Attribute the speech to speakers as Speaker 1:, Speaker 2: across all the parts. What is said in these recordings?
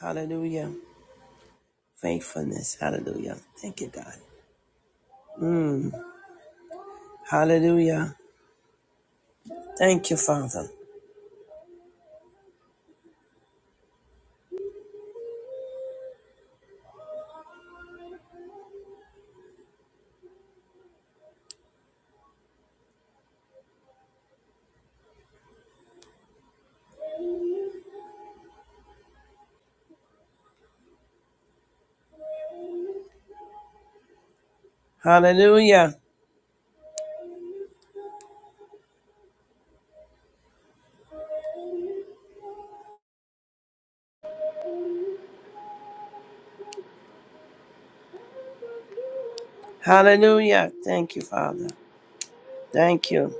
Speaker 1: Hallelujah. Faithfulness. Hallelujah. Thank you, God. Mm. Hallelujah. Thank you, Father. Hallelujah. Hallelujah. Thank you, Father. Thank you.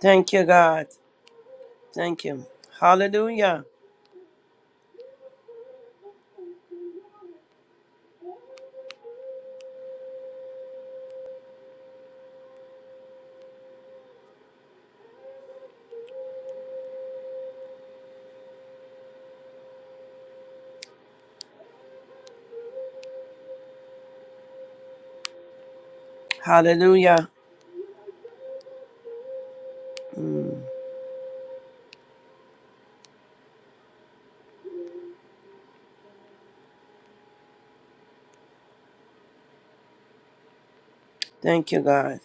Speaker 1: Thank you, God. Thank you. Hallelujah. Hallelujah. Mm. Thank you, God.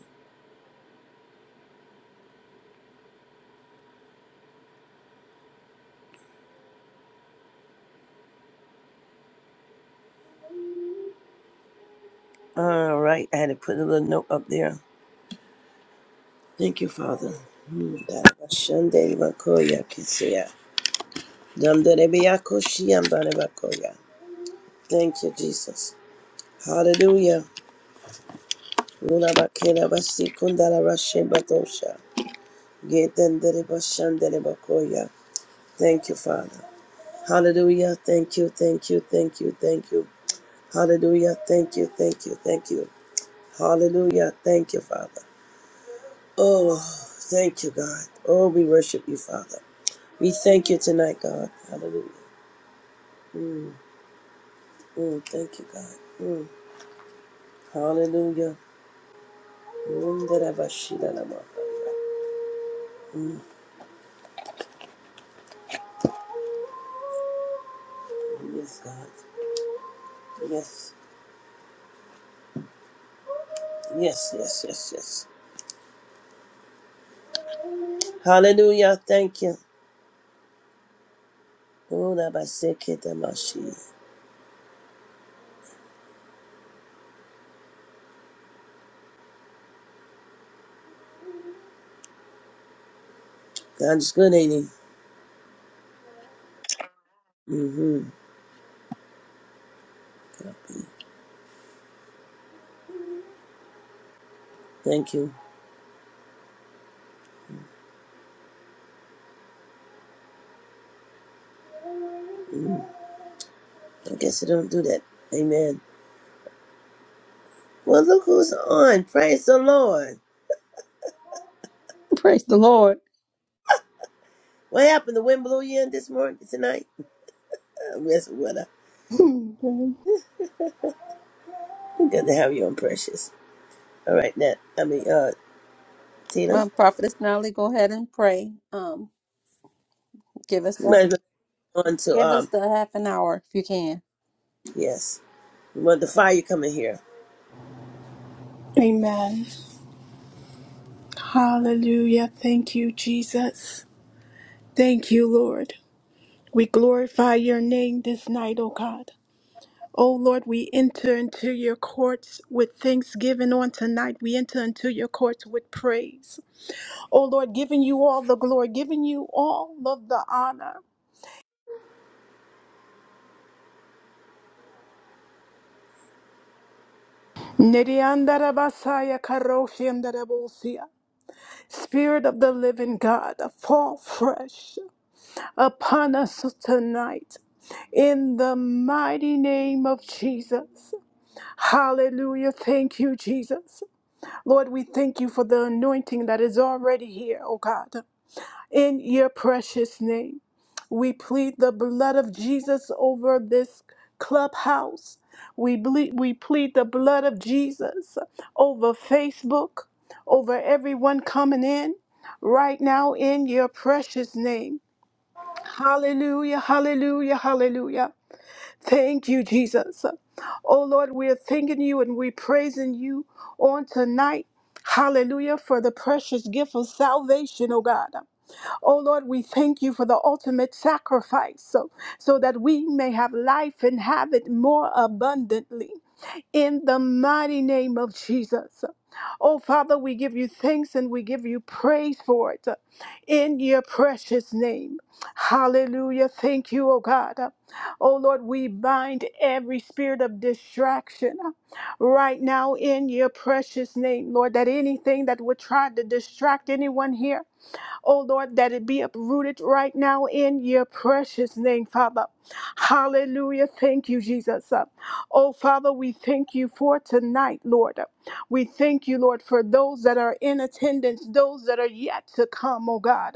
Speaker 1: All right. I had to put a little note up there. Thank you, Father. Mm. Darabashande bakoya kisiya. Damdarebeya koshiyam darabakoya. Thank you, Jesus. Hallelujah. Ulabakela basikundala bashembatosha. Gedendere bashandere bakoya. Thank you, Father. Hallelujah. Thank you, thank you, thank you, thank you. Hallelujah. Thank you, thank you, thank you. Hallelujah. Thank you, Father. Oh, thank you, God. Oh, we worship you, Father. We thank you tonight, God. Hallelujah. Mm, mm, thank you, God. Mm, hallelujah. Mm, yes, God. Yes, yes, yes, yes, yes. Hallelujah. Thank you. Oh, that by sick kid, that my shit. God is good, ain't he? Mm-hmm. Thank you. I guess I don't do that. Amen. Well, look who's on. Praise the Lord.
Speaker 2: Praise the Lord.
Speaker 1: What happened? The wind blew you in this morning, tonight? Uh, yes, weather. Good to have you on, Precious. All right, Nat. I mean, uh, Tina.
Speaker 2: Um, Prophetess Nolly, go ahead and pray. Um, give us
Speaker 1: You
Speaker 2: the
Speaker 1: might as well go on to,
Speaker 2: give us
Speaker 1: um,
Speaker 2: the half an hour if you can.
Speaker 1: yes. We want the fire coming here.
Speaker 3: Amen. Hallelujah. Thank you, Jesus. Thank you, Lord. We glorify your name this night, O God. O Lord, we enter into your courts with thanksgiving on tonight. We enter into your courts with praise. O Lord, giving you all the glory, giving you all of the honor. Neriandarabasaya karoshiandarabosia. Spirit of the living God, fall fresh upon us tonight. in the mighty name of Jesus. Hallelujah. Thank you, Jesus. Lord, we thank you for the anointing that is already here, oh God. In your precious name, we plead the blood of Jesus over this clubhouse. We, ble- we plead the blood of Jesus over Facebook, over everyone coming in right now in your precious name. Hallelujah, hallelujah, hallelujah. Thank you, Jesus. Oh Lord, we are thanking you and we praising you on tonight. Hallelujah for the precious gift of salvation, oh God. Oh Lord, we thank you for the ultimate sacrifice so, so that we may have life and have it more abundantly in the mighty name of Jesus. Oh, Father, we give you thanks and we give you praise for it uh, in your precious name. Hallelujah. Thank you, oh God. Uh, Oh, Lord, we bind every spirit of distraction uh, right now in your precious name, Lord, that anything that would try to distract anyone here Oh Lord, that it be uprooted right now in your precious name, Father. Hallelujah. Thank you, Jesus. Uh, Oh Father, we thank you for tonight, Lord. We thank you, Lord, for those that are in attendance, those that are yet to come, oh God.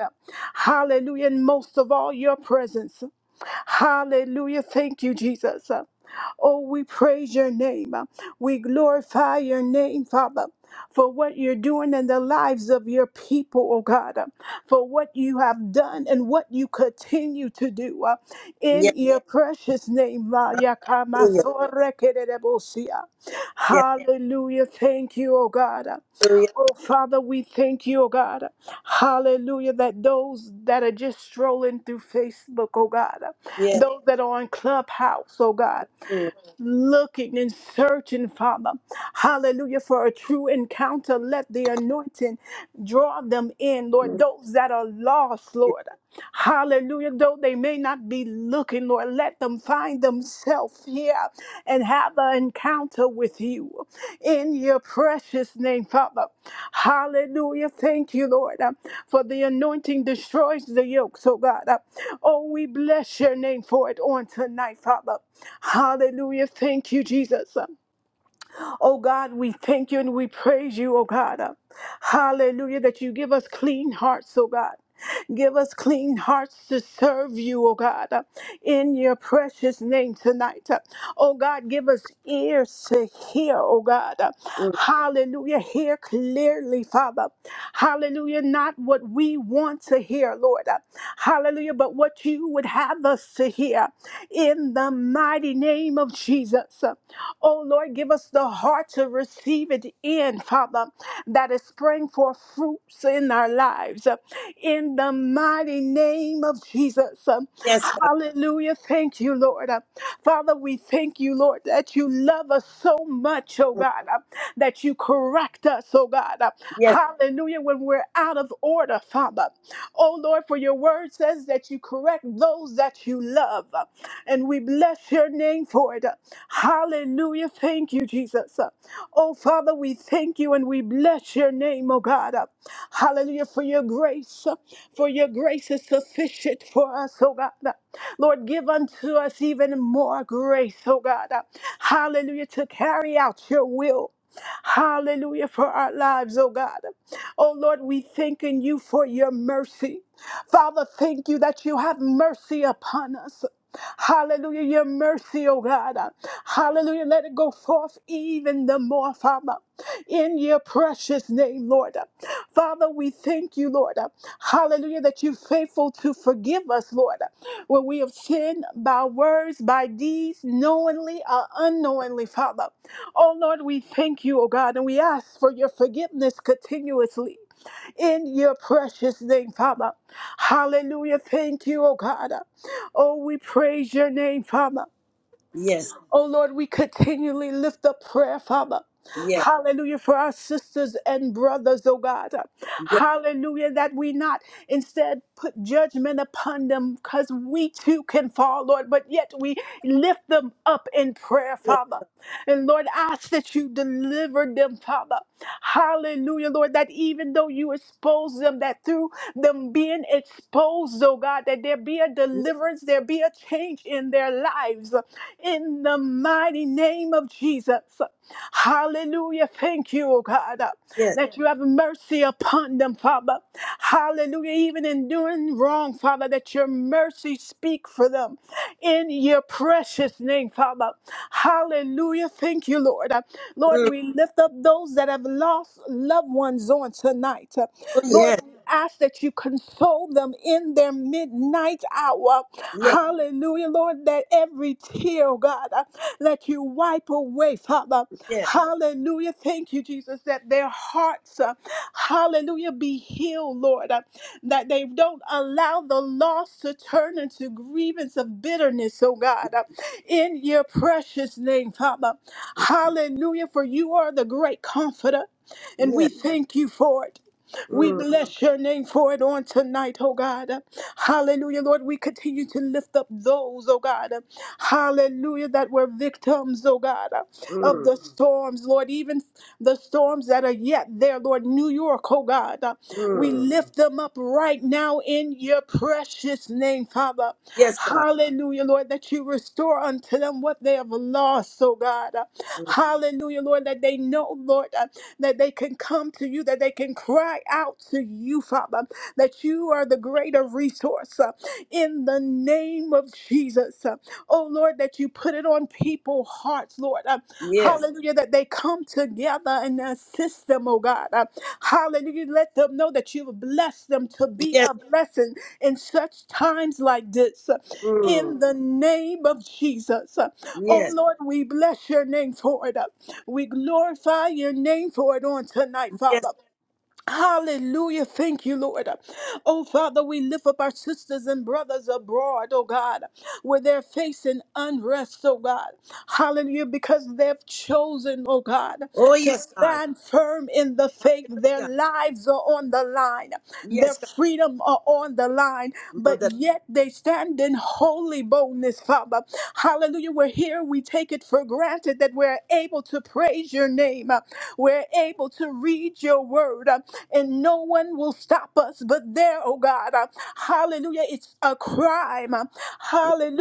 Speaker 3: Hallelujah. And most of all, your presence. Hallelujah. Thank you, Jesus. Oh, we praise your name. Uh, We glorify your name, Father, for what you're doing in the lives of your people, oh God, uh, for what you have done and what you continue to do. uh, In
Speaker 1: Yes.
Speaker 3: your precious name, Ma- Yakama
Speaker 1: Hallelujah. Yes.
Speaker 3: hallelujah. Thank you, oh God.
Speaker 1: Hallelujah.
Speaker 3: Oh, Father, we thank you, oh God. Hallelujah, that those that are just strolling through Facebook, oh God,
Speaker 1: Yes.
Speaker 3: those that are on Clubhouse, oh God
Speaker 1: Mm,
Speaker 3: looking and searching, Father. Hallelujah. For a true encounter, let the anointing draw them in, Lord.
Speaker 1: mm,
Speaker 3: Those that are lost, Lord. Hallelujah. Though they may not be looking, Lord, let them find themselves here and have an encounter with you in your precious name, Father. Hallelujah. Thank you, Lord, uh, for the anointing destroys the yoke. So, God. Uh, Oh, we bless your name for it on tonight, Father. Hallelujah. Thank you, Jesus. Uh, Oh God, we thank you and we praise you, oh God. Uh, Hallelujah, that you give us clean hearts, oh God. Give us clean hearts to serve you, oh God, uh, in your precious name tonight. Uh, Oh God, give us ears to hear, oh God. Uh,
Speaker 1: mm.
Speaker 3: Hallelujah. Hear clearly, Father. Hallelujah. Not what we want to hear, Lord. Uh, Hallelujah. But what you would have us to hear in the mighty name of Jesus. Uh, Oh Lord, give us the heart to receive it in, Father. Father, that is spring forth fruits in our lives. In the mighty name of Jesus.
Speaker 1: Yes, God.
Speaker 3: Hallelujah. Thank you, Lord. Father, we thank you, Lord, that you love us so much, oh
Speaker 1: Mm,
Speaker 3: God, that you correct us, oh God.
Speaker 1: Yes.
Speaker 3: Hallelujah. When we're out of order, Father. Oh Lord, for your word says that you correct those that you love. And we bless your name for it. Hallelujah. Thank you, Jesus. Oh, Father, we thank you and we bless your name, oh God. Hallelujah for your grace. For your grace is sufficient for us, oh God. Lord, give unto us even more grace, oh God. Hallelujah to carry out your will. Hallelujah for our lives, oh God. Oh Lord, we thanking you for your mercy. Father, thank you that you have mercy upon us. Hallelujah, your mercy, oh God. Hallelujah, let it go forth even the more, Father, in your presence precious name, Lord. Father, we thank you, Lord. Hallelujah, that you're faithful to forgive us, Lord, when we have sinned by words, by deeds, knowingly or unknowingly, Father. Oh, Lord, we thank you, oh God, and we ask for your forgiveness continuously. In your precious name, Father. Hallelujah. Thank you, oh God. Oh, we praise your name, Father.
Speaker 1: Yes.
Speaker 3: Oh Lord, we continually lift up prayer, Father.
Speaker 1: Yes.
Speaker 3: Hallelujah for our sisters and brothers, oh God. Hallelujah that we not instead put judgment upon them because we too can fall, Lord, but yet we lift them up in prayer,
Speaker 1: yes,
Speaker 3: Father. And Lord, ask that you deliver them, Father. Hallelujah, Lord, that even though you expose them, that through them being exposed, oh God, that there be a deliverance, there be be a change in their lives in the mighty name of Jesus. Hallelujah. Thank you, oh God, uh,
Speaker 1: yes,
Speaker 3: that you have mercy upon them, Father. Hallelujah. Even in doing wrong, Father, that your mercy speak for them in your precious name, Father. Hallelujah. Thank you, Lord. Uh, Lord,
Speaker 1: mm,
Speaker 3: we lift up those that have lost loved ones on tonight. Uh,
Speaker 1: oh, yes,
Speaker 3: Lord, ask that you console them in their midnight hour.
Speaker 1: yes,
Speaker 3: Hallelujah, Lord, that every tear, oh God, uh, that you wipe away, Father.
Speaker 1: yes,
Speaker 3: Hallelujah. Thank you, Jesus, that their hearts, uh, hallelujah, be healed, Lord, uh, that they don't allow the loss to turn into grievance of bitterness, oh God, uh, in your precious name, Father. Hallelujah, for you are the great comforter, and
Speaker 1: yes,
Speaker 3: we thank you for it. We
Speaker 1: mm,
Speaker 3: bless your name for it on tonight, oh God. Hallelujah, Lord. We continue to lift up those, oh God. Hallelujah, that were victims, oh God, of
Speaker 1: mm,
Speaker 3: the storms, Lord. Even the storms that are yet there, Lord. New York, oh God. We
Speaker 1: mm.
Speaker 3: lift them up right now in your precious name, Father.
Speaker 1: yes, God,
Speaker 3: Hallelujah, Lord, that you restore unto them what they have lost, oh God.
Speaker 1: mm,
Speaker 3: Hallelujah, Lord, that they know, Lord, uh, that they can come to you, that they can cry out to you, Father, that you are the greater resource uh, in the name of Jesus. Oh Lord, that you put it on people's hearts, Lord. Uh,
Speaker 1: yes,
Speaker 3: hallelujah, that they come together and assist them, oh God. Uh, hallelujah, let them know that you have blessed them to be
Speaker 1: yes,
Speaker 3: a blessing in such times like this. Uh,
Speaker 1: mm,
Speaker 3: in the name of Jesus. Uh, oh
Speaker 1: yes,
Speaker 3: Lord, we bless your name for it. Uh, we glorify your name for it on tonight,
Speaker 1: yes,
Speaker 3: Father. Hallelujah. Thank you, Lord. Oh, Father, we lift up our sisters and brothers abroad, oh God, where they're facing unrest, oh God. Hallelujah, because they've chosen, oh God
Speaker 1: oh,
Speaker 3: to
Speaker 1: yes, God,
Speaker 3: stand firm in the faith. Their
Speaker 1: hallelujah,
Speaker 3: lives are on the line, their
Speaker 1: yes, God,
Speaker 3: freedom are on the line, but
Speaker 1: mother,
Speaker 3: yet they stand in holy boldness, Father. Hallelujah. We're here. We take it for granted that we're able to praise your name, we're able to read your word, uh, and no one will stop us but there, oh God. Uh, Hallelujah. It's a crime. Uh,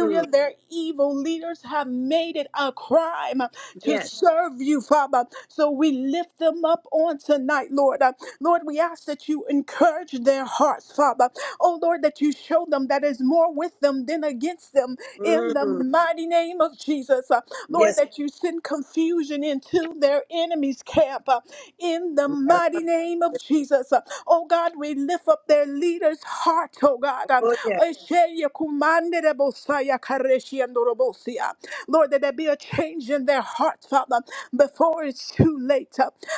Speaker 1: mm,
Speaker 3: Their evil leaders have have made it a crime uh, to
Speaker 1: yes,
Speaker 3: serve you, Father. So we lift them up on tonight, Lord. Uh, Lord, we ask that you encourage their hearts, Father. Oh, Lord, that you show them that is more with them than against them in the
Speaker 1: mm,
Speaker 3: mighty name of Jesus. Uh, Lord,
Speaker 1: yes,
Speaker 3: that you send confusion into their enemies' camp uh, in the mighty name of Jesus. Uh, Oh, God, we lift up their leaders' heart, oh, God.
Speaker 1: oh, yes,
Speaker 3: Uh, Sheye kumandere bosaya kareshi andorobosia. Lord, that there be a change in their heart, Father, before it's too late.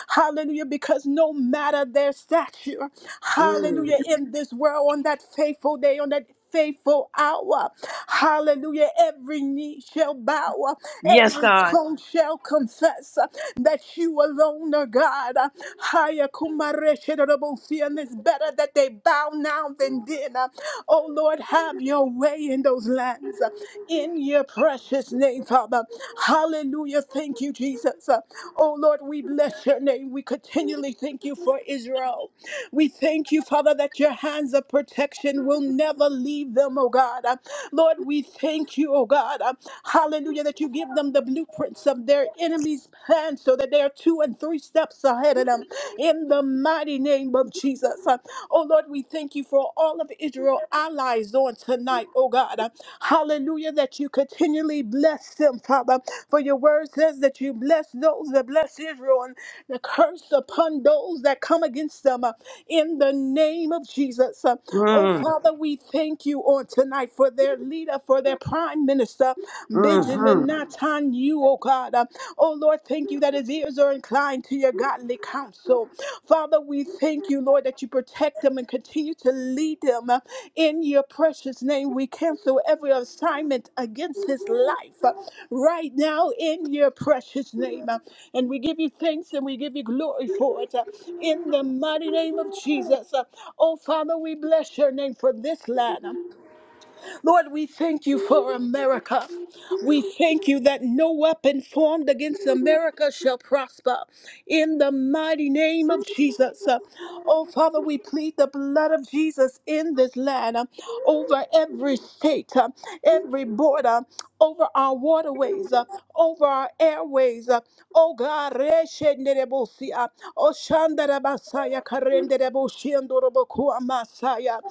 Speaker 3: Hallelujah, because no matter their stature,
Speaker 1: mm,
Speaker 3: hallelujah, in this world, on that faithful day, on that faithful hour, hallelujah, every knee shall bow,
Speaker 1: yes,
Speaker 3: every
Speaker 1: God,
Speaker 3: tongue shall confess that you alone are God. Haya kumareshe fear, and it's better that they bow now than did. Uh, Oh Lord, have your way in those lands. uh, In your precious name, Father. Hallelujah. Thank you, Jesus. Uh, Oh Lord, we bless your name. We continually thank you for Israel. We thank you, Father, that your hands of protection will never leave them, oh God. Uh, Lord, we thank you, oh God. Uh, Hallelujah, that you give them the blueprints of their enemies' plans so that they are they're two and three steps ahead of them in the mighty name of Jesus. Uh, Oh Lord, we thank you for all of Israel allies on tonight, oh God. Uh, Hallelujah, that you continually bless them, Father. For your word says that you bless those that bless Israel and the curse upon those that come against them uh, in the name of Jesus. Uh, Oh
Speaker 1: mm,
Speaker 3: Father, we thank you on tonight for their leader, for their prime minister,
Speaker 1: mm,
Speaker 3: religion
Speaker 1: mm,
Speaker 3: not on you, oh God. Uh, Oh Lord, thank you that his ears are inclined to your godly counsel. Father, we thank you, Lord, that you protect them and continue to lead them uh, in your precious name. We cancel every assignment against his life uh, right now in your precious name. Uh, And we give you thanks and we give you glory for it uh, in the mighty name of Jesus. Uh, Oh Father, we bless your name for this lad. Lord, we thank you for America. We thank you that no weapon formed against America shall prosper. In the mighty name of Jesus. Uh, Oh, Father, we plead the blood of Jesus in this land uh, over every state, uh, every border, over our waterways, uh, over our airways. uh, Oh, God, reshe nerebosi, uh, oh, shandarabasaya, karenderebo, shiandorobokuamasaya,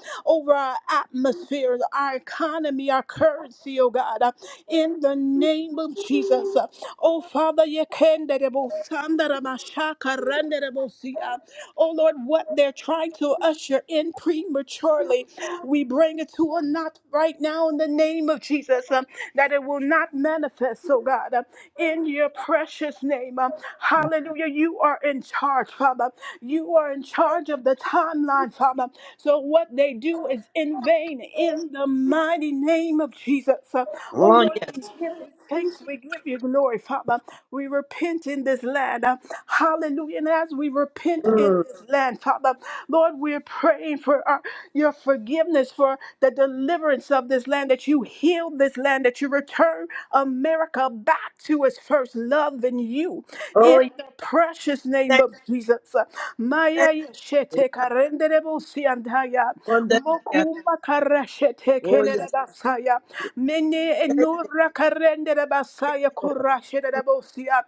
Speaker 3: over our atmosphere, our economy, our currency, oh God, uh, in the name of Jesus. uh, Oh Father, yekenderebo sandaramashaka renderebo si, uh, oh Lord, what they're trying to usher in prematurely, we bring it to a knot right now in the name of Jesus, um, that it will not manifest, oh God, um, in your precious name. um, hallelujah. You are in charge, Father. You are in charge of the timeline, God, Father. So what they do is in vain in the mighty name of Jesus. Uh, Oh
Speaker 1: oh,
Speaker 3: Lord,
Speaker 1: yes,
Speaker 3: we give you thanks. We give you glory, Father. We repent in this land. Uh, Hallelujah. And as we repent in
Speaker 1: mm,
Speaker 3: this land, Father, Lord, we're praying for our, your forgiveness, for the deliverance of this land, that you heal this land, that you return America back to its first love in you.
Speaker 1: oh,
Speaker 3: In
Speaker 1: yes,
Speaker 3: the precious name
Speaker 1: thank,
Speaker 3: of Jesus. Maya
Speaker 1: thank, you,
Speaker 3: shete karendere bosi andaya.
Speaker 1: wonder, yeah.
Speaker 3: Mokuma kara shete
Speaker 1: oh,
Speaker 3: kenere
Speaker 1: yes,
Speaker 3: basaya. Mene
Speaker 1: thank,
Speaker 3: enura karendere
Speaker 1: yes,
Speaker 3: basaya
Speaker 1: Lord,
Speaker 3: kurashe
Speaker 1: Mm,
Speaker 3: de bosia.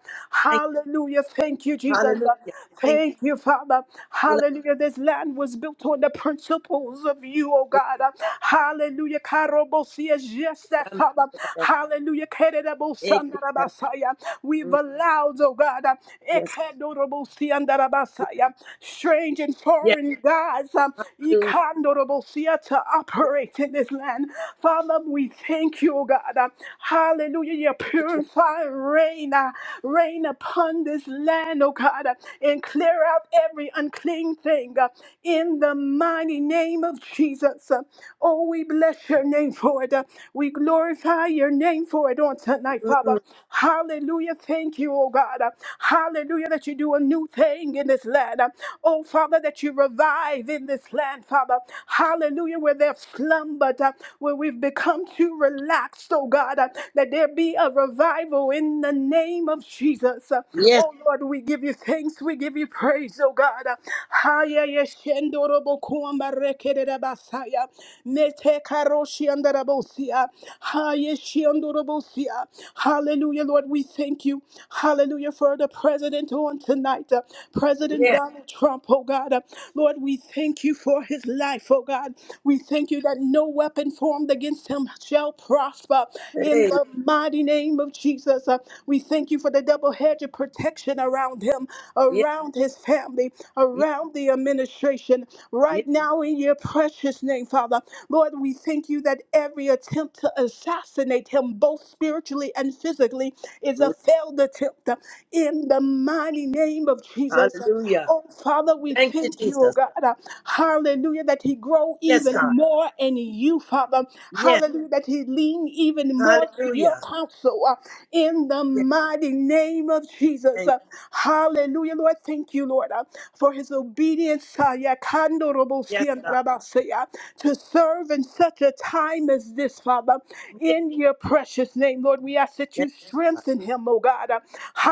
Speaker 1: thank,
Speaker 3: Hallelujah. Thank you,
Speaker 1: you.
Speaker 3: Jesus.
Speaker 1: hallelujah, thank.
Speaker 3: Thank you, Father.
Speaker 1: you.
Speaker 3: Hallelujah. This land was built on the principles of you, oh
Speaker 1: Yes,
Speaker 3: God. Hallelujah. Karobosia is just that, Father. Hallelujah. Kerere
Speaker 1: yes,
Speaker 3: bosandarabasaya. We've allowed, oh God, Ikandorobosi andarabasaya. Strange and foreign gods um,
Speaker 1: hallelujah.
Speaker 3: Ikandorobosia to operate in this land. Father, we thank you, oh God. Uh, Hallelujah. Your purifying rain, uh, rain upon this land, oh God, uh, and clear out every unclean thing uh, in the mighty name of Jesus. Uh, Oh, we bless your name for it. Uh, We glorify your name for it on tonight, Father.
Speaker 1: Mm,
Speaker 3: Hallelujah. Thank you you, oh God. Hallelujah, that you do a new thing in this land. Oh, Father, that you revive in this land, Father. Hallelujah, where they've slumbered, uh, where we've become too relaxed, oh God, uh, that there be a revival in the name of Jesus. Uh,
Speaker 1: Yes,
Speaker 3: Oh Lord, we give you thanks, we give you praise, oh God. Uh, Haya yeshendorobo kuambarekererabasaya, metekaroshiandarabosia, haya shiandorobosia. Hallelujah, Lord, we thank you. Hallelujah for the president on tonight, uh, President
Speaker 1: yes,
Speaker 3: Donald Trump, oh God. Uh, Lord, we thank you for his life, oh God. We thank you that no weapon formed against him shall prosper in
Speaker 1: hey,
Speaker 3: the mighty name of Jesus. Uh, we thank you for the double hedge of protection around him,
Speaker 1: yes,
Speaker 3: around his family,
Speaker 1: yes,
Speaker 3: around the administration,
Speaker 1: yes.
Speaker 3: right now in your precious name, Father. Lord, we thank you that every attempt to assassinate assassinate him both spiritually and physically is a
Speaker 1: Mm,
Speaker 3: failed attempt uh, in the mighty name of Jesus. Uh,
Speaker 1: Hallelujah.
Speaker 3: Oh, Father, we
Speaker 1: Thank you,
Speaker 3: thank you, oh
Speaker 1: Jesus.
Speaker 3: God. uh, Hallelujah, that he grow
Speaker 1: Yes,
Speaker 3: even
Speaker 1: God.
Speaker 3: more in you, Father.
Speaker 1: Yes,
Speaker 3: Hallelujah, that he lean even more to your
Speaker 1: hallelujah.
Speaker 3: counsel uh, in the
Speaker 1: Yes,
Speaker 3: mighty name of Jesus.
Speaker 1: thank
Speaker 3: Uh, Hallelujah, Lord. Thank you, Lord, uh, for his obedience uh, yeah, kandorobo
Speaker 1: you. Yes, God.
Speaker 3: siandarabasea, to serve in such a time time as this, Father,
Speaker 1: Yes,
Speaker 3: in your precious name, Lord. We ask that
Speaker 1: thank
Speaker 3: you
Speaker 1: you, God.
Speaker 3: strengthen him, oh God.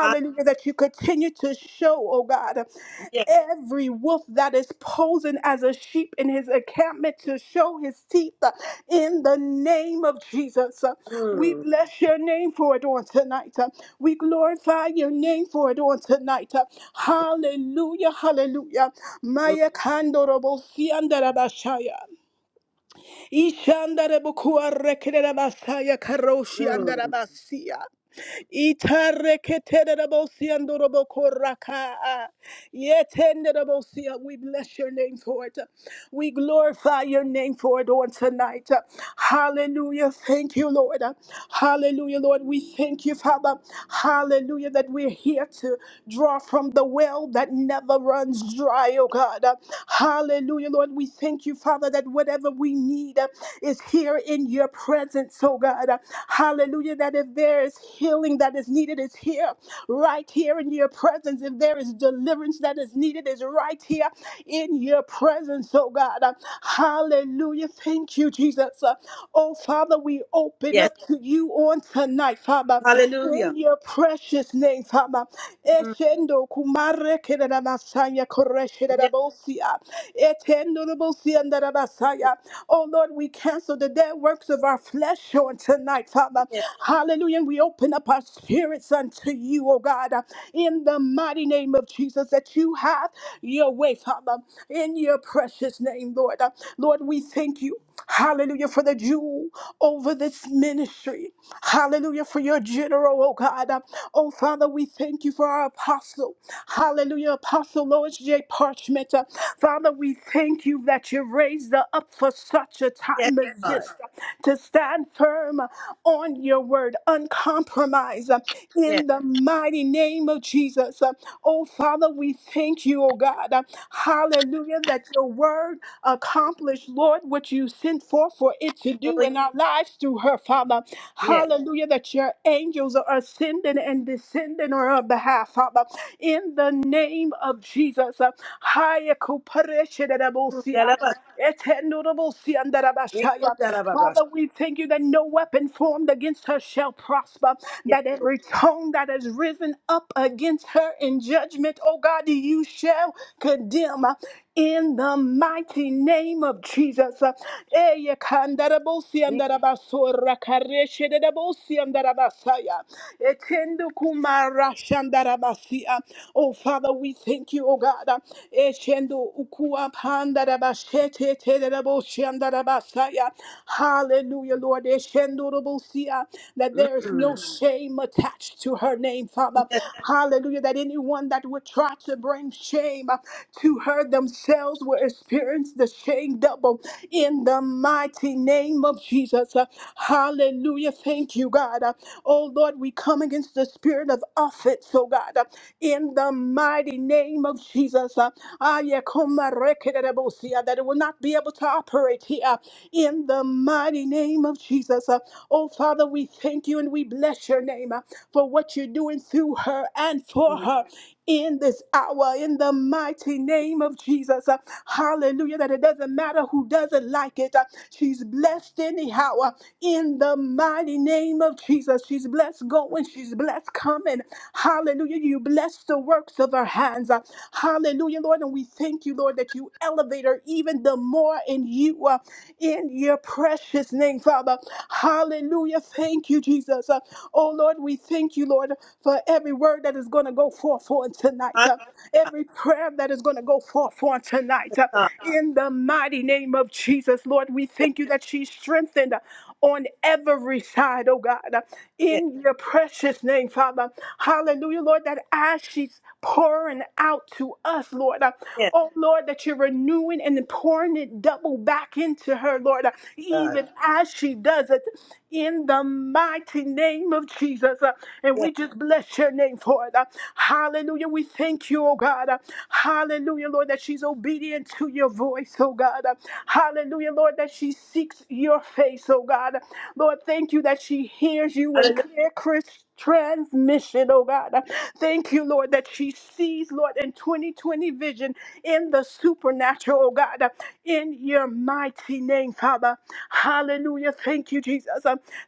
Speaker 1: Ah,
Speaker 3: that you continue to show, oh God,
Speaker 1: Yes,
Speaker 3: every wolf that is posing as a sheep in his encampment to show his teeth uh, in the name of Jesus. Uh, We
Speaker 1: mm,
Speaker 3: bless your name for it on tonight. Uh, We glorify your name for it on tonight. Uh, Hallelujah, hallelujah.
Speaker 1: mm,
Speaker 3: Maya kandorobo siandarabashaya. Ishandarabukuarekerabasaya karoshi
Speaker 1: mm.
Speaker 3: andarabasia. Itareketerebosyandorobokoraka. Yetenderebosia. We bless your name for it. We glorify your name for it on tonight. Hallelujah. Thank you, Lord. Hallelujah, Lord. We thank you, Father. Hallelujah, that we're here to draw from the well that never runs dry, oh God. Hallelujah, Lord. We thank you, Father, that whatever we need is here in your presence, oh God. Hallelujah, that if there is healing that is needed, it's here, right here in your presence. If there is deliverance that is needed, it's right here in your presence, oh God. Uh, Hallelujah. Thank you, Jesus. Uh, Oh, Father, we open
Speaker 1: yes,
Speaker 3: up to you on tonight, Father,
Speaker 1: hallelujah.
Speaker 3: in your precious name, Father.
Speaker 1: Mm,
Speaker 3: Eshendo kumare kedadabasaya
Speaker 1: Yes,
Speaker 3: koreshedadabosia. Etendorobosia ndarabasaya. Oh, Lord, we cancel the dead works of our flesh on tonight tonight, Father.
Speaker 1: yes,
Speaker 3: Hallelujah. And we open up our spirits unto you, oh God, uh, in the mighty name of Jesus, that you have your way, Father, in your precious name, Lord. Uh, Lord, we thank you. Hallelujah for the jewel over this ministry. Hallelujah for your general, oh God. Uh, Oh Father, we thank you for our apostle. Hallelujah, Apostle Lois J. Parchment. Uh, Father, we thank you that you raised her up for such a
Speaker 1: yes,
Speaker 3: time as
Speaker 1: God.
Speaker 3: this Stand firm on your word, uncompromised uh,
Speaker 1: Yes,
Speaker 3: in the mighty name of Jesus. Uh, Oh, Father, we thank you, oh God. Hallelujah, that your word accomplished, Lord, what you sent forth for it to
Speaker 1: oh,
Speaker 3: do
Speaker 1: yes.
Speaker 3: in our lives through her, Father.
Speaker 1: yes.
Speaker 3: Hallelujah, that your angels are ascending and descending on her behalf, Father. In the name of Jesus. Hallelujah.
Speaker 1: Mm, da, da, ba, Yes, oh,
Speaker 3: Etenorobosiandarabashaya.
Speaker 1: da, da, ba,
Speaker 3: Father, we thank you that no weapon formed against her shall prosper,
Speaker 1: Yes,
Speaker 3: that every tongue that has risen up against her in judgment, oh God, you shall condemn uh, in the mighty name of Jesus. Uh,
Speaker 1: mm,
Speaker 3: Eyekandarabosiandarabasora, kareshededabosia, Oh Father, we thank you, oh God. uh, Eshendo ukua andaraba shete terebo shandaraba saya. Hallelujah, Lord. Eshendorobosia, That there is no
Speaker 1: mm.
Speaker 3: shame attached to her name, Father.
Speaker 1: Yes,
Speaker 3: Hallelujah. That anyone that would try to bring shame uh, to her themselves will experience the shame double in the mighty name of Jesus. Uh, Hallelujah. Thank you, God. Uh, Oh, Lord, we come against the spirit of offense, oh God, uh, in the mighty name of Jesus. Uh, that it will not be able to operate here in the mighty name of Jesus. Uh, Oh, Father, we thank you and we bless your name uh, for what you're doing through her and for her in this hour in the mighty name of Jesus. Uh, Hallelujah. That it doesn't matter who doesn't like it. uh, She's blessed anyhow uh, in the mighty name of Jesus. She's blessed going. She's blessed coming. Hallelujah. You bless the works of her hands. uh, Hallelujah, Lord. And Lord. And we thank you, Lord, that you elevate her even the more in you, uh, in your precious name, Father. Hallelujah. Thank you, Jesus. Uh, oh, Lord, we thank you, Lord, for every word that is going to go forth for tonight, uh,
Speaker 1: hallelujah.
Speaker 3: every prayer that is going to go forth for tonight.
Speaker 1: Yes,
Speaker 3: uh,
Speaker 1: God.
Speaker 3: in the mighty name of Jesus, Lord, we thank you that she's strengthened on every side, oh God
Speaker 1: Yes,
Speaker 3: in your precious name, Father. Hallelujah, Lord, that as she's pouring out to us, Lord, uh,
Speaker 1: yes,
Speaker 3: oh Lord, that you're renewing and pouring it double back into her, Lord, uh,
Speaker 1: God.
Speaker 3: even as she does it in the mighty name of Jesus. uh, and
Speaker 1: Yes.
Speaker 3: we just bless your name for it. uh, hallelujah. We thank you, oh God. uh, hallelujah, Lord, that she's obedient to you voice, oh God. Hallelujah, Lord, that she seeks your face, oh God. Lord, thank you that she hears you in
Speaker 1: Hallelujah.
Speaker 3: clear, crisp transmission, oh God. Thank you, Lord, that she sees, Lord, in 2020 vision in the supernatural, oh God, in your mighty name, Father. Hallelujah. Thank you, Jesus.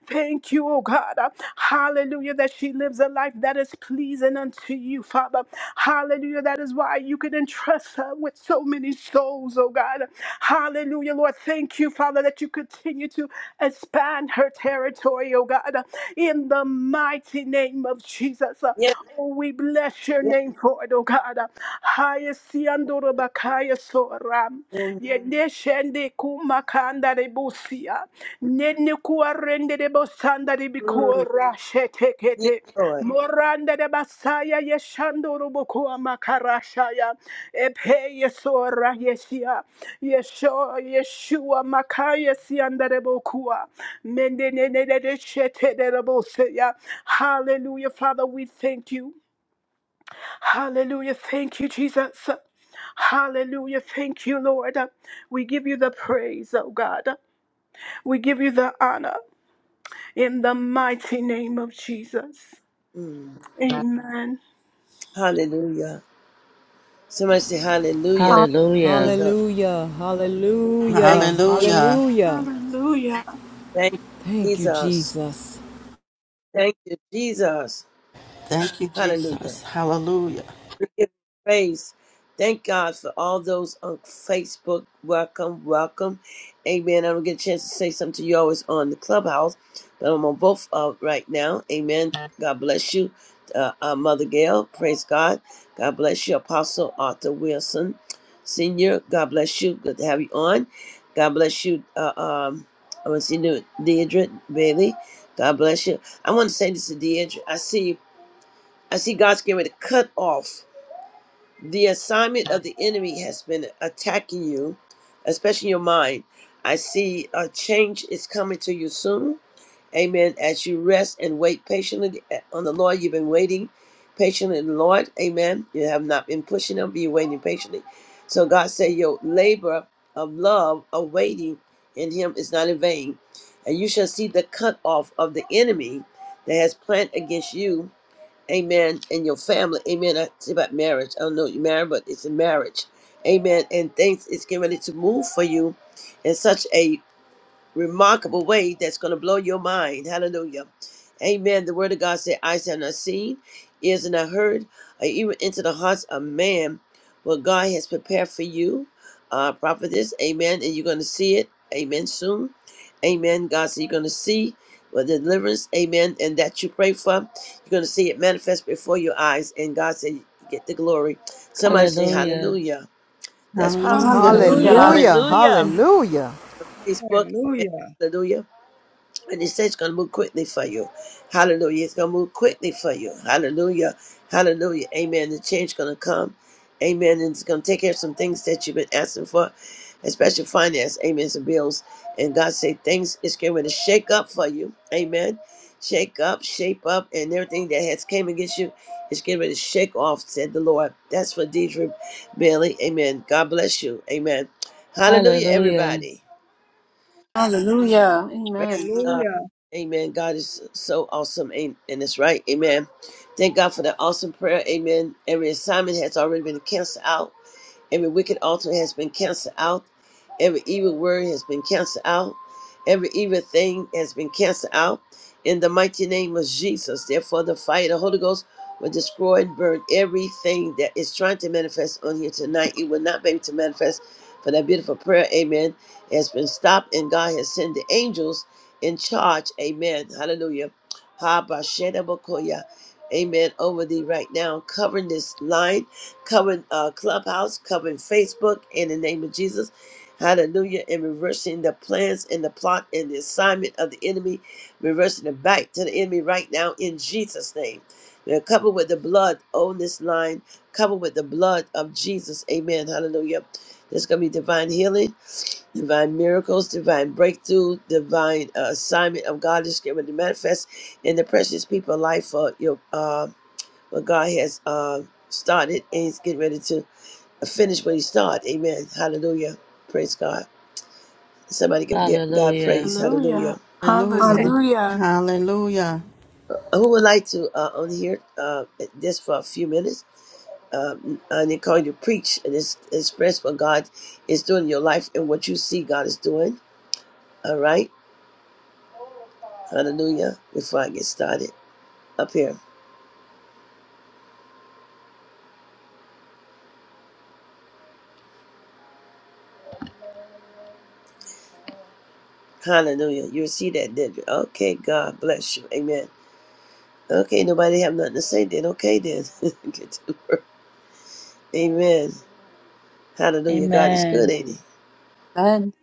Speaker 3: Thank you, oh God. Hallelujah, that she she lives a life that is pleasing unto you, Father. Hallelujah. That is why you can entrust her with so many souls, oh God. Hallelujah, Lord. Thank you, Father, that you continue to expand her territory, oh God, in the mighty name of Jesus.
Speaker 1: Yes,
Speaker 3: Oh, we bless your
Speaker 1: yes,
Speaker 3: name for it, oh God. Haya siandoro bakaya soram
Speaker 1: Lord.
Speaker 3: rende kumakanda rebusia. Nene kuwa rende rebosanda
Speaker 1: Mm,
Speaker 3: ribikura
Speaker 1: yes,
Speaker 3: shetekete.
Speaker 1: Lord.
Speaker 3: Moranda de yeshando rubukua makarashaya. Epe yesora yeshia. Yesho yeshua makaya sianda rebukua. Mende nene de shete Hallelujah, Father, we thank you. Hallelujah. Thank you, Jesus. Hallelujah. Thank you, Lord. We give you the praise, oh God. We give you the honor in the mighty name of Jesus.
Speaker 1: Mm.
Speaker 3: Amen.
Speaker 1: Hallelujah. Somebody say hallelujah. Thank you,
Speaker 4: Hallelujah.
Speaker 1: Jesus.
Speaker 5: Hallelujah,
Speaker 1: Thank
Speaker 5: hallelujah,
Speaker 1: you, Jesus.
Speaker 6: Hallelujah.
Speaker 5: hallelujah.
Speaker 3: Hallelujah.
Speaker 1: Thank you,
Speaker 5: Thank you,
Speaker 1: Jesus.
Speaker 5: Jesus.
Speaker 1: Thank you, Jesus.
Speaker 6: Thank you,
Speaker 1: Hallelujah.
Speaker 6: Jesus. Hallelujah.
Speaker 1: We give him praise. Thank God for all those on Facebook. Welcome, welcome. Amen. I don't get a chance to say something to you always on the clubhouse, but I'm on both uh, right now. Amen. God bless you, uh, uh, Mother Gail. Praise God. God bless you, Apostle Arthur Wilson, Senior. God bless you. Good to have you on. God bless you, uh, um, I want to see you, Deidre Bailey. God bless you. I want to say this to Deidre. I see, I see God's getting ready to cut off. The assignment of the enemy has been attacking you, especially your mind. I see a change is coming to you soon. Amen. As you rest and wait patiently on the Lord, you've been waiting patiently in the Lord. Amen. You have not been pushing Him, but you're waiting patiently. So God said, Your labor of love, of waiting in Him is not in vain. And you shall see the cut off of the enemy that has planned against you Amen. And your family. Amen. I say about marriage. I don't know if you're married, but it's a marriage. Amen. And things is getting ready to move for you in such a remarkable way that's going to blow your mind. Hallelujah. Amen. The word of God said, Eyes have not seen, ears have not heard, or even into the hearts of man what God has prepared for you. Uh, prophetess, amen. And you're going to see it, amen, soon. Amen. God said, You're going to see what deliverance, amen, and that you pray for. You're going to see it manifest before your eyes. And God said, Get the glory. Somebody say,
Speaker 4: Hallelujah.
Speaker 1: Hallelujah. That's what
Speaker 7: Hallelujah.
Speaker 6: Hallelujah.
Speaker 2: Hallelujah.
Speaker 3: Hallelujah.
Speaker 5: Hallelujah.
Speaker 8: Hallelujah.
Speaker 5: Hallelujah.
Speaker 1: Facebook, amen.
Speaker 9: Hallelujah.
Speaker 1: Hallelujah. And he says it's going to move quickly for you. Hallelujah. It's going to move quickly for you. Hallelujah. Hallelujah. Amen. The change is going to come. Amen. And it's going to take care of some things that you've been asking for, especially finance. Amen. Some bills. And God say things is going to shake up for you. Amen. Shake up, shape up, and everything that has came against you is getting ready to shake off, said the Lord. That's for Deidre Bailey. Amen. God bless you. Amen. Hallelujah,
Speaker 4: Hallelujah.
Speaker 1: everybody.
Speaker 2: Hallelujah.
Speaker 1: Praise
Speaker 2: Amen.
Speaker 1: God.
Speaker 9: Hallelujah.
Speaker 1: Amen. God is so awesome. Amen. And it's right. Amen. Thank God for that awesome prayer. Amen. Every assignment has already been canceled out. Every wicked altar has been canceled out. Every evil word has been canceled out. Every evil thing has been canceled out. In the mighty name of Jesus, therefore, the fire of the Holy Ghost will destroy and burn everything that is trying to manifest on here tonight. It will not be able to manifest for that beautiful prayer, amen, has been stopped, and God has sent the angels in charge, amen. Hallelujah. Ha ba sheda ba koya. Amen. Over thee right now, covering this line covering uh, Clubhouse, covering Facebook in the name of Jesus. Hallelujah. And reversing the plans and the plot and the assignment of the enemy, reversing it back to the enemy right now in Jesus' name. They're covered with the blood on this line, covered with the blood of Jesus. Amen. Hallelujah. There's going to be divine healing, divine miracles, divine breakthrough, divine uh, assignment of God is going to manifest in the precious people's life for your. Uh, but God has uh, started and He's getting ready to finish what He started. Amen. Hallelujah. Praise God. Somebody can get God
Speaker 4: Hallelujah.
Speaker 1: praise. Hallelujah.
Speaker 3: Hallelujah.
Speaker 7: Thank
Speaker 6: Hallelujah.
Speaker 7: you,
Speaker 3: Hallelujah.
Speaker 7: Jesus.
Speaker 6: Hallelujah.
Speaker 1: Uh, Who would like to uh, on here uh, just for a few minutes? Uh, and they call you to preach and it's, express what God is doing in your life and what you see God is doing. All right. Hallelujah. Before I get started up here. Hallelujah. You see that, did you? Okay. God bless you. Amen. Okay. Nobody have nothing to say then. Okay then. get to work. Amen. Hallelujah. God is good,
Speaker 4: Amen.
Speaker 1: ain't he?
Speaker 2: Amen.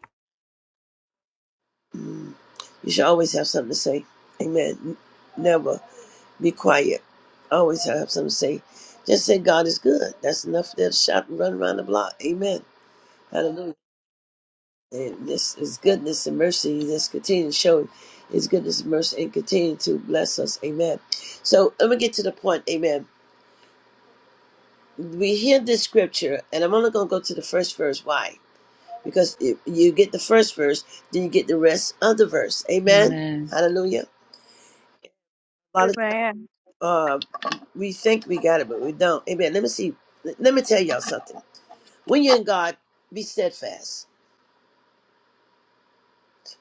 Speaker 1: Mm. You should always have something to say. Amen. N- Never be quiet. Always have something to say. Just say God is good. That's enough. They'll shout and run around the block. Amen. Hallelujah. And this is goodness and mercy. Just continue to show His goodness and mercy and continue to bless us. Amen. So let me get to the point. Amen. We hear this scripture, and I'm only going to go to the first verse. Why? because if you get the first verse, then you get the rest of the verse. Amen.
Speaker 4: Amen.
Speaker 1: Hallelujah. A lot of
Speaker 7: Amen.
Speaker 1: uh, we think we got it, but we don't. Amen. Let me see. Let let me tell y'all something. When you're in God, be steadfast.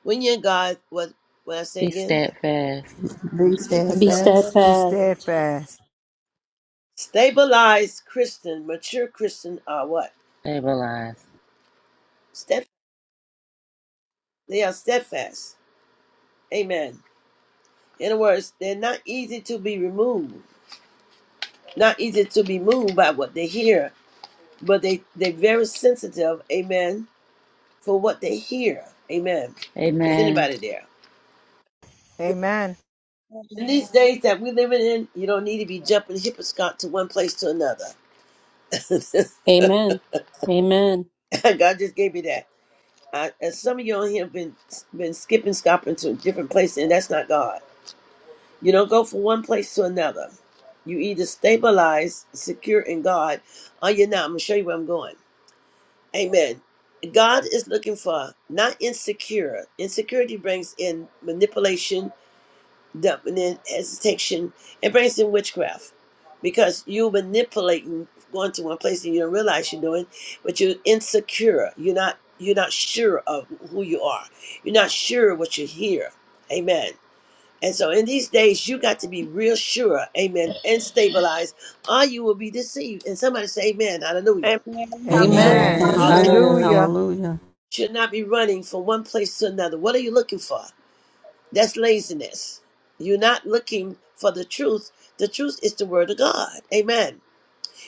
Speaker 1: When you're in God, what? What I say
Speaker 4: Be
Speaker 1: again?
Speaker 4: steadfast.
Speaker 6: Be
Speaker 7: Yes,
Speaker 2: And be
Speaker 7: Lord.
Speaker 6: steadfast.
Speaker 5: Be
Speaker 2: steadfast.
Speaker 5: steadfast.
Speaker 1: Stabilized Christian, mature Christian are what?
Speaker 4: Stabilize.
Speaker 1: Stead. They are steadfast. Amen. In other words, they're not easy to be removed, not easy to be moved by what they hear, but they they're very sensitive. Amen for what they hear. Amen. Is
Speaker 4: Amen.
Speaker 1: anybody there?
Speaker 5: Amen.
Speaker 1: In these
Speaker 7: Amen.
Speaker 1: days that we're living in, you don't need to be jumping hipperscot to one place to another.
Speaker 2: Amen. Amen.
Speaker 1: God just gave me that. I, and some of you on here have been been skipping, scopping to different places, and that's not God. You don't go from one place to another. You either stabilize, secure in God, or you're not. I'm gonna show you where I'm going. Amen. God is looking for not insecure. Insecurity brings in manipulation, Dublin as detection and brings in witchcraft because you are manipulating going to one place and you don't realize you're doing but you're insecure you're not you're not sure of who you are you're not sure what you hear amen and so in these days you got to be real sure amen and stabilized or you will be deceived and somebody say amen hallelujah
Speaker 7: Amen.
Speaker 2: Amen.
Speaker 6: Amen.
Speaker 5: Amen.
Speaker 7: Hallelujah.
Speaker 4: Amen.
Speaker 1: you
Speaker 6: Amen.
Speaker 5: Hallelujah.
Speaker 4: Hallelujah.
Speaker 6: Hallelujah.
Speaker 1: should not be running from one place to another what are you looking for That's laziness. You're not looking for the truth. The truth is the word of God. Amen.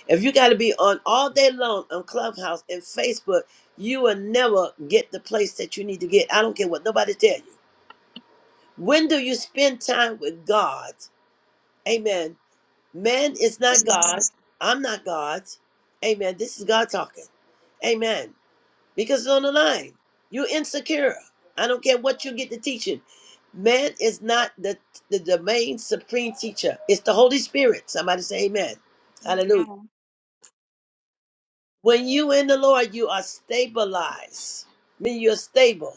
Speaker 1: If you got to be on all day long on Clubhouse and Facebook, you will never get the place that you need to get. I don't care what nobody tell you. When do you spend time with God? Amen. Man is not
Speaker 7: Amen.
Speaker 1: God. I'm not God. Amen. This is God talking. Amen because it's on the line. You're insecure. I don't care what you get to teaching. Man is not the, the domain supreme teacher. It's the Holy Spirit. Somebody say amen. Hallelujah. When you in the Lord, you are stabilized. I mean you're stable.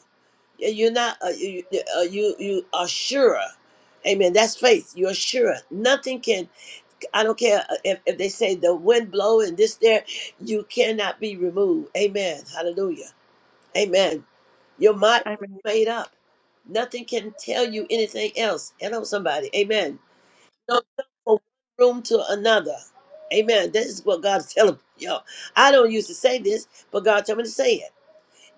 Speaker 1: Yeah, You're not. Uh, you- uh, you you are sure. Amen. That's faith. You're sure. Nothing can. I don't care uh, if, if they say the wind blow and this there. You cannot be removed. Amen. Hallelujah. Amen. Your mind is made up. Nothing can tell you anything else. Hello, somebody. Amen. Don't jump from one room to another. Amen. This is what God's telling y'all. I don't used to say this, but God told me to say it.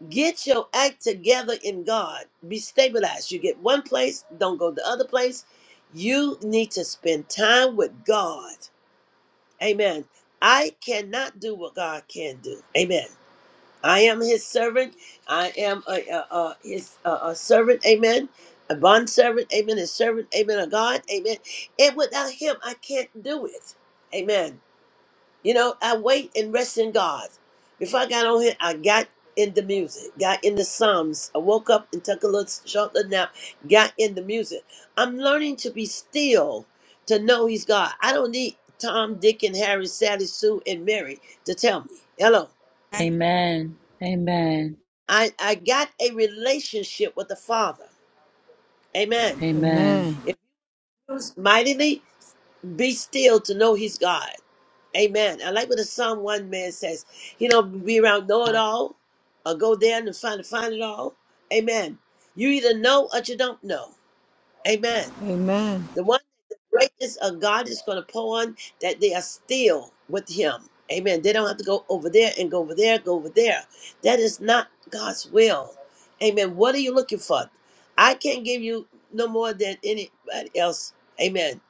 Speaker 1: Get your act together in God. Be stabilized. You get one place, don't go the other place. You need to spend time with God. Amen. I cannot do what God can do. Amen. I am his servant. I am a, a, a his a, a servant. Amen. A bond servant. Amen. His servant. Amen. A God. Amen. And without him, I can't do it. Amen. You know, I wait and rest in God. Before I got on here, I got in the music, got in the Psalms. I woke up and took a little short little nap, got in the music. I'm learning to be still, to know he's God. I don't need Tom, Dick, and Harry, Sally, Sue, and Mary to tell me. Hello.
Speaker 4: Amen. Amen.
Speaker 1: I, I got a relationship with the Father. Amen.
Speaker 4: Amen.
Speaker 5: Amen,
Speaker 1: It was mightily be still to know He's God. Amen. I like what the Psalm 1 man says. You don't be around know it all or go there and find, find it all. Amen. You either know or you don't know. Amen.
Speaker 5: amen,
Speaker 1: The one the greatness of God is going to pour on that they are still with Him. Amen. They don't have to go over there and go over there, go over there. That is not God's will. Amen. What are you looking for? I can't give you no more than anybody else. Amen.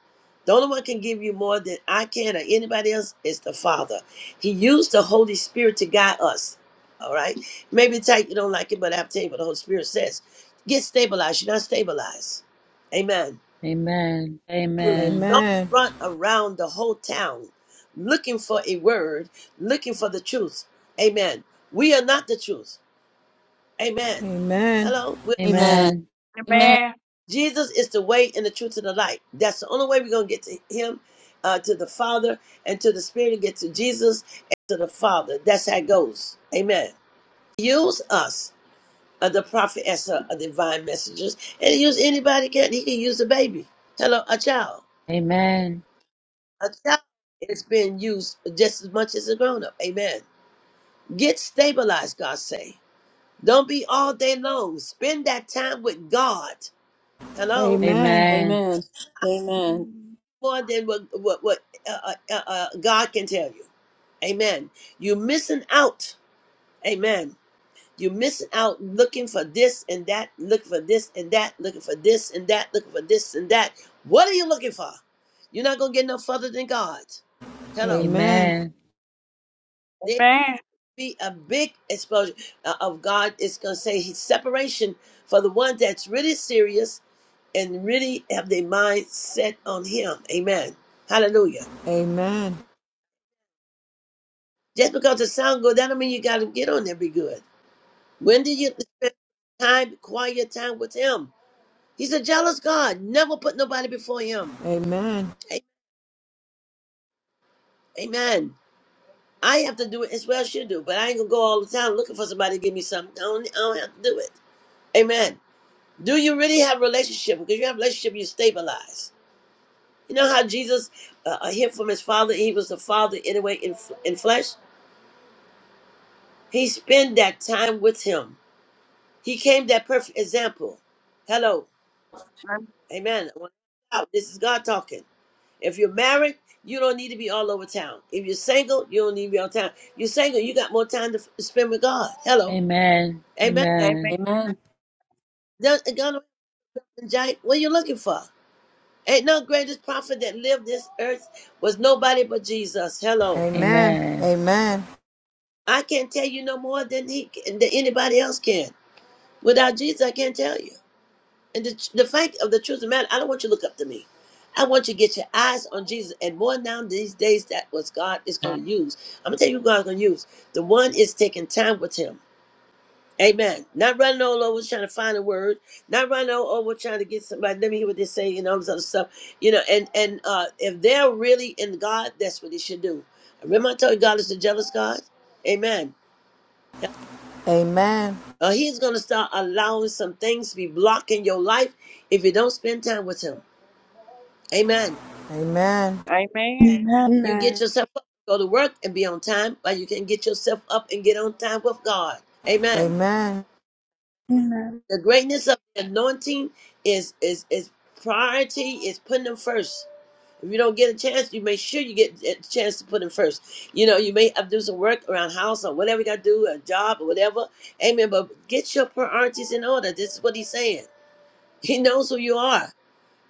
Speaker 1: The only one can give you more than I can or anybody else is the Father. He used the Holy Spirit to guide us. All right. Maybe type you don't like it, but I'll tell you what the Holy Spirit says. Get stabilized. You're not stabilized. Amen.
Speaker 4: Amen. Amen.
Speaker 1: Don't
Speaker 5: amen,
Speaker 1: run around the whole town looking for a word, looking for the truth. Amen. We are not the truth. Amen.
Speaker 5: amen,
Speaker 1: Hello. We-
Speaker 2: Amen.
Speaker 4: Amen.
Speaker 7: Amen.
Speaker 2: Amen.
Speaker 7: Amen.
Speaker 1: Jesus is the way and the truth and the light. That's the only way we're going to get to Him, uh, to the Father, and to the Spirit, and get to Jesus and to the Father. That's how it goes. Amen. Use us, uh, the prophet, as a, a divine messengers, and use anybody can. He can use a baby. Hello, a child.
Speaker 4: Amen.
Speaker 1: a child is being used just as much as a grown up. Amen. Get stabilized, God say. Don't be all day long. Spend that time with God. Hello,
Speaker 5: amen,
Speaker 4: Amen.
Speaker 2: Amen. Amen.
Speaker 1: more than what what, what uh, uh, uh, uh, God can tell you. Amen. You're missing out. Amen. You're missing out looking for this and that, looking for this and that, looking for this and that, looking for this and that. What are you looking for? You're not gonna get no further than God. Hello.
Speaker 5: amen,
Speaker 4: Amen.
Speaker 7: Amen.
Speaker 1: be a big exposure uh, of God. It's going to say his separation for the one that's really serious and really have their mind set on him. Amen. Hallelujah.
Speaker 5: amen, amen,
Speaker 1: Just because it sound good, that don't mean you got to get on there and be good. When did you spend time, quiet time with him? He's a jealous God. Never put nobody before him.
Speaker 5: Amen. Amen.
Speaker 1: A- Amen. I have to do it as well as you do, but I ain't going to go all the time looking for somebody to give me something. I don't, I don't have to do it. Amen. Do you really have a relationship? Because you have a relationship, you stabilize. You know how Jesus uh, uh, heard from his father, he was the father anyway in, f- in flesh? He spent that time with him. He came that perfect example. Hello. Amen. I want to shout. This is God talking. If you're married, you don't need to be all over town. If you're single, you don't need to be all town. You're single, you got more time to f- spend with God. Hello.
Speaker 4: Amen.
Speaker 1: Amen.
Speaker 2: Amen.
Speaker 7: Amen. Amen.
Speaker 4: Amen.
Speaker 2: Amen.
Speaker 1: Does- God, Jack, What are you looking for? Ain't no greatest prophet that lived this earth was nobody but Jesus. Hello.
Speaker 5: amen,
Speaker 4: Amen.
Speaker 5: amen,
Speaker 1: I can't tell you no more than he than anybody else can. Without Jesus, I can't tell you. And the, the fact of the truth of the matter, I don't want you to look up to me. I want you to get your eyes on Jesus. And more now these days, that was God is going to use. I'm going to tell you who God's going to use. The one is taking time with him. Amen. Not running all over trying to find a word, not running all over trying to get somebody. Let me hear what they say and all this other stuff. You know, and and uh, if they're really in God, that's what they should do. Remember, I told you God is a jealous God. Amen. Uh, he's going to start allowing some things to be blocking your life if you don't spend time with Him. Amen.
Speaker 7: Amen.
Speaker 1: You get
Speaker 3: Amen.
Speaker 1: yourself up, go to work, and be on time, but you can get yourself up and get on time with God. Amen.
Speaker 3: Amen.
Speaker 1: The greatness of the anointing is is is priority is putting them first. If you don't get a chance, you make sure you get a chance to put them first. You know, you may have to do some work around house or whatever you got to do, a job or whatever. Amen. But get your priorities in order. This is what he's saying. He knows who you are.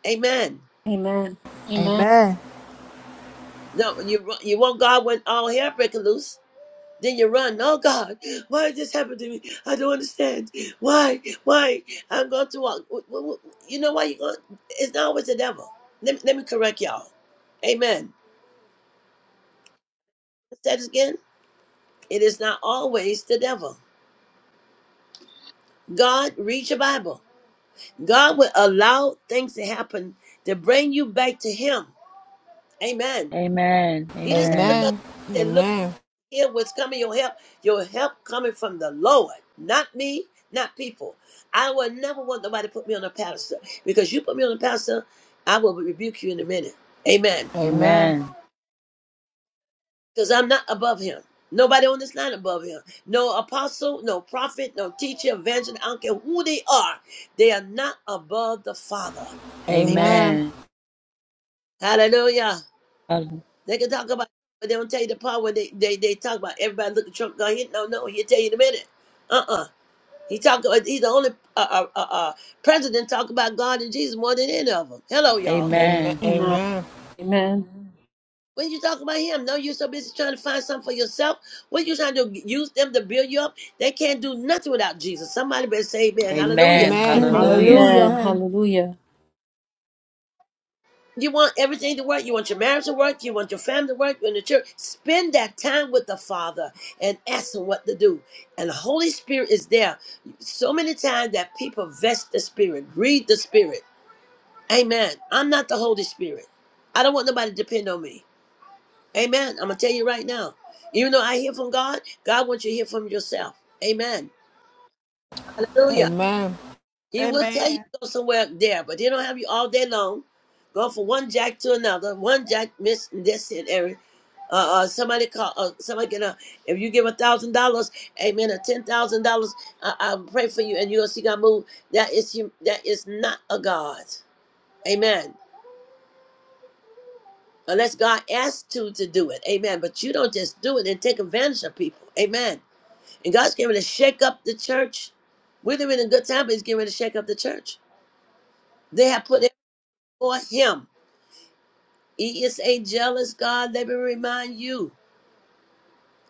Speaker 1: Amen.
Speaker 2: Amen.
Speaker 5: amen,
Speaker 1: No, you you want God when all hell breaking loose. Then you run. Oh God, why did this happen to me? I don't understand. Why? Why? I'm going to walk. W- w- w- You know why you're going? It's not always the devil. Let me, let me correct y'all. Amen. Let's say this again. It is not always the devil. God, read your Bible. God will allow things to happen to bring you back to Him. Amen. He doesn't look
Speaker 4: Amen. Amen.
Speaker 5: Amen. amen,
Speaker 1: up.
Speaker 5: amen,
Speaker 1: hear what's coming your help your help coming from the lord not me not people i would never want nobody to put me on a pedestal because you put me on a pedestal i will rebuke you in a minute amen
Speaker 5: amen,
Speaker 1: because i'm not above him nobody on this line above him no apostle no prophet no teacher evangelist i don't care who they are they are not above the father amen
Speaker 5: Amen.
Speaker 4: Amen.
Speaker 1: hallelujah
Speaker 4: Amen.
Speaker 1: they can talk about but they don't tell you the part where they, they, they talk about everybody look at Trump. God, he, no, no, he'll tell you in a minute. Uh uh He talk about he's the only uh, uh, uh, uh, president talk about God and Jesus more than any of them. Hello, y'all.
Speaker 5: Amen.
Speaker 4: Amen.
Speaker 2: Amen.
Speaker 5: Amen.
Speaker 2: Amen.
Speaker 1: When you talk about him, no, you're so busy trying to find something for yourself. What you trying to do? Use them to build you up? They can't do nothing without Jesus. Somebody better say Amen.
Speaker 4: Amen.
Speaker 1: Hallelujah.
Speaker 3: Amen.
Speaker 5: Amen.
Speaker 4: Hallelujah.
Speaker 5: Hallelujah.
Speaker 2: Amen.
Speaker 3: Amen.
Speaker 2: Hallelujah.
Speaker 1: You want everything to work. You want your marriage to work. You want your family to work. You want the church. Spend that time with the Father and ask Him what to do. And the Holy Spirit is there. So many times that people vest the Spirit, read the Spirit. Amen. I'm not the Holy Spirit. I don't want nobody to depend on me. Amen. I'm gonna tell you right now. Even though I hear from God, God wants you to hear from yourself. Amen. Hallelujah.
Speaker 5: Amen.
Speaker 1: He will tell you
Speaker 7: Amen.
Speaker 1: to go somewhere there, but he don't have you all day long. Go from one jack to another. One jack miss this and every. Uh, uh, somebody call. Uh, somebody get a. If you give a thousand dollars, amen, or ten thousand dollars, I I'll pray for you, and you'll see God move. That is hum- that is not a God. Amen. unless God asks you to do it. Amen. But you don't just do it and take advantage of people. Amen. And God's getting ready to shake up the church. We're living in a good time, but He's getting ready to shake up the church. They have put it for Him. He is a jealous God. Let me remind you.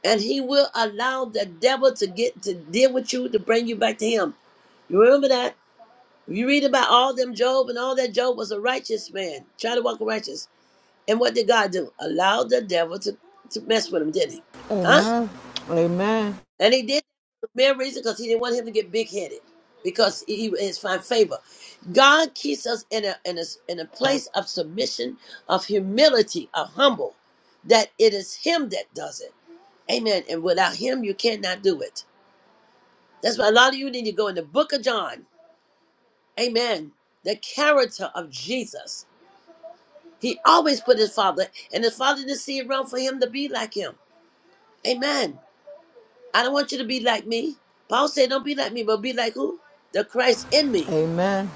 Speaker 1: And He will allow the devil to get to deal with you to bring you back to Him. You remember that? You read about all them Job and all that Job was a righteous man, trying to walk righteous. And what did God do? Allow the devil to, to mess with him, did not he? Huh?
Speaker 5: Amen. Amen.
Speaker 1: And he did. Main reason because he didn't want him to get big headed because he he is find favor. God keeps us in a in a in a place of submission, of humility, of humble, that it is Him that does it. Amen. And without Him, you cannot do it. That's why a lot of you need to go in the Book of John. Amen. The character of Jesus. He always put his father, and his father didn't see it wrong for him to be like him. Amen. I don't want you to be like me. Paul said, "Don't be like me, but be like who? The Christ in me."
Speaker 5: Amen.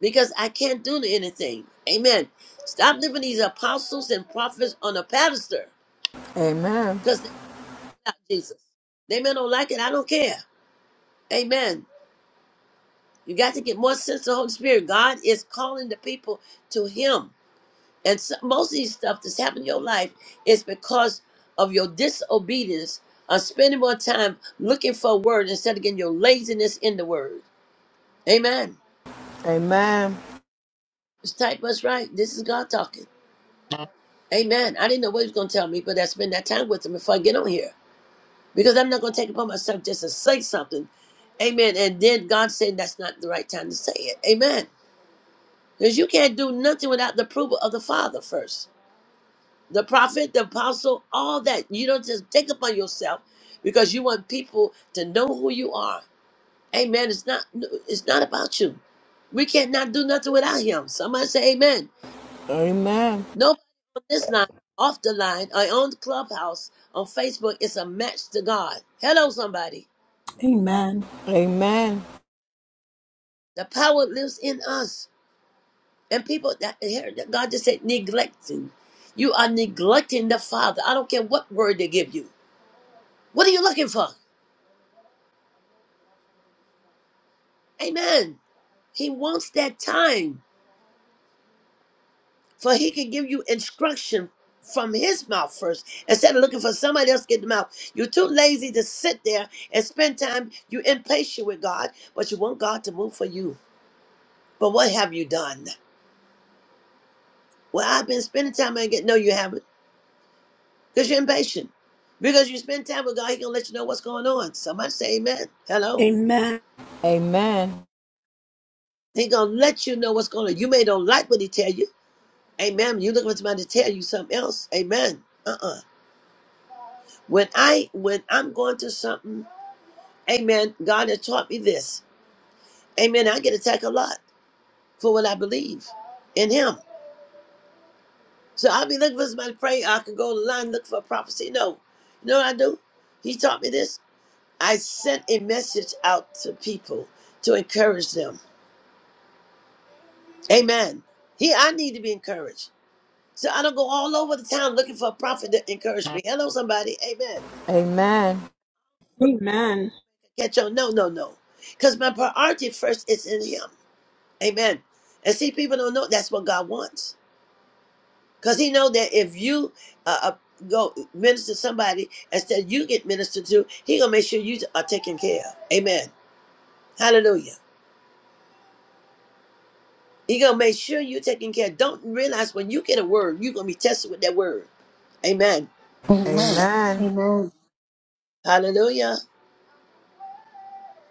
Speaker 1: because I can't do anything. Amen. Stop living these apostles and prophets on a pedestal
Speaker 5: Amen.
Speaker 1: because they not Jesus. They men don't like it. I don't care. Amen. You got to get more sense of the Holy Spirit. God is calling the people to Him. And so, most of these stuff that's happened in your life is because of your disobedience of spending more time looking for a word instead of getting your laziness in the word. Amen.
Speaker 5: Amen.
Speaker 1: Just type us right. This is God talking. Amen. I didn't know what he was going to tell me, but I spend that time with him before I get on here because I'm not going to take it upon myself just to say something. Amen. And then God said that's not the right time to say it. Amen. Because you can't do nothing without the approval of the Father first. The prophet, the apostle, all that. You don't just take upon yourself because you want people to know who you are. Amen. It's not no, it's not about you. We can't not do nothing without him. Somebody say amen.
Speaker 5: Amen.
Speaker 1: Nobody on this line, off the line, or on the clubhouse on Facebook is a match to God. Hello, somebody.
Speaker 3: Amen.
Speaker 5: Amen.
Speaker 1: The power lives in us. And people that here that God just said neglecting. You are neglecting the Father. I don't care what word they give you. What are you looking for? Amen. He wants that time. for he can give you instruction from his mouth first instead of looking for somebody else to get the mouth. You're too lazy to sit there and spend time. You're impatient with God, but you want God to move for you. But what have you done? Well, I've been spending time and get no, you haven't, because you're impatient. Because you spend time with God, He gonna let you know what's going on. Somebody say Amen. Hello.
Speaker 3: Amen.
Speaker 5: Amen.
Speaker 1: He gonna let you know what's going on. You may don't like what He tell you. Amen. You looking for somebody to tell you something else. Amen. Uh uh When I when I'm going through something Amen. God has taught me this. Amen. I get attacked a lot for what I believe in Him. So I'll be looking for somebody to pray. I can go online look for a prophecy. No. You know what I do? He taught me this. I sent a message out to people to encourage them. Amen. He, I need to be encouraged. So I don't go all over the town looking for a prophet to encourage me. Hello, somebody. Amen.
Speaker 5: Amen. Amen.
Speaker 3: Amen.
Speaker 1: Catch on. No, no, no. Because my priority first is in Him. Amen. And see, people don't know that's what God wants. Because he know that if you uh, uh, go minister to somebody instead you get ministered to, he gonna make sure you are taken care of. Amen. Hallelujah. He gonna make sure you're taken care of. Don't realize when you get a word, you're gonna be tested with that word. Amen.
Speaker 2: Amen. Amen.
Speaker 1: Hallelujah.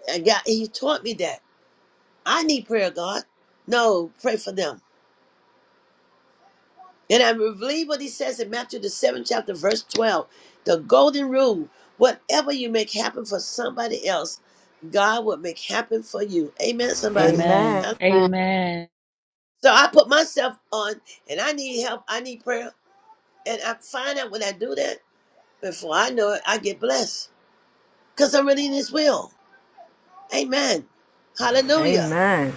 Speaker 1: And God, he taught me that. I need prayer, God. No, pray for them. And I believe what he says in Matthew the seventh chapter, verse twelve, the golden rule: whatever you make happen for somebody else, God will make happen for you. Amen.
Speaker 5: Amen.
Speaker 1: Somebody.
Speaker 4: Amen.
Speaker 1: I-
Speaker 5: Amen.
Speaker 4: Amen.
Speaker 1: So I put myself on, and I need help. I need prayer, and I find out when I do that. Before I know it, I get blessed because I'm really in His will. Amen.
Speaker 5: Amen. Amen.
Speaker 1: Hallelujah.
Speaker 5: Amen.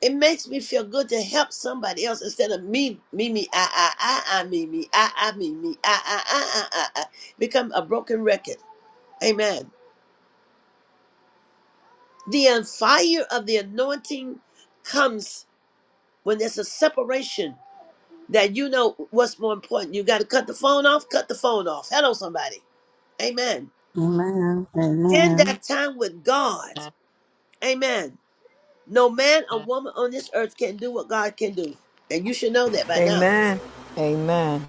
Speaker 1: It makes me feel good to help somebody else instead of me, me, me, I, I, I, I, me, me, I, I, me, me, I, I, I, I, I, I. Become a broken record. Amen. The uh, fire of the anointing comes when there's a separation that you know what's more important. You got to cut the phone off, cut the phone off. Hello, somebody. Amen.
Speaker 6: Amen.
Speaker 1: In
Speaker 6: Amen.
Speaker 1: that time with God, amen. No man or woman on this earth can do what God can do. And you should know that by now.
Speaker 5: Amen. Amen.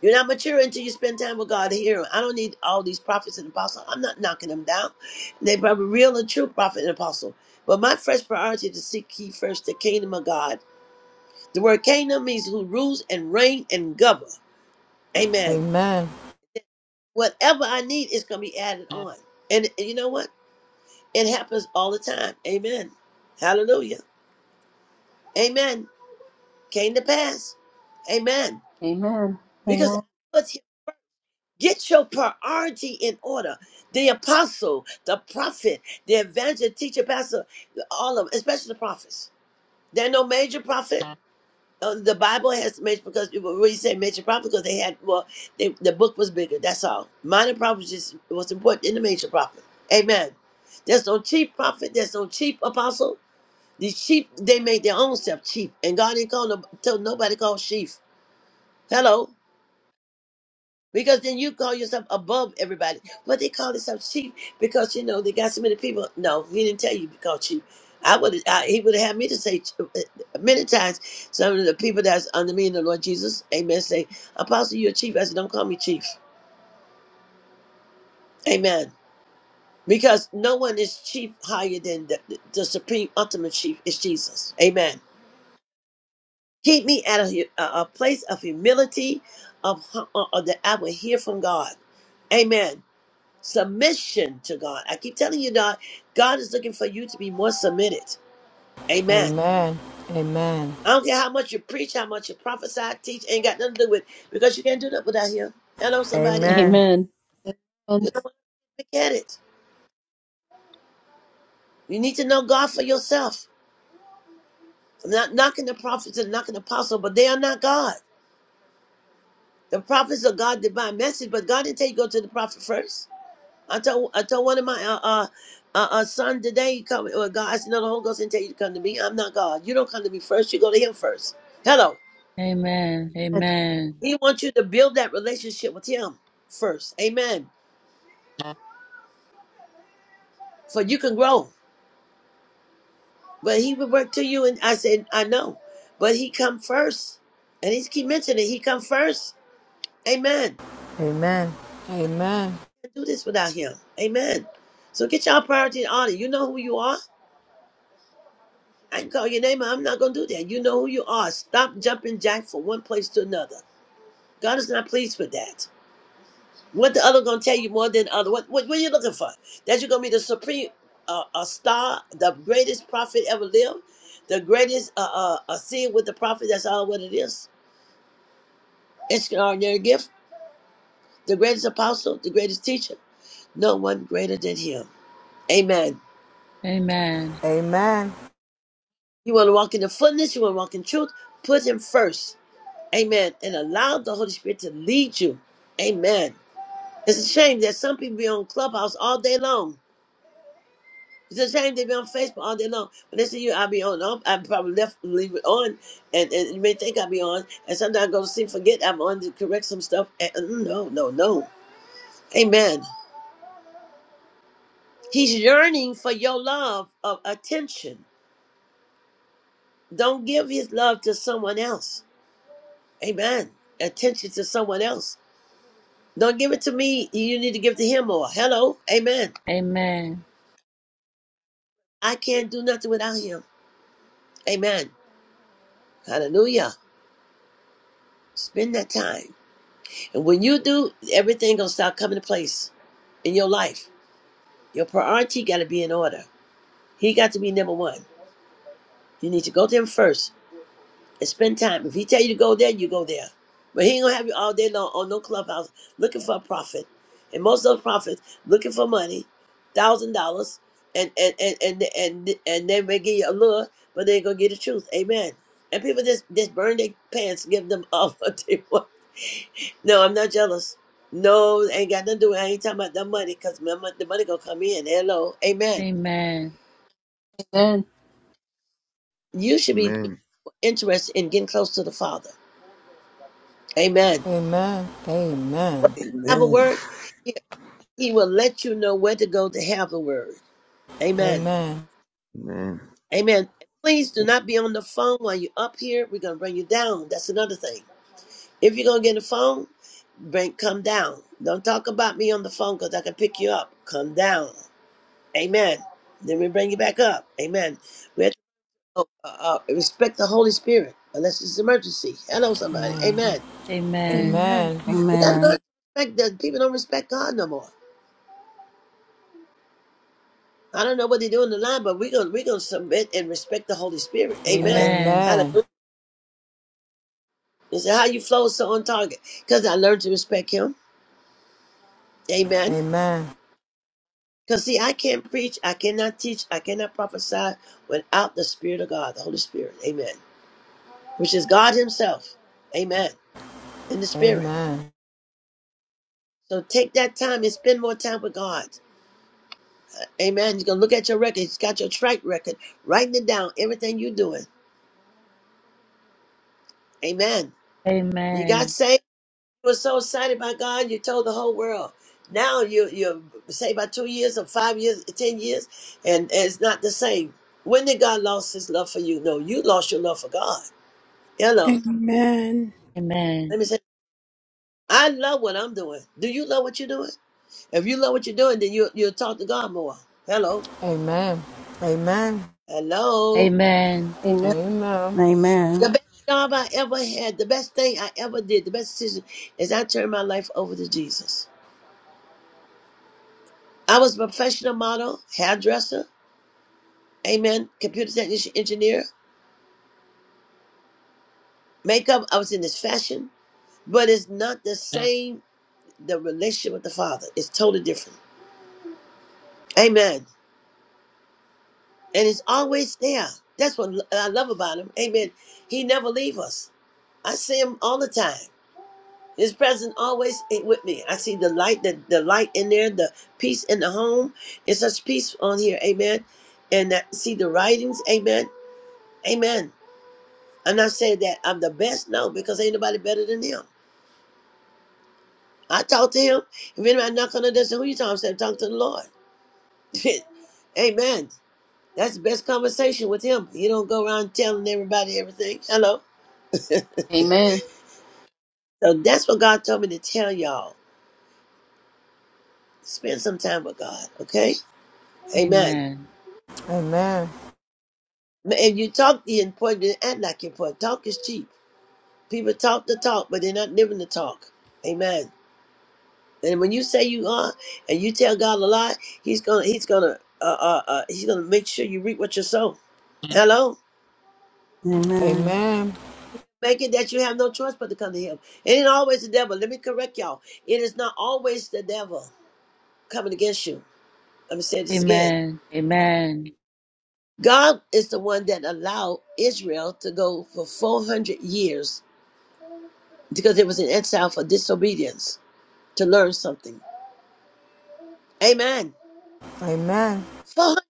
Speaker 1: You're not mature until you spend time with God here. I don't need all these prophets and apostles. I'm not knocking them down. They probably real and true prophet and apostle. But my first priority is to seek ye first the kingdom of God. The word kingdom means who rules and reign and govern. Amen.
Speaker 5: Amen.
Speaker 1: Whatever I need is going to be added on. And you know what? It happens all the time. Amen. Hallelujah. Amen. Came to pass. Amen.
Speaker 2: Amen. Amen.
Speaker 1: Because Get your priority in order. The apostle, the prophet, the evangelist, teacher, pastor, all of them, especially the prophets. There are no major prophet. Uh, the Bible has major because when you say major prophet, because they had well, they, the book was bigger. That's all. Minor prophet just was important in the major prophet. Amen. There's no chief prophet. There's no chief apostle. The chief they made their own self chief, and God didn't call no, tell nobody called chief. Hello. Because then you call yourself above everybody. But they call themselves chief because you know they got so many people. No, he didn't tell you to call chief. I would I, he would have had me to say ch- uh, many times. Some of the people that's under me in the Lord Jesus, Amen. Say, Apostle, you're chief. I said, don't call me chief, Amen. Because no one is chief higher than the, the, the supreme ultimate chief is Jesus, Amen. Keep me at a, hu- a, a place of humility, of, hu- uh, uh, that I will hear from God, Amen submission to God. I keep telling you, God, God is looking for you to be more submitted.
Speaker 5: Amen.
Speaker 1: Amen.
Speaker 5: Amen.
Speaker 1: I don't care how much you preach, how much you prophesy, teach, ain't got nothing to do with it, because you can't do that without Him. Hello, somebody.
Speaker 2: Amen.
Speaker 1: You
Speaker 2: Amen.
Speaker 1: don't want to forget it. You need to know God for yourself. I'm not knocking the prophets and knocking the apostles, but they are not God. The prophets are God's divine message, but God didn't tell you go to the prophet first. I told I told one of my uh uh, uh, uh son today, you come well, God, I said, no, the Holy Ghost didn't tell you to come to me. I'm not God. You don't come to me first, you go to him first. Hello.
Speaker 4: Amen. Amen.
Speaker 1: He wants you to build that relationship with him first. Amen. For you can grow. But he would work to you and I said, I know. But he come first. And he's keep mentioning he come first. Amen. Can't do this without him. Amen. So get your priority in order. You know who you are. I can call your name out. I'm not going to do that. You know who you are. Stop jumping jack from one place to another. God is not pleased with that. What the other going to tell you more than the other? What, what, what are you looking for? That you're going to be the supreme uh, uh, star, the greatest prophet ever lived, the greatest uh, uh, uh, seeing with the prophet. That's all what it is. It's an ordinary gift. The greatest apostle, the greatest teacher. No one greater than him. Amen.
Speaker 4: Amen.
Speaker 1: You want to walk in the fullness. You want to walk in truth. Put him first. Amen. And allow the Holy Spirit to lead you. Amen. It's a shame that some people be on Clubhouse all day long. It's a shame they be on Facebook all day long. When they see you, I'll be on. I probably left leave it on, and, and you may think i be on. And sometimes I go to sleep, forget I'm on to correct some stuff. And, and no, no, no. Amen. He's yearning for your love of attention. Don't give his love to someone else. Amen. Attention to someone else. Don't give it to me. You need to give it to him more. Hello. Amen.
Speaker 4: Amen.
Speaker 1: I can't do nothing without him. Amen. Hallelujah. Spend that time. And when you do, everything gonna start coming to place in your life. Your priority gotta be in order. He got to be number one. You need to go to him first and spend time. If he tell you to go there, you go there. But he ain't gonna have you all day long on no clubhouse looking for a profit. And most of those prophets looking for money, thousand dollars, and and and and and and they may give you a lure, but they ain't gonna get the truth. Amen. And people just just burn their pants, give them all what they want. No, I'm not jealous. No, ain't got nothing to do. with it. I ain't talking about the money because the money gonna come in. Hello, amen.
Speaker 2: Amen.
Speaker 1: You should be
Speaker 10: Amen.
Speaker 1: interested in getting close to the Father. Amen
Speaker 5: Amen. Amen.
Speaker 1: have a
Speaker 10: Amen.
Speaker 1: word, he, he will let you know where to go to have the word. Amen.
Speaker 5: Amen. Amen.
Speaker 10: Amen.
Speaker 1: Amen. Please do not be on the phone while you're up here. We're going to bring you down. That's another thing. If you're going to get a phone, bring come down. Don't talk about me on the phone because I can pick you up. Come down. Amen. Then we bring you back up. Amen. We have to oh, uh, uh, respect the Holy Spirit unless it's an emergency. Hello, somebody.
Speaker 5: Amen.
Speaker 1: Amen.
Speaker 4: Amen.
Speaker 5: Amen.
Speaker 1: We got to learn
Speaker 6: Amen.
Speaker 1: to respect that people don't respect God no more. I don't know what they do in the line, but we're gonna we're gonna submit and respect the Holy Spirit.
Speaker 4: Amen.
Speaker 1: Amen.
Speaker 4: Amen.
Speaker 5: Amen.
Speaker 1: Hallelujah. This is how you flow is so on target. Because I learned to respect him. Amen.
Speaker 5: Amen.
Speaker 1: Because see, I can't preach, I cannot teach, I cannot prophesy without the Spirit of God, the Holy Spirit. Amen. Which is God Himself. Amen. In the Spirit.
Speaker 5: Amen.
Speaker 1: So take that time and spend more time with God. Amen. You are gonna look at your record. He's got your track record, writing it down, everything you're doing. Amen. You got
Speaker 4: Amen.
Speaker 1: saved. You were so excited by God, you told the whole world. Now you you say about two years or five years, ten years, and and it's not the same. When did God lost His love for you? No, you lost your love for God. Hello,
Speaker 3: Amen.
Speaker 1: let
Speaker 4: Amen.
Speaker 1: me say, I love what I'm doing. Do you love what you're doing? If you love what you're doing, then you you'll talk to God more. Hello,
Speaker 5: Amen. Amen. Amen.
Speaker 1: hello.
Speaker 4: Amen.
Speaker 2: Amen.
Speaker 5: Amen.
Speaker 1: The best job I ever had, the best thing I ever did, the best decision is I turned my life over to Jesus. I was a professional model, hairdresser, amen, computer technician, engineer. makeup. I was in this fashion, but it's not the Yeah. same. The relationship with the Father is totally different. Amen. And it's always there. That's what I love about Him. Amen. He never leave us. I see Him all the time. His presence always ain't with me. I see the light, the, the light in there, the peace in the home. It's such peace on here. Amen. And that, see the writings. Amen. Amen. I'm not saying that I'm the best. No, because ain't nobody better than Him. I talk to him. If anybody knock on the door, say, who you talking to? I said, talk to the Lord. Amen. That's the best conversation with him. He don't go around telling everybody everything. Hello.
Speaker 2: Amen.
Speaker 1: So that's what God told me to tell y'all. Spend some time with God, okay? Amen.
Speaker 5: Amen.
Speaker 1: And you talk the important, you act like you're important. Talk is cheap. People talk the talk, but they're not living the talk. Amen. And when you say you are, and you tell God a lie, He's gonna, He's gonna, uh, uh, uh, He's gonna make sure you reap what you sow. Hello.
Speaker 6: Amen.
Speaker 5: Amen.
Speaker 1: Make it that you have no choice but to come to him. It ain't always the devil. Let me correct y'all. It is not always the devil coming against you. Let me say this again.
Speaker 4: Amen. Amen. Amen. Amen.
Speaker 1: God is the one that allowed Israel to go for 400 years because it was in exile for disobedience to learn something. Amen.
Speaker 5: Amen.
Speaker 1: 400.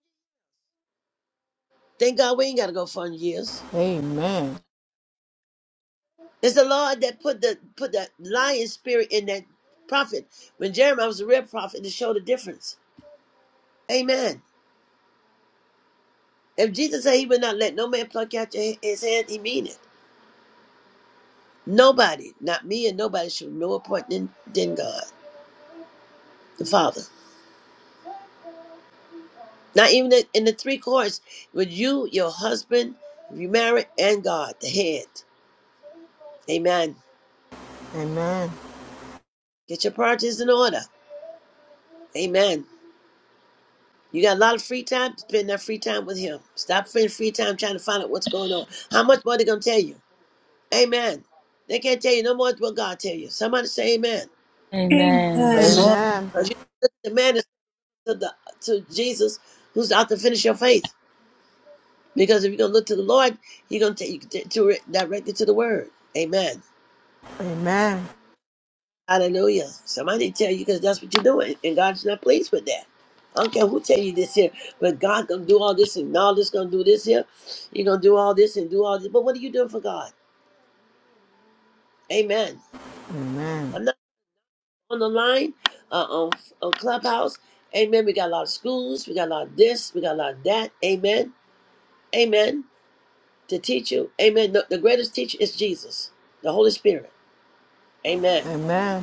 Speaker 1: Thank God we ain't got to go 400 years.
Speaker 5: Amen. Amen.
Speaker 1: It's the Lord that put the put the lion spirit in that prophet. When Jeremiah was a real prophet, to show the difference. Amen. If Jesus said he would not let no man pluck out your, his hand, he mean it. Nobody, not me and nobody, should be more important than, than God, the Father. Not even in in the three chords with you, your husband, if you married, and God, the head. Amen. Get your priorities in order. Amen. You got a lot of free time, spend that free time with him. Stop spending free time trying to find out what's going on. How much more they going to tell you? Amen. They can't tell you no more than what God tell you. Somebody say amen.
Speaker 4: Amen.
Speaker 3: Amen.
Speaker 2: Amen.
Speaker 1: 'Cause you- the man is to the to Jesus, who's out to finish your faith. Because if you're gonna look to the Lord, He's gonna take you to to- direct you to the Word. Amen.
Speaker 5: Amen.
Speaker 1: Hallelujah. Somebody tell you because that's what you're doing, and God's not pleased with that. I don't care who tell you this here, but God gonna do all this and all this gonna do this here. You're gonna do all this and do all this, but what are you doing for God? Amen. I'm not on the line, uh, on on Clubhouse. Amen. We got a lot of schools. We got a lot of this. We got a lot of that. Amen. Amen. to teach you. Amen. The, the greatest teacher is Jesus, the Holy Spirit.
Speaker 5: Amen.
Speaker 1: Amen.
Speaker 5: Amen.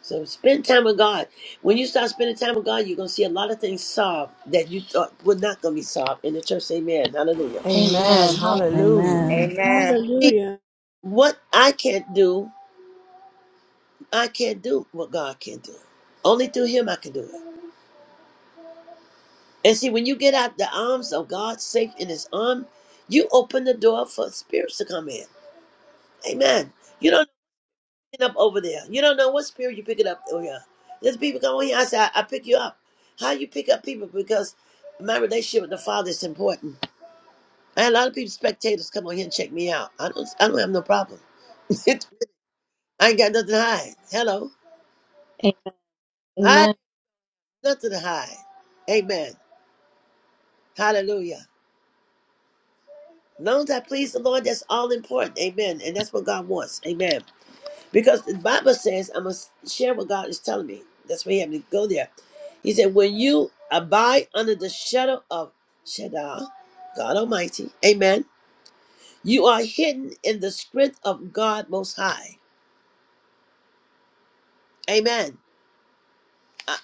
Speaker 1: So spend time with God. When you start spending time with God, you're gonna see a lot of things solved that you thought were not gonna be solved in the church. Amen. Hallelujah.
Speaker 5: Amen.
Speaker 2: Amen. Hall-
Speaker 5: Hallelujah.
Speaker 3: Amen.
Speaker 6: Amen.
Speaker 11: Amen.
Speaker 1: See,
Speaker 3: Hallelujah.
Speaker 1: What I can't do, I can't do what God can do. Only through Him I can do it. And see, when you get out the arms of God, safe in His arm, you open the door for spirits to come in. Amen. You don't picking up over there. You don't know what spirit you picking up over here. There's people come over here. I say, I, I pick you up. How you pick up people? Because my relationship with the Father is important. I had a lot of people, spectators, come on here and check me out. I don't, I don't have no problem. I ain't got nothing to hide. Hello,
Speaker 2: a-
Speaker 1: I have
Speaker 2: Amen.
Speaker 1: nothing to hide. Amen. Hallelujah. As long as I please the Lord, that's all important. Amen. And that's what God wants. Amen. Because the Bible says I must share what God is telling me. That's why he had to go there. He said, When you abide under the shadow of Shaddai, God Almighty, Amen, you are hidden in the strength of God Most High. Amen. I,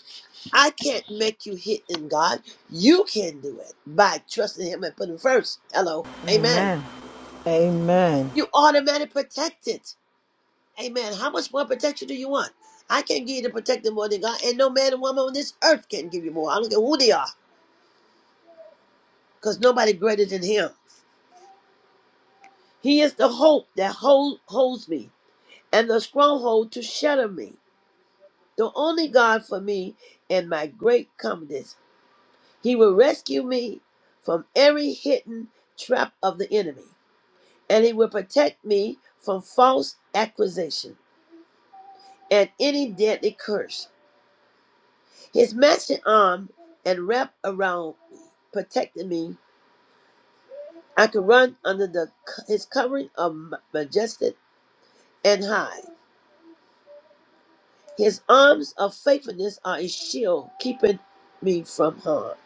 Speaker 1: I can't make you hidden, God. You can do it by trusting Him and putting Him first. Hello. Amen.
Speaker 5: Amen. Amen.
Speaker 1: You automatically protected. Amen. How much more protection do you want? I can't give you the protection more than God, and no man and woman on this earth can give you more. I don't care who they are, because nobody greater than Him. He is the hope that hold, holds me, and the stronghold to shelter me. The only God for me and my great confidence. He will rescue me from every hidden trap of the enemy, and He will protect me from false accusation and any deadly curse. His matching arm and wrap around me, protecting me. I could run under the his covering of ma- majestic and high. His arms of faithfulness are a shield keeping me from harm.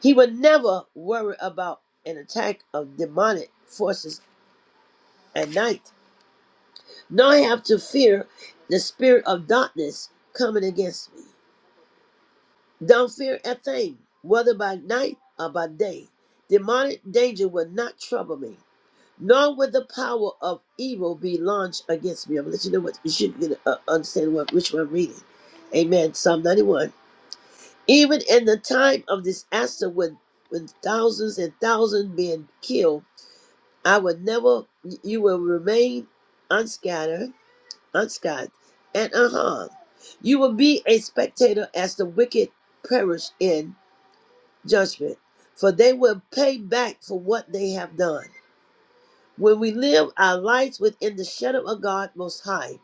Speaker 1: He would never worry about an attack of demonic forces at night, nor have to fear the spirit of darkness coming against me. Don't fear a thing, whether by night or by day. Demonic danger will not trouble me, nor will the power of evil be launched against me. I'm going let you know what you should get, uh, understand what which one I'm reading. Amen. Psalm 91. Even in the time of disaster, when when thousands and thousands being killed, I will never. You will remain unscattered, unscathed, and unharmed. You will be a spectator as the wicked perish in judgment, for they will pay back for what they have done. When we live our lives within the shadow of God Most High,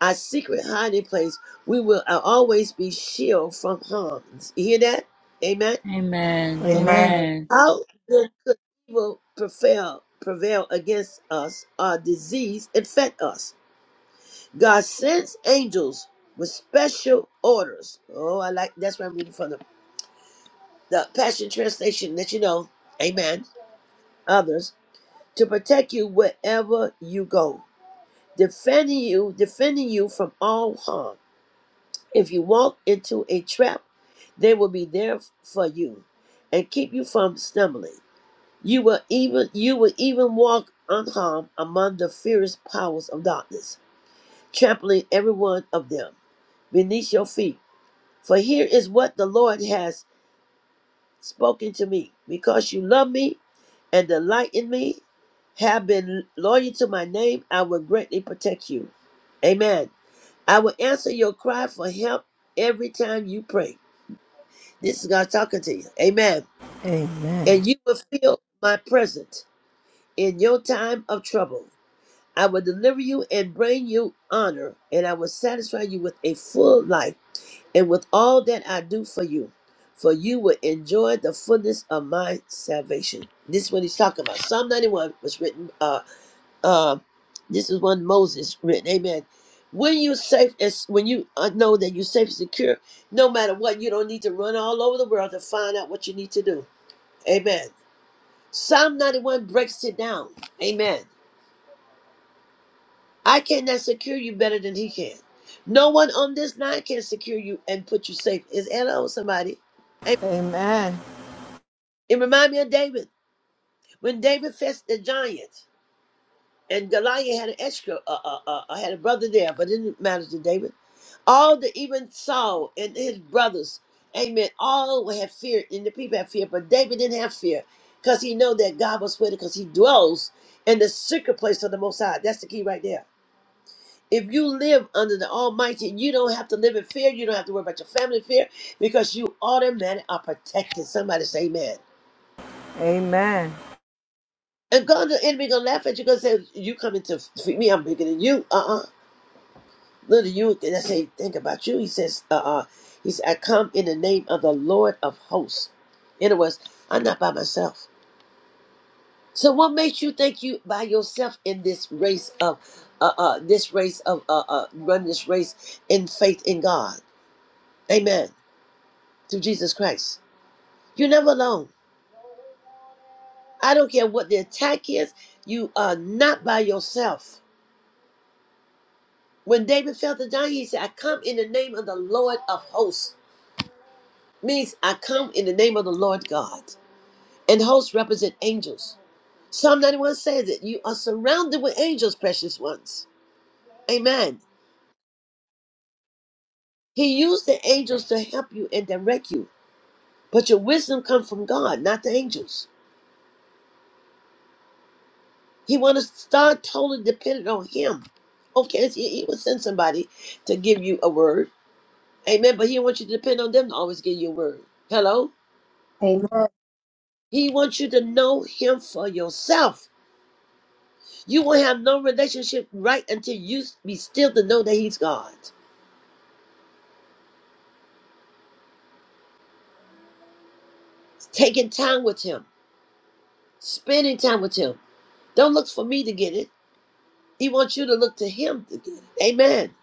Speaker 1: our secret hiding place, we will always be shielded from harm. You hear that? Amen.
Speaker 4: Amen. Amen.
Speaker 5: Amen.
Speaker 11: Amen.
Speaker 4: Amen. Amen.
Speaker 1: How then could evil prevail, prevail against us or disease infect us? God sends angels with special orders. Oh, I like that's what I'm reading from the, the Passion Translation, let you know. Amen. Others. to protect you wherever you go, defending you, defending you from all harm. If you walk into a trap, they will be there for you and keep you from stumbling. You will even you will even walk unharmed among the fierce powers of darkness, trampling every one of them beneath your feet. For here is what the Lord has. spoken to me because you love me and delight in me have been loyal to my name i will greatly protect you amen i will answer your cry for help every time you pray this is god talking to you amen
Speaker 5: Amen.
Speaker 1: and you will feel my presence in your time of trouble i will deliver you and bring you honor and i will satisfy you with a full life and with all that I do for you, for you will enjoy the fullness of my salvation. This is what he's talking about. Psalm 91 was written, uh, uh, this is one Moses written, amen. When you're safe, as when you uh, know that you're safe and secure, no matter what, you don't need to run all over the world to find out what you need to do. Amen. Psalm 91 breaks it down. Amen. I cannot secure you better than he can. No one on this line can secure you and put you safe. Is hello somebody?
Speaker 5: Amen.
Speaker 1: It reminded me of David when David faced the giants, and Goliath had an extra, uh, uh, uh, uh, had a brother there, but it didn't matter to David. All the even Saul and his brothers, Amen. All had fear, and the people had fear, but David didn't have fear because he know that God was with him because he dwells in the secret place of the Most High. That's the key right there. If you live under the Almighty, you don't have to live in fear. You don't have to worry about your family fear because you automatically are protected. Somebody say, Amen. And God, the enemy gonna laugh at you. Gonna say, "You coming to feed me? I'm bigger than you." Uh uh Little you. And I say, "Think about you." He says, "Uh uh He said, "I come in the name of the Lord of hosts." In other words, I'm not by myself. So what makes you think you by yourself in this race of, uh uh this race of uh uh run this race in faith in God? Amen. Through Jesus Christ, you're never alone. I don't care what the attack is. You are not by yourself. When David felt the giant, he said, I come in the name of the Lord of hosts. Means I come in the name of the Lord God. And hosts represent angels. Psalm 91 says that you are surrounded with angels, precious ones. Amen. He used the angels to help you and direct you. But your wisdom comes from God, not the angels. He wants want to start totally dependent on him. Okay, he, he will send somebody to give you a word. Amen. But he wants you to depend on them to always give you a word. Hello?
Speaker 2: Amen.
Speaker 1: He wants you to know him for yourself. You won't have no relationship right until you be still to know that he's God. Taking time with him, spending time with him. Don't look for me to get it. He wants you to look to him to get it. Amen.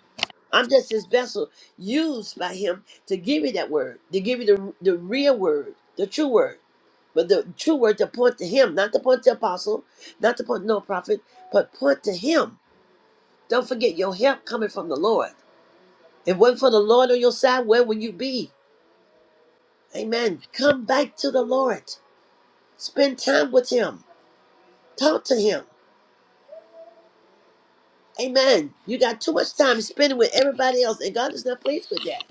Speaker 1: I'm just his vessel used by him to give you that word, to give you the, the real word, the true word. But the true word to point to him, not to point to apostle, not to point to no prophet, but point to him. Don't forget your help coming from the Lord. If it were not for the Lord on your side, where would you be? Amen. Come back to the Lord. Spend time with Him. Talk to Him. Amen. You got too much time spending with everybody else, and God is not pleased with that.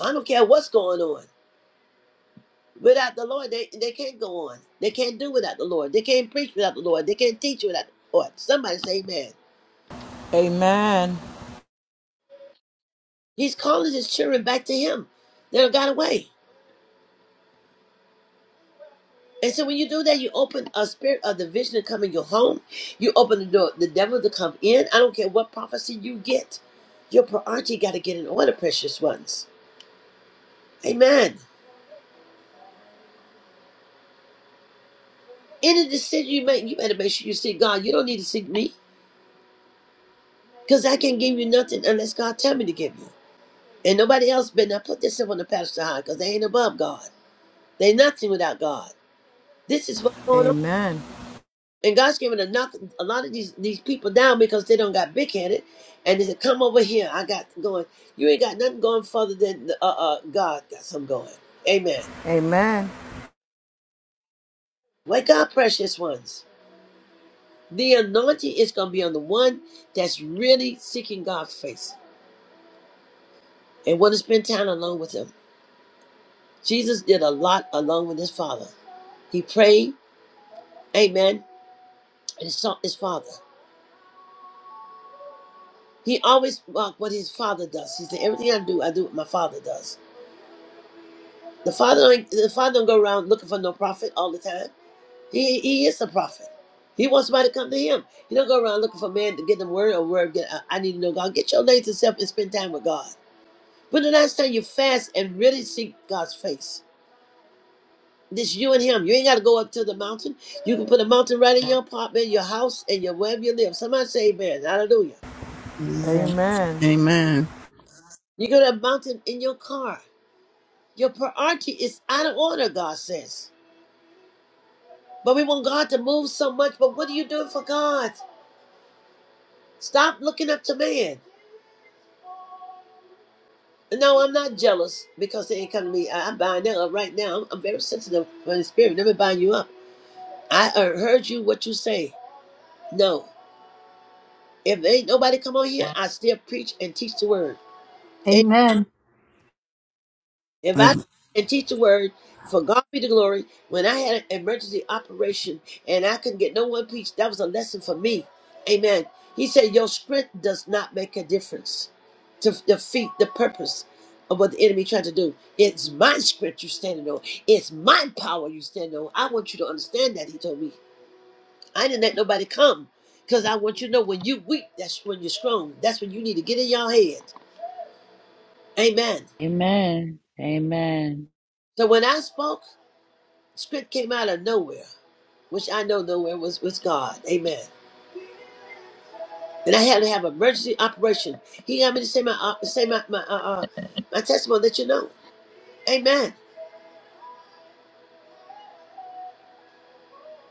Speaker 1: I don't care what's going on. Without the Lord, they, they can't go on. They can't do without the Lord. They can't preach without the Lord. They can't teach without the Lord. Somebody say amen.
Speaker 5: Amen.
Speaker 1: He's calling his children back to him. They don't got away. And so when you do that, you open a spirit of division to come in your home. You open the door, the devil to come in. I don't care what prophecy you get. Your priority got to get in order, precious ones. Amen. Any decision you make, you better make sure you see God. You don't need to seek me because I can't give you nothing unless God tell me to give you. And nobody else better not put themselves on the pedestal high because they ain't above God. They nothing without God. This is what's going on.
Speaker 5: Amen.
Speaker 1: And God's given enough a lot of these these people down because they don't got big headed, and they said, "Come over here, I got going. You ain't got nothing going further than the, uh uh God got some going." Amen.
Speaker 5: Amen.
Speaker 1: Wake up, precious ones. The anointing is gonna be on the one that's really seeking God's face and want to spend time alone with Him. Jesus did a lot alone with His Father. He prayed, Amen, and sought His Father. He always walked what His Father does. He said, "Everything I do, I do what my Father does." The father, ain't- the father don't go around looking for no prophet all the time. He he is a prophet. He wants somebody to come to him. He don't go around looking for man to get them word or word. Get, I I need to know God. Get your lazy self and spend time with God. When the last time you fast and really seek God's face, this you and Him. You ain't got to go up to the mountain. You can put a mountain right in your apartment, your house, and your wherever you live. Somebody say Amen. Hallelujah.
Speaker 5: Amen.
Speaker 6: Amen. Amen.
Speaker 5: Amen.
Speaker 6: Amen. Amen.
Speaker 1: You go to a mountain in your car. Your priority is out of order. God says, but we want God to move so much. But what are you doing for God? Stop looking up to man. No, I'm not jealous because they ain't come to me. I, am buying that up right now. I'm, I'm very sensitive for the spirit. Never buying you up. I uh, heard you what you say. No, if ain't nobody come on here, I still preach and teach the word.
Speaker 2: Amen.
Speaker 1: If I and teach the word, for God be the glory. When I had an emergency operation and I couldn't get no one preach, that was a lesson for me. Amen. He said, Your strength does not make a difference to defeat the purpose of what the enemy tried to do. It's my strength you're standing on. It's my power you stand on. I want you to understand that, he told me. I didn't let nobody come. Because I want you to know when you weak, that's when you're strong. That's when you need to get in your head. Amen. So when I spoke, script came out of nowhere. which I know nowhere was was God. Amen. And I had to have an emergency operation. He got me to say my uh, say my my uh, uh, my testimony that you know. Amen.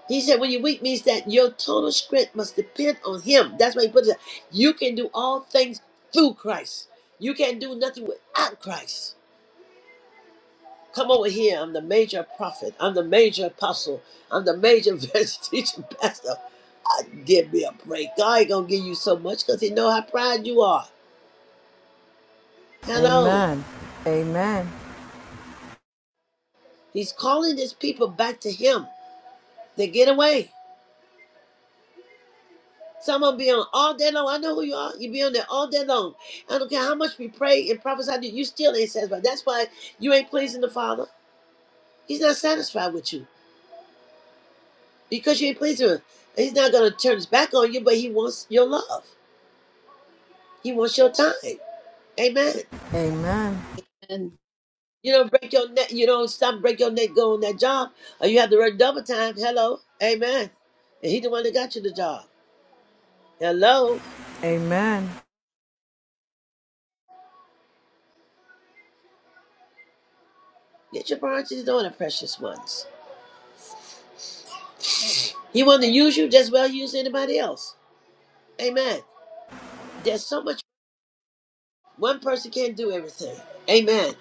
Speaker 1: He said, "When you're weak, means that your total strength must depend on Him." That's why He put it. You can do all things through Christ. You can't do nothing without Christ. Come over here. I'm the major prophet. I'm the major apostle. I'm the major evangelist, teacher, pastor. I, give me a break. God ain't gonna give you so much because He know how proud you are. Hello.
Speaker 5: Amen. Amen.
Speaker 1: He's calling his people back to him. They get away. Some of them be on all day long. I know who you are. You be on there all day long. I don't care how much we pray and prophesy to you, you still ain't satisfied. That's why you ain't pleasing the Father. He's not satisfied with you because you ain't pleasing him. He's not going to turn his back on you, but he wants your love. He wants your time. Amen.
Speaker 5: Amen.
Speaker 2: Amen.
Speaker 1: You don't break your neck. You don't stop, break your neck, go on that job, or you have to work double time. Hello. Amen. And he the one that got you the job. Hello.
Speaker 5: Amen.
Speaker 1: Get your priorities on, order, precious ones. He want to use you just well use anybody else. Amen. There's so much one person can't do everything. Amen.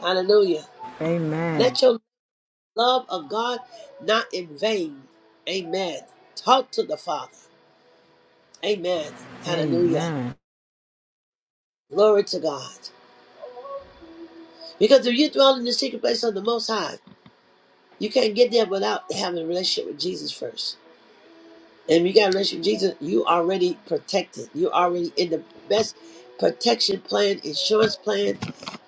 Speaker 1: Hallelujah.
Speaker 5: Amen. Amen.
Speaker 1: Let your love of God not in vain. Amen. Talk to the Father. Amen. Hallelujah.
Speaker 5: Amen.
Speaker 1: Glory to God. Because if you dwell in the secret place of the Most High, you can't get there without having a relationship with Jesus first. And you got a relationship with Jesus, you already protected. you already in the best protection plan, insurance plan,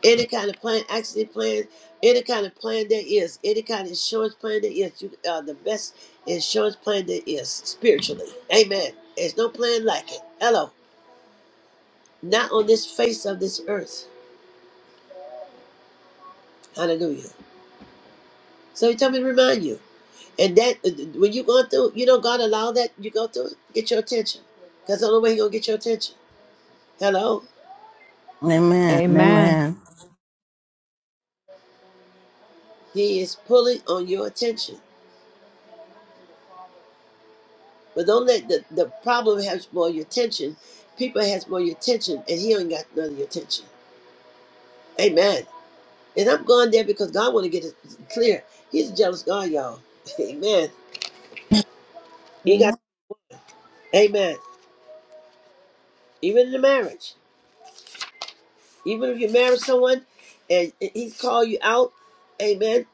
Speaker 1: any kind of plan, accident plan, any kind of plan there is, any kind of insurance plan there is. You are the best insurance plan there is spiritually. Amen. There's no plan like it. Hello. Not on this face of this earth. Hallelujah. So he told me to remind you. And that uh, when you go through, you know God allow that you go through, it, get your attention. Because that's the only way he gonna get your attention. Hello.
Speaker 6: Amen.
Speaker 5: Amen.
Speaker 6: Amen.
Speaker 1: He is pulling on your attention. But don't let the, the problem have more your attention. People has more your attention, and he ain't got none of your attention. Amen. And I'm going there because God want to get it clear. He's a jealous God, y'all. Amen. He got
Speaker 2: Amen.
Speaker 1: Amen. Even in the marriage, even if you marry someone, and he's called you out, Amen.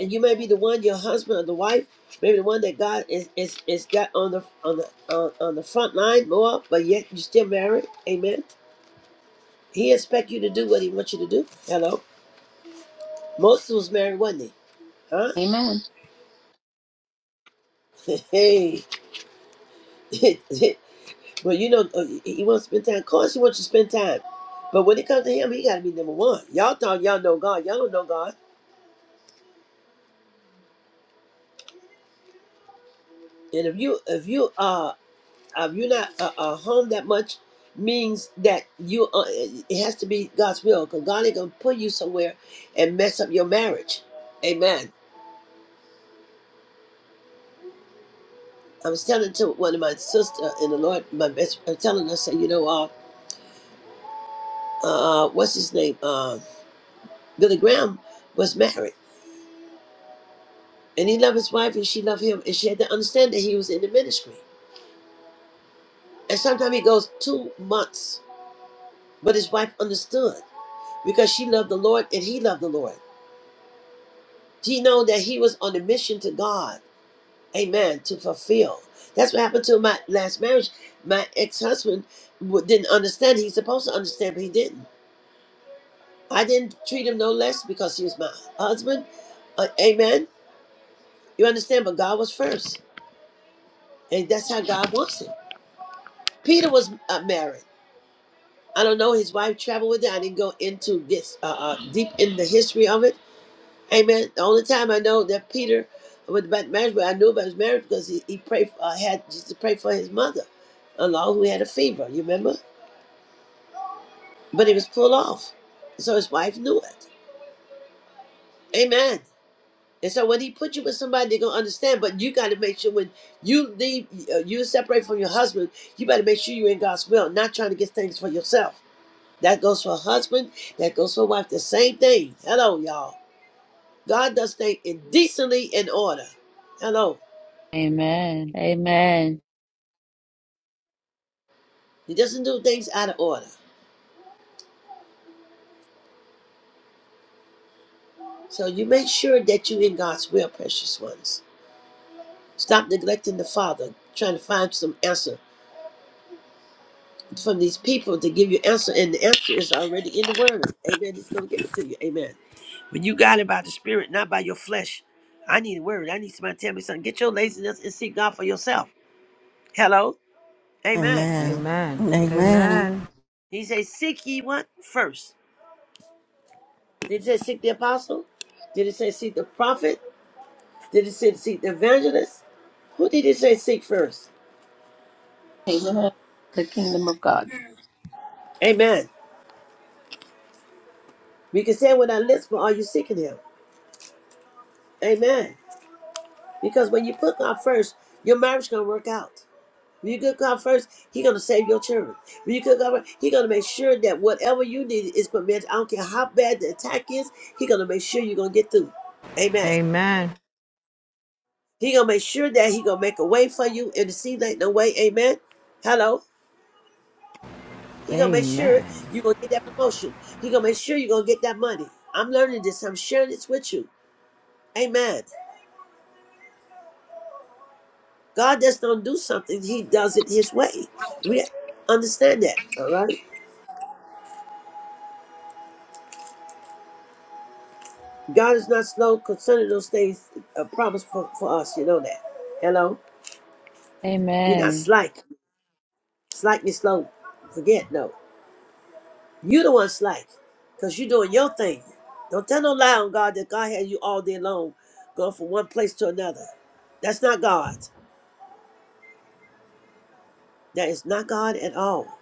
Speaker 1: And you may be the one, your husband or the wife, maybe the one that God is is, is got on the on the on, on the front line more, but yet you still married. Amen He expect you to do what he wants you to do. Hello. Moses was married, wasn't he? Huh?
Speaker 2: Amen.
Speaker 1: Hey. Well, you know, uh, he wants to spend time. Of course, he wants you to spend time. But when it comes to him, he got to be number one. Y'all thought y'all know God. Y'all don't know God. And if you, if you, uh, if you're not uh, uh, home that much, means that you, uh, it has to be God's will. Cause God ain't gonna put you somewhere and mess up your marriage. Amen. I was telling to one of my sister in the Lord, my best, I'm telling her, say, you know, uh, uh, what's his name? Uh, Billy Graham was married, and he loved his wife, and she loved him, and she had to understand that he was in the ministry. And sometimes he goes two months, but his wife understood because she loved the Lord and he loved the Lord. She know that he was on a mission to God, Amen, to fulfill. That's what happened to my last marriage. My ex-husband w- didn't understand. He's supposed to understand, but he didn't. I didn't treat him no less because he was my husband. Uh, amen. You understand? But God was first. And that's how God wants it. Peter was uh, married. I don't know. His wife traveled with him. I didn't go into this uh, uh, deep in the history of it. Amen. The only time I know that Peter was about marriage, but I knew about his marriage because he, he prayed for, uh, had just to pray for his mother-in-law who had a fever. You remember? But he was pulled off, so his wife knew it. Amen. And so when he put you with somebody, they're gonna understand. But you got to make sure when you leave, uh, you separate from your husband, you better make sure you're in God's will, not trying to get things for yourself. That goes for husband. That goes for wife. The same thing. Hello, y'all. God does things indecently in order. Hello. He doesn't do things out of order. So you make sure that you are in God's will, precious ones. Stop neglecting the Father, trying to find some answer from these people to give you answer, and the answer is already in the Word. Amen. He's going to give it to you. Amen. When you got it by the Spirit, not by your flesh. I need a word. I need somebody to tell me something. Get your laziness and seek God for yourself. Hello. Amen.
Speaker 6: Amen.
Speaker 5: Amen.
Speaker 6: Amen.
Speaker 5: Amen.
Speaker 1: Did he say seek ye what first? Did it say seek the apostle? Did it say seek the prophet? Did it say seek the evangelist? Who did it say seek first?
Speaker 2: Amen. The kingdom of God.
Speaker 1: Amen. We can say with our lips, but are you seeking him? Amen. Because when you put God first, your marriage gonna work out. When you put God first, He gonna save your children. When you put God first, He gonna make sure that whatever you need is met. I don't care how bad the attack is, He gonna make sure you're gonna get through. Amen.
Speaker 5: Amen.
Speaker 1: He gonna make sure that he gonna make a way for you in the seed like no way. Amen. Hello. He gonna make
Speaker 5: Amen.
Speaker 1: sure you gonna get that promotion. He gonna make sure you gonna get that money. I'm learning this. I'm sharing this with you. Amen. God just don't do something. He does it His way. We understand that. All right. God is not slow concerning those things uh, promised for, for us. You know that. Hello. You're not slight. Slightly slow. Forget no. You the one slack, cause you doing your thing. Don't tell no lie on God that God had you all day long, going from one place to another. That's not God. That is not God at all.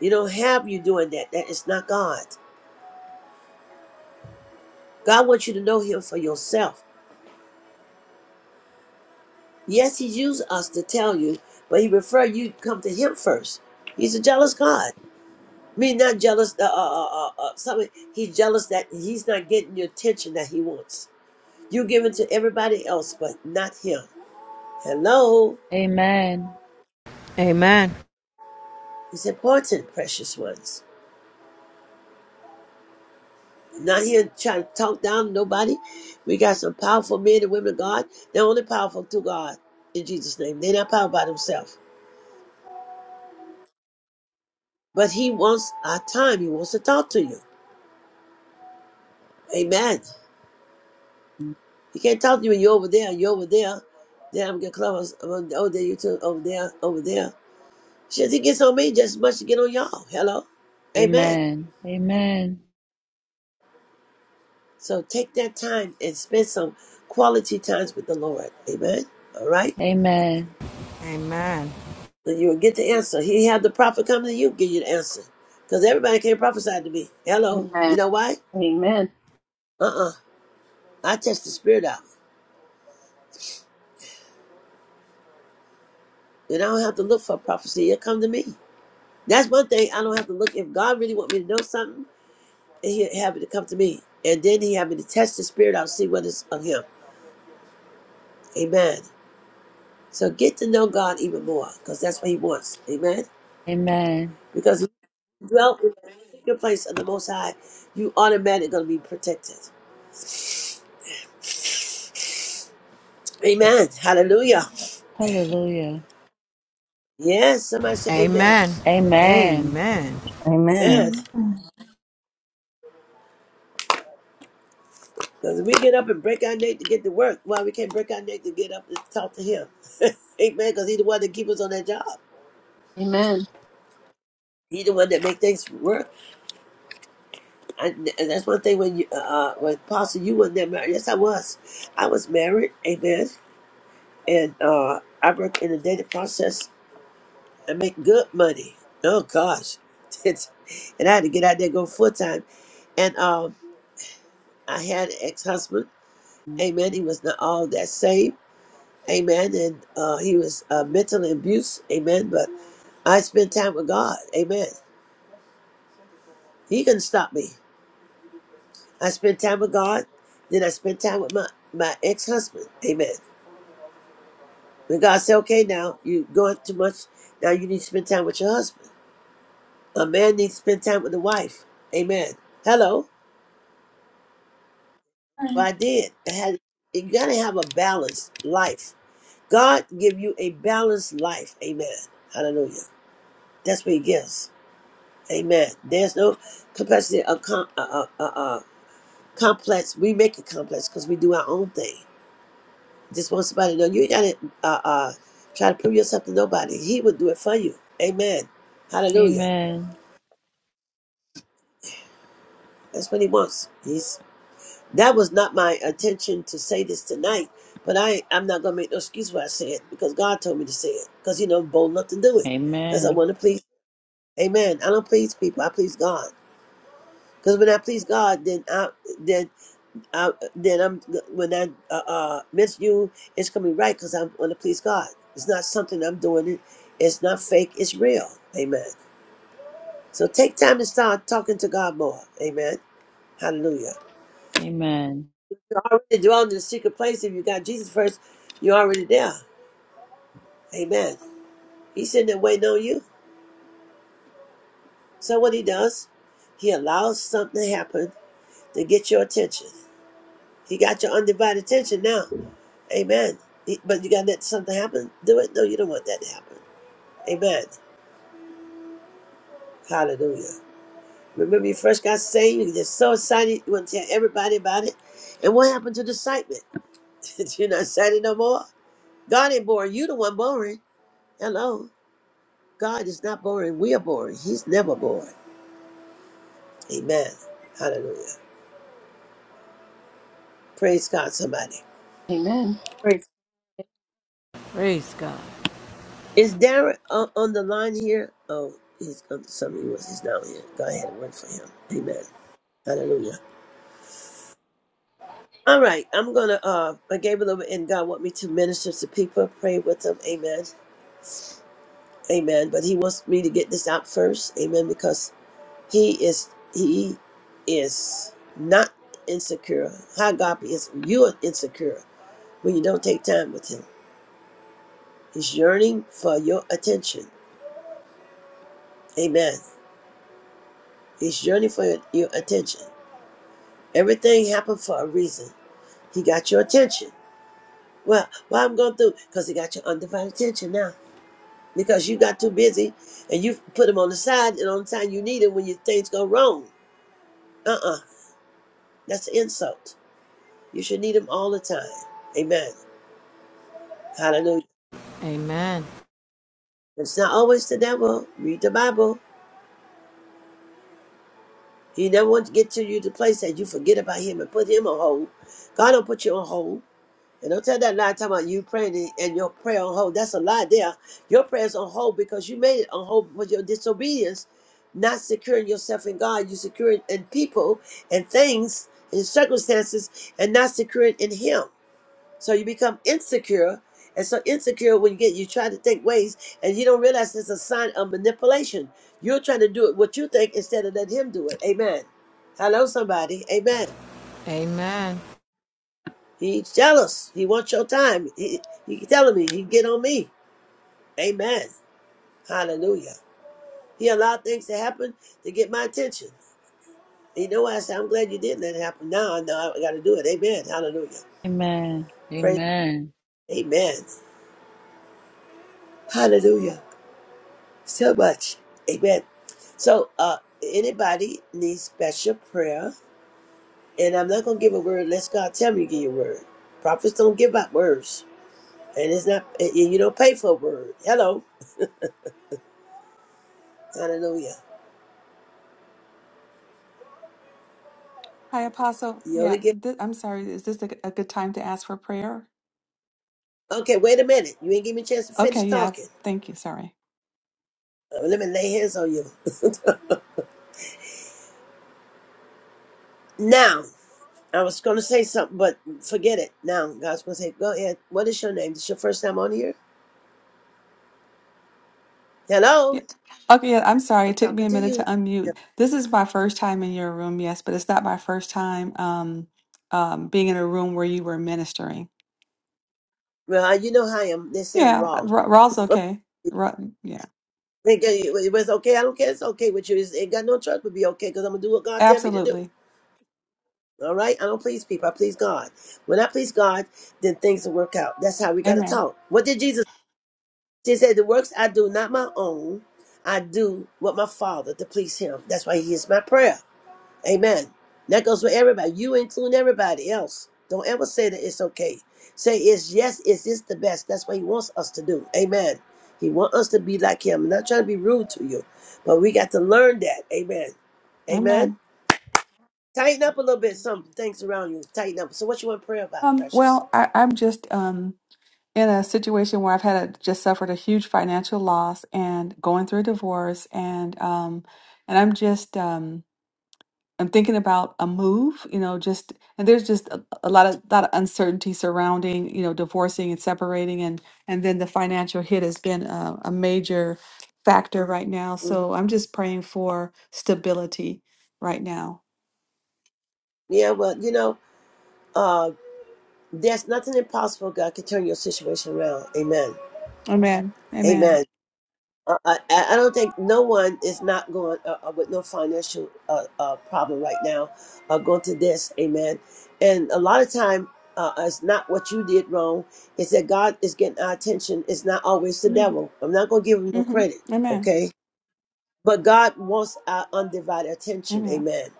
Speaker 1: You don't have you doing that. That is not God. God wants you to know Him for yourself. Yes, He used us to tell you, but He prefer you come to Him first. He's a jealous God. I mean, not jealous. Uh, uh, uh, uh, uh, something. He's jealous that He's not getting the attention that He wants. You give it to everybody else, but not Him. Hello.
Speaker 4: Amen. Amen. Amen.
Speaker 5: Amen.
Speaker 1: It's important, precious ones. I'm not here trying to talk down to nobody. We got some powerful men and women of God. They're only powerful to God in Jesus' name. They're not powerful by themselves. But He wants our time. He wants to talk to you. Amen. He can't talk to you when you're over there, you're over there. Then I'm gonna close. I'm on, oh, there you too, over there, over there. Shit, he gets on me just as much as he get on y'all. Hello, amen.
Speaker 4: Amen. Amen.
Speaker 1: So take that time and spend some quality times with the Lord. Amen. All right.
Speaker 4: Amen.
Speaker 1: you will get the answer. He had the prophet come to you, give you the answer. Because everybody can't prophesy to me. Hello. You
Speaker 2: Amen.
Speaker 1: know why?
Speaker 2: Amen.
Speaker 1: Uh-uh. I test the spirit out. And I don't have to look for prophecy. It'll come to me. That's one thing I don't have to look. If God really want me to know something, and he'll have it to come to me. And then he have me to test the spirit out, see what is of him. Amen. So get to know God even more, because that's what he wants. Amen.
Speaker 4: Amen.
Speaker 1: Because if you dwell in the secret place of the most high, you automatically gonna be protected. Amen. Hallelujah.
Speaker 4: Hallelujah.
Speaker 1: Yes, somebody say amen.
Speaker 5: Amen.
Speaker 4: Amen.
Speaker 5: Amen.
Speaker 6: Amen.
Speaker 1: Yes, because we get up and break our neck to get to work. Why we can't break our neck to get up and talk to him? amen, because he's the one that keep us on that job.
Speaker 2: Amen.
Speaker 1: He's the one that make things work. And, and that's one thing when you, uh, uh, when Pastor, you wasn't that married. Yes, I was. I was married, amen. And uh, I worked in the data process and make good money. Oh, gosh. It's- and I had to get out there and go full time. And um, I had an ex husband, amen. He was not all that saved. Amen. And uh, he was uh, mentally abused. Amen. But I spent time with God. Amen. He couldn't stop me. I spent time with God. Then I spent time with my, my ex husband. Amen. When God said, okay, now you're going too much. Now you need to spend time with your husband. A man needs to spend time with the wife. Amen. Hello. Well,
Speaker 3: Amen.
Speaker 1: I did. I had, you got to have a balanced life. God give you a balanced life. Amen. Hallelujah. That's what he gives. Amen. There's no complexity of com- uh, uh, uh, uh, complex. We make it complex because we do our own thing. Just want somebody to know you ain't got to uh, uh, try to prove yourself to nobody. He would do it for you. Amen. Hallelujah.
Speaker 4: Amen.
Speaker 1: That's what he wants. He's that was not my intention to say this tonight, but I I'm not gonna make no excuse why I say it because God told me to say it because you know I'm bold enough to do it because I
Speaker 4: Amen.
Speaker 1: want to please. Amen. I don't please people. I please God because when I please God, then I then I, then I'm when I uh, uh, miss you, it's gonna be right because i want to please God. It's not something I'm doing. It. It's not fake. It's real. Amen. So take time to start talking to God more. Amen. Hallelujah.
Speaker 4: Amen.
Speaker 1: You're already dwelling in the secret place. If you got Jesus first, you're already there. Amen. He's sitting there waiting on you. So what he does, he allows something to happen to get your attention. He got your undivided attention now. Amen. He- But you gotta let something happen. Do it. No, you don't want that to happen. Amen. Hallelujah. Remember, you first got saved, you get so excited, you want to tell everybody about it. And what happened to the excitement? You're not excited no more? God ain't boring. You the one boring. Hello. God is not boring. We are boring. He's never boring. Amen. Hallelujah. Praise God, somebody.
Speaker 2: Amen. Praise.
Speaker 5: Praise God.
Speaker 1: Is Darren on, on the line here? Oh, he's on something. was. He's down here. Go ahead and work for him. Amen. Hallelujah. All right, I'm gonna. Uh, I gave a little, bit, and God want me to minister to people, pray with them. Amen. Amen. But he wants me to get this out first. Amen. Because he is he is not insecure. How God is you are insecure when you don't take time with him. He's yearning for your attention. Amen. He's yearning for your, your attention. Everything happened for a reason. He got your attention. Well, why I'm going through? Because he got your undivided attention now. Because you got too busy and you put him on the side and on the time you need him when your things go wrong. Uh-uh. That's an insult. You should need him all the time. Amen. Hallelujah.
Speaker 5: Amen.
Speaker 1: It's not always the devil. Read the Bible. He never wants to get to you to the place that you forget about him and put him on hold. God don't put you on hold. And don't tell that lie talking about you praying and your prayer on hold. That's a lie there. Your prayer's on hold because you made it on hold with your disobedience, not securing yourself in God. You securing in people and things and circumstances and not securing in him. So you become insecure. And so insecure when you get you try to think ways and you don't realize it's a sign of manipulation. You're trying to do it what you think instead of let him do it. Amen. Hello, somebody. Amen.
Speaker 5: Amen.
Speaker 1: He's jealous. He wants your time. He he telling me he get on me. Amen. Hallelujah. He allowed things to happen to get my attention. You know what I say? I'm glad you didn't let it happen. Now I know I gotta do it. Amen. Hallelujah.
Speaker 4: Amen.
Speaker 1: Praise
Speaker 4: Amen.
Speaker 1: Amen. Hallelujah. so much. Amen. So, uh, anybody needs special prayer, and I'm not gonna give a word unless God tell me to give you a word. Prophets don't give out words, and it's not, and you don't pay for a word. Hello, hallelujah.
Speaker 12: Hi, Apostle.
Speaker 1: You
Speaker 12: Yeah,
Speaker 1: only get.
Speaker 12: th- I'm sorry. Is this a, a good time to ask for prayer?
Speaker 1: Okay, wait a minute. You ain't give me a chance to finish
Speaker 12: Okay, yeah. th-
Speaker 1: talking.
Speaker 12: Thank you. Sorry.
Speaker 1: Uh, let me lay hands on you now. I was gonna say something, but forget it. Now God's gonna say, "Go ahead. What is your name? This your first time on here? Hello,
Speaker 12: Yeah. Okay, yeah, I'm sorry.
Speaker 1: I'm
Speaker 12: It took me
Speaker 1: talking
Speaker 12: a
Speaker 1: to
Speaker 12: minute to
Speaker 1: you. Yeah.
Speaker 12: unmute. This is my first time in your room, yes, but it's not my first time um, um, being in a room where you were ministering.
Speaker 1: Well, you know how I am. They say I'm
Speaker 12: Yeah,
Speaker 1: raw.
Speaker 12: Ra- Ra's okay. Ra- yeah,
Speaker 1: Think it it was okay. I don't care. It's okay with you. It's, ain't got no choice but be okay because I'm gonna do what God tell me to do.
Speaker 12: absolutely.
Speaker 1: All right. I don't please people. I please God. When I please God, then things will work out. That's how we gotta
Speaker 12: Amen.
Speaker 1: talk. What did Jesus? He said, "The works I do, not my own. I do what my Father to please Him. That's why He is my prayer. Amen. That goes for everybody. You include everybody else. Don't ever say that it's okay. Say it's yes, is this the best? That's what he wants us to do. Amen. He wants us to be like him. I'm not trying to be rude to you, but we got to learn that. Amen. Amen.
Speaker 12: Amen.
Speaker 1: Tighten up a little bit some things around you. Tighten up. So what you want to pray about,
Speaker 12: Um,
Speaker 1: precious?
Speaker 12: well, I, I'm just um, in a situation where I've had a, just suffered a huge financial loss and going through a divorce and um and I'm just um I'm thinking about a move, you know, just and there's just a, a lot of lot of uncertainty surrounding, you know, divorcing and separating and and then the financial hit has been a, a major factor right now.
Speaker 1: hmm
Speaker 12: So I'm just praying for stability right now.
Speaker 1: Yeah, well, you know, uh, there's nothing impossible. God can turn your situation around. Amen.
Speaker 12: Amen.
Speaker 1: Amen.
Speaker 12: Amen.
Speaker 1: Uh, I, I I don't think no one is not going uh, uh, with no financial uh, uh, problem right now, uh, going to this, amen. And a lot of time, uh, it's not what you did wrong. It's that God is getting our attention. It's not always the
Speaker 12: hmm
Speaker 1: devil. I'm not going to give him no credit,
Speaker 12: Amen.
Speaker 1: okay? But God wants our undivided attention,
Speaker 12: Amen.
Speaker 1: amen,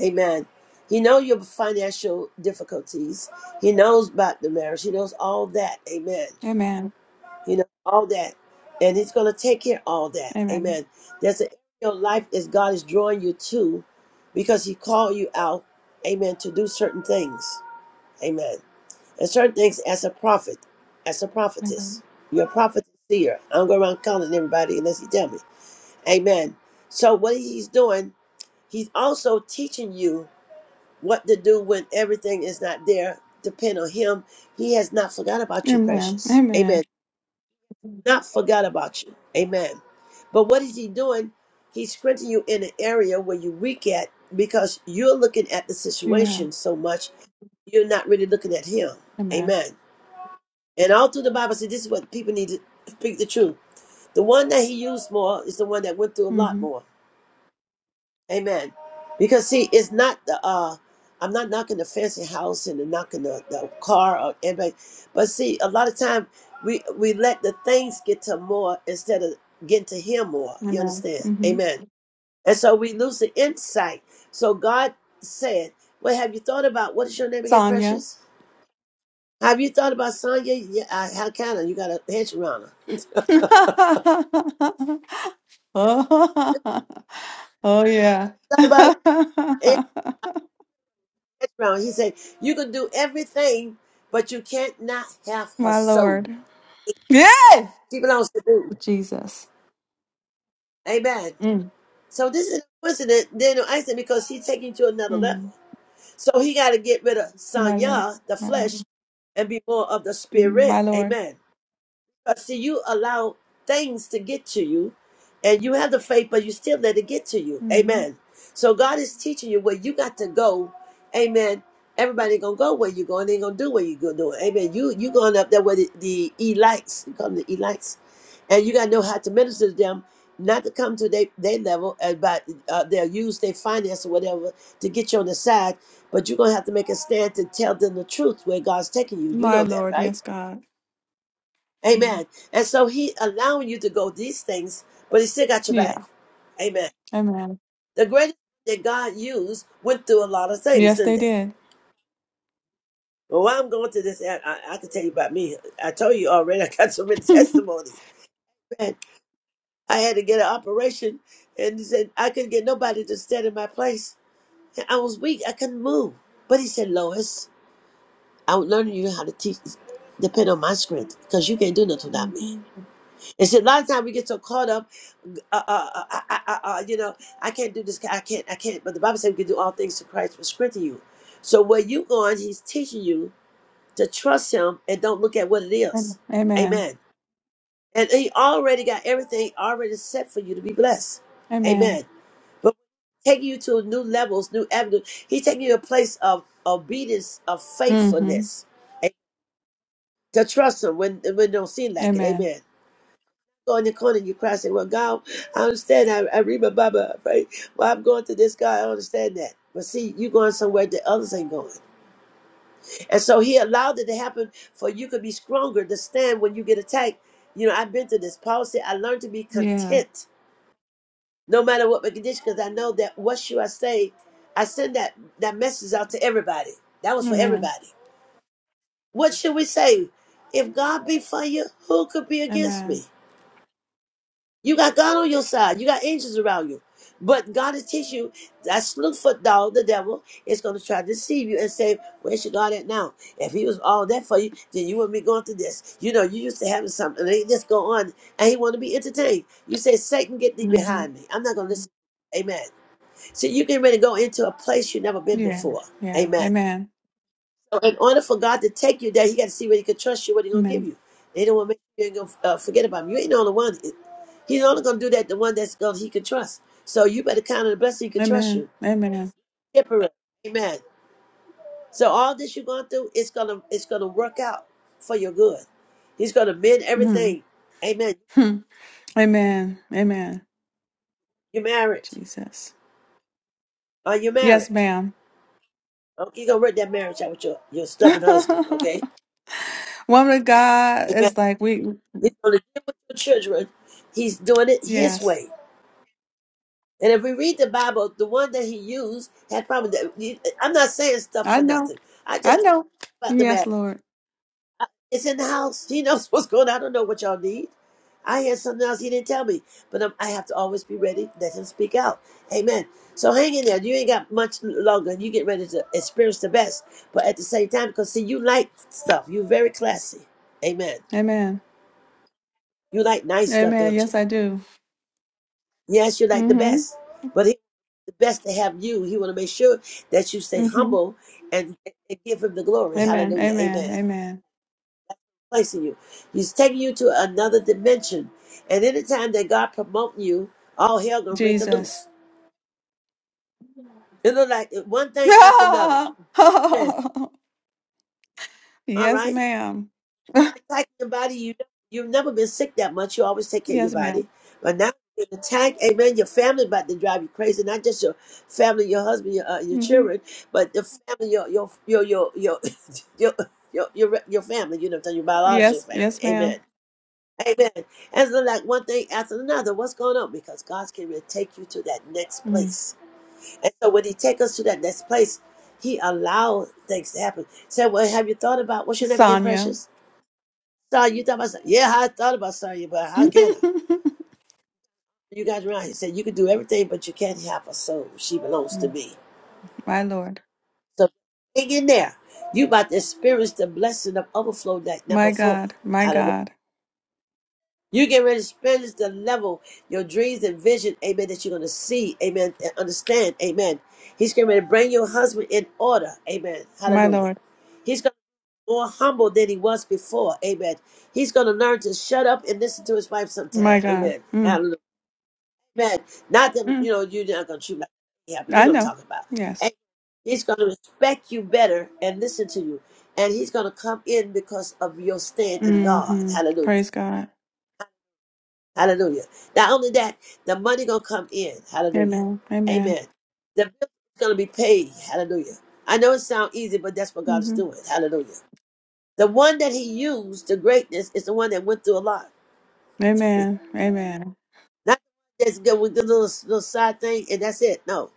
Speaker 1: amen. He knows your financial difficulties. He knows about the marriage. He knows all that, amen
Speaker 12: Amen.
Speaker 1: you know, all that. And he's going to take care of all that.
Speaker 12: Amen.
Speaker 1: Amen. There's an area of life is God is drawing you to because he called you out, amen, to do certain things. Amen. And certain things as a prophet, as a
Speaker 12: Amen.
Speaker 1: prophetess. You're a prophet seer. I don't go around calling everybody unless you tell me. Amen. So what he's doing, he's also teaching you what to do when everything is not there. Depend on him. He has not forgot about you,
Speaker 12: Amen.
Speaker 1: precious. Amen
Speaker 12: Amen.
Speaker 1: not forgot about you. Amen. But what is he doing? He's strengthening you in an area where you're weak at because you're looking at the
Speaker 12: Yeah.
Speaker 1: situation so much, you're not really looking at him.
Speaker 12: Amen.
Speaker 1: Amen. And all through the Bible said this is what people need to speak the truth. The one that he used more is the one that went through a lot
Speaker 12: hmm
Speaker 1: more. Amen. Because see, it's not the uh I'm not knocking the fancy house and the knocking the, the car or anybody. But see, a lot of time we we let the things get to more instead of getting to him more. You
Speaker 12: Amen.
Speaker 1: understand?
Speaker 12: hmm
Speaker 1: Amen. And so we lose the insight. So God said, Well, have you thought about what is your name again,
Speaker 12: Sonia.
Speaker 1: precious? Have you thought about Sonya? Yeah, I, how can I? You got a hedge around her.
Speaker 12: oh, oh yeah.
Speaker 1: Thought about it? Yeah, hedge around. her. He said, You can do everything, but you can't not have her
Speaker 12: My
Speaker 1: soul.
Speaker 12: Lord. Yes.
Speaker 1: She belongs to me.
Speaker 12: Ooh, Jesus.
Speaker 1: Amen.
Speaker 12: Mm,
Speaker 1: So this is coincident, Daniel Einstein, because he's taking to another level.
Speaker 12: mm.
Speaker 1: So he got to get rid of
Speaker 12: My Lord.
Speaker 1: Sanya, the
Speaker 12: My
Speaker 1: flesh,
Speaker 12: Lord.
Speaker 1: and be more of the
Speaker 12: Mm, My
Speaker 1: spirit.
Speaker 12: Lord.
Speaker 1: Amen. Uh, see, you allow things to get to you, and you have the faith, but you still let it get to you.
Speaker 12: hmm
Speaker 1: Amen. So God is teaching you where you got to go. Amen. Everybody gonna go where you going. They ain't gonna do what you gonna do. Amen. You you going up there with the, the elites. You call them the elites, and you gotta know how to minister to them, not to come to their they they level, and but uh, they'll use their finance or whatever to get you on the side. But you're gonna have to make a stand to tell them the truth where God's taking you. You
Speaker 12: My
Speaker 1: know that,
Speaker 12: Lord.
Speaker 1: right?
Speaker 12: Yes, God. Mm.
Speaker 1: Amen. And so he allowing you to go these things, but he still got your back.
Speaker 12: Yeah.
Speaker 1: Amen.
Speaker 12: Amen.
Speaker 1: The greatest that God used went through a lot of things,
Speaker 12: Yes,
Speaker 1: didn't
Speaker 12: they
Speaker 1: they?
Speaker 12: did.
Speaker 1: Well, while I'm going to this, I, I, I can tell you about me. I told you already, I got so many
Speaker 12: hmm
Speaker 1: testimonies. Man, I had to get an operation, and he said I couldn't get nobody to stand in my place. And I was weak, I couldn't move. But he said, Lois, I'm learning you how to teach, depend on my strength, because you can't do nothing without me. And see, a lot of times we get so caught up, uh, uh, uh, uh, uh, uh, you know, I can't do this, I can't, I can't. But the Bible says we can do all things to Christ for strength in you. So where you going, he's teaching you to trust him and don't look at what it is.
Speaker 12: Amen. Amen.
Speaker 1: Amen. And he already got everything already set for you to be blessed.
Speaker 12: Amen.
Speaker 1: Amen. But taking you to new levels, new avenues, He's taking you to a place of obedience, of
Speaker 12: hmm
Speaker 1: faithfulness. Amen. To trust him when, when it don't seem like it.
Speaker 12: Amen.
Speaker 1: Amen. go in the corner and you cry and say, Well, God, I understand. I, I read my Bible, I pray. Well, I'm going to this guy. I understand that. But see, you going somewhere that others ain't going. And so he allowed it to happen for you could be stronger to stand when you get attacked. You know, I've been through this. Paul said, I learned to be
Speaker 12: Yeah.
Speaker 1: content no matter what my condition, because I know that what should I say? I send that, that message out to everybody. That was for
Speaker 12: Amen.
Speaker 1: everybody. What should we say? If God be for you, who could be against
Speaker 12: Amen.
Speaker 1: me? You got God on your side. You got angels around you. But God is teaching you that slewfoot dog, the devil, is going to try to deceive you and say, Where's your God at now? If he was all that for you, then you wouldn't be going through this. You know, you used to having something, and they just go on, and he want to be entertained. You say, Satan, get thee
Speaker 12: hmm
Speaker 1: behind me. I'm not going to listen. Amen. So you can really go into a place you've never been
Speaker 12: Yeah.
Speaker 1: before.
Speaker 12: Yeah.
Speaker 1: Amen.
Speaker 12: Amen.
Speaker 1: So in order for God to take you there, He got to see whether He can trust you, what He gonna give
Speaker 12: Amen.
Speaker 1: you. They don't want to make sure you ain't gonna uh, forget about Him. You ain't the only one. He's only gonna do that the one that's gonna He can trust. So you better count on the blessing He can trust you.
Speaker 12: Amen. Amen.
Speaker 1: Temporary, amen. So all this you're going through, it's gonna it's gonna work out for your good. He's gonna mend
Speaker 12: Mm-hmm.
Speaker 1: everything, amen.
Speaker 12: Hmm. Amen. Amen.
Speaker 1: You're married.
Speaker 12: Jesus.
Speaker 1: Are you married?
Speaker 12: Yes, ma'am.
Speaker 1: Okay, you gonna work that marriage out with your your stubborn husband, okay?
Speaker 12: Woman of God
Speaker 1: Amen.
Speaker 12: is like we
Speaker 1: He's gonna deal with your children. He's doing it His
Speaker 12: yes.
Speaker 1: way. And if we read the Bible, the one that he used had probably. I'm not saying stuff
Speaker 12: I
Speaker 1: for
Speaker 12: know.
Speaker 1: nothing. I
Speaker 12: I
Speaker 1: just talk
Speaker 12: know.
Speaker 1: about the
Speaker 12: Yes,
Speaker 1: matter.
Speaker 12: Lord.
Speaker 1: It's in the house. He knows what's going on. I don't know what y'all need. I had something else he didn't tell me. But i I have to always be ready. Let him speak out. Amen. So hang in there. You ain't got much longer. And You get ready to experience the best. But at the same time, because see, you like stuff. You're very classy. Amen.
Speaker 12: Amen.
Speaker 1: You like nice stuff,
Speaker 12: Amen.
Speaker 1: don't you?
Speaker 12: Yes, I do.
Speaker 1: Yes, you like the
Speaker 12: Mm-hmm.
Speaker 1: best. But the best to have you. He want to make sure that you stay
Speaker 12: Mm-hmm.
Speaker 1: humble and, and give him the glory.
Speaker 12: Amen.
Speaker 1: Hallelujah. Amen.
Speaker 12: Amen. Amen.
Speaker 1: Placing you. He's taking you to another dimension. And anytime that God promoting you, all hell gonna break
Speaker 12: Jesus.
Speaker 1: loose. It look like one thing after another. Amen. All
Speaker 12: yes,
Speaker 1: right.
Speaker 12: ma'am.
Speaker 1: attack your body. You you've never been sick that much. You always take care of your
Speaker 12: Yes, ma'am.
Speaker 1: body, but now you attack. Amen. Your family about to drive you crazy. Not just your family, your husband, your uh, your
Speaker 12: hmm
Speaker 1: children, but the family, your your your your your your your, your, your family. You know, what I'm saying, your biological
Speaker 12: Yes,
Speaker 1: family.
Speaker 12: yes,
Speaker 1: Amen.
Speaker 12: ma'am.
Speaker 1: Amen. And so, like one thing after another, what's going on? Because God's getting ready to take you to that next
Speaker 12: Mm.
Speaker 1: place. And so, when He take us to that next place, He allows things to happen. Say, well, have you thought about what's your name again,
Speaker 12: Sonia.
Speaker 1: Precious? So you thought about something. Yeah, I thought about sorry, but how can I? You guys around here said you can do everything, but you can't have a soul. She belongs to
Speaker 12: Mm.
Speaker 1: me.
Speaker 12: My Lord.
Speaker 1: So hang in there. You about to experience the blessing of overflow like never
Speaker 12: My
Speaker 1: before.
Speaker 12: God. My
Speaker 1: Hallelujah.
Speaker 12: God.
Speaker 1: You get ready to experience the level, your dreams and vision, amen, that you're going to see, amen, and understand, amen. He's getting ready to bring your husband in order, amen.
Speaker 12: My
Speaker 1: Hallelujah.
Speaker 12: Lord.
Speaker 1: He's going to be more humble than he was before, amen. He's going to learn to shut up and listen to his wife sometime,
Speaker 12: My God.
Speaker 1: amen.
Speaker 12: Mm.
Speaker 1: Amen. Not that
Speaker 12: Mm.
Speaker 1: you know you're not gonna treat me like yeah, but you
Speaker 12: I
Speaker 1: don't
Speaker 12: know.
Speaker 1: talk about.
Speaker 12: Yes.
Speaker 1: And he's gonna respect you better and listen to you. And he's gonna come in because of your stand in God.
Speaker 12: hmm
Speaker 1: Hallelujah.
Speaker 12: Praise God.
Speaker 1: Hallelujah. Not only that, the money gonna come in. Hallelujah.
Speaker 12: Amen. Amen.
Speaker 1: Amen. The bill is gonna be paid. Hallelujah. I know it sounds easy, but that's what God is
Speaker 12: hmm
Speaker 1: doing. Hallelujah. The one that he used, the greatness, is the one that went through a lot.
Speaker 12: Amen. Amen.
Speaker 1: Not that's good with the little little side thing and that's it. No.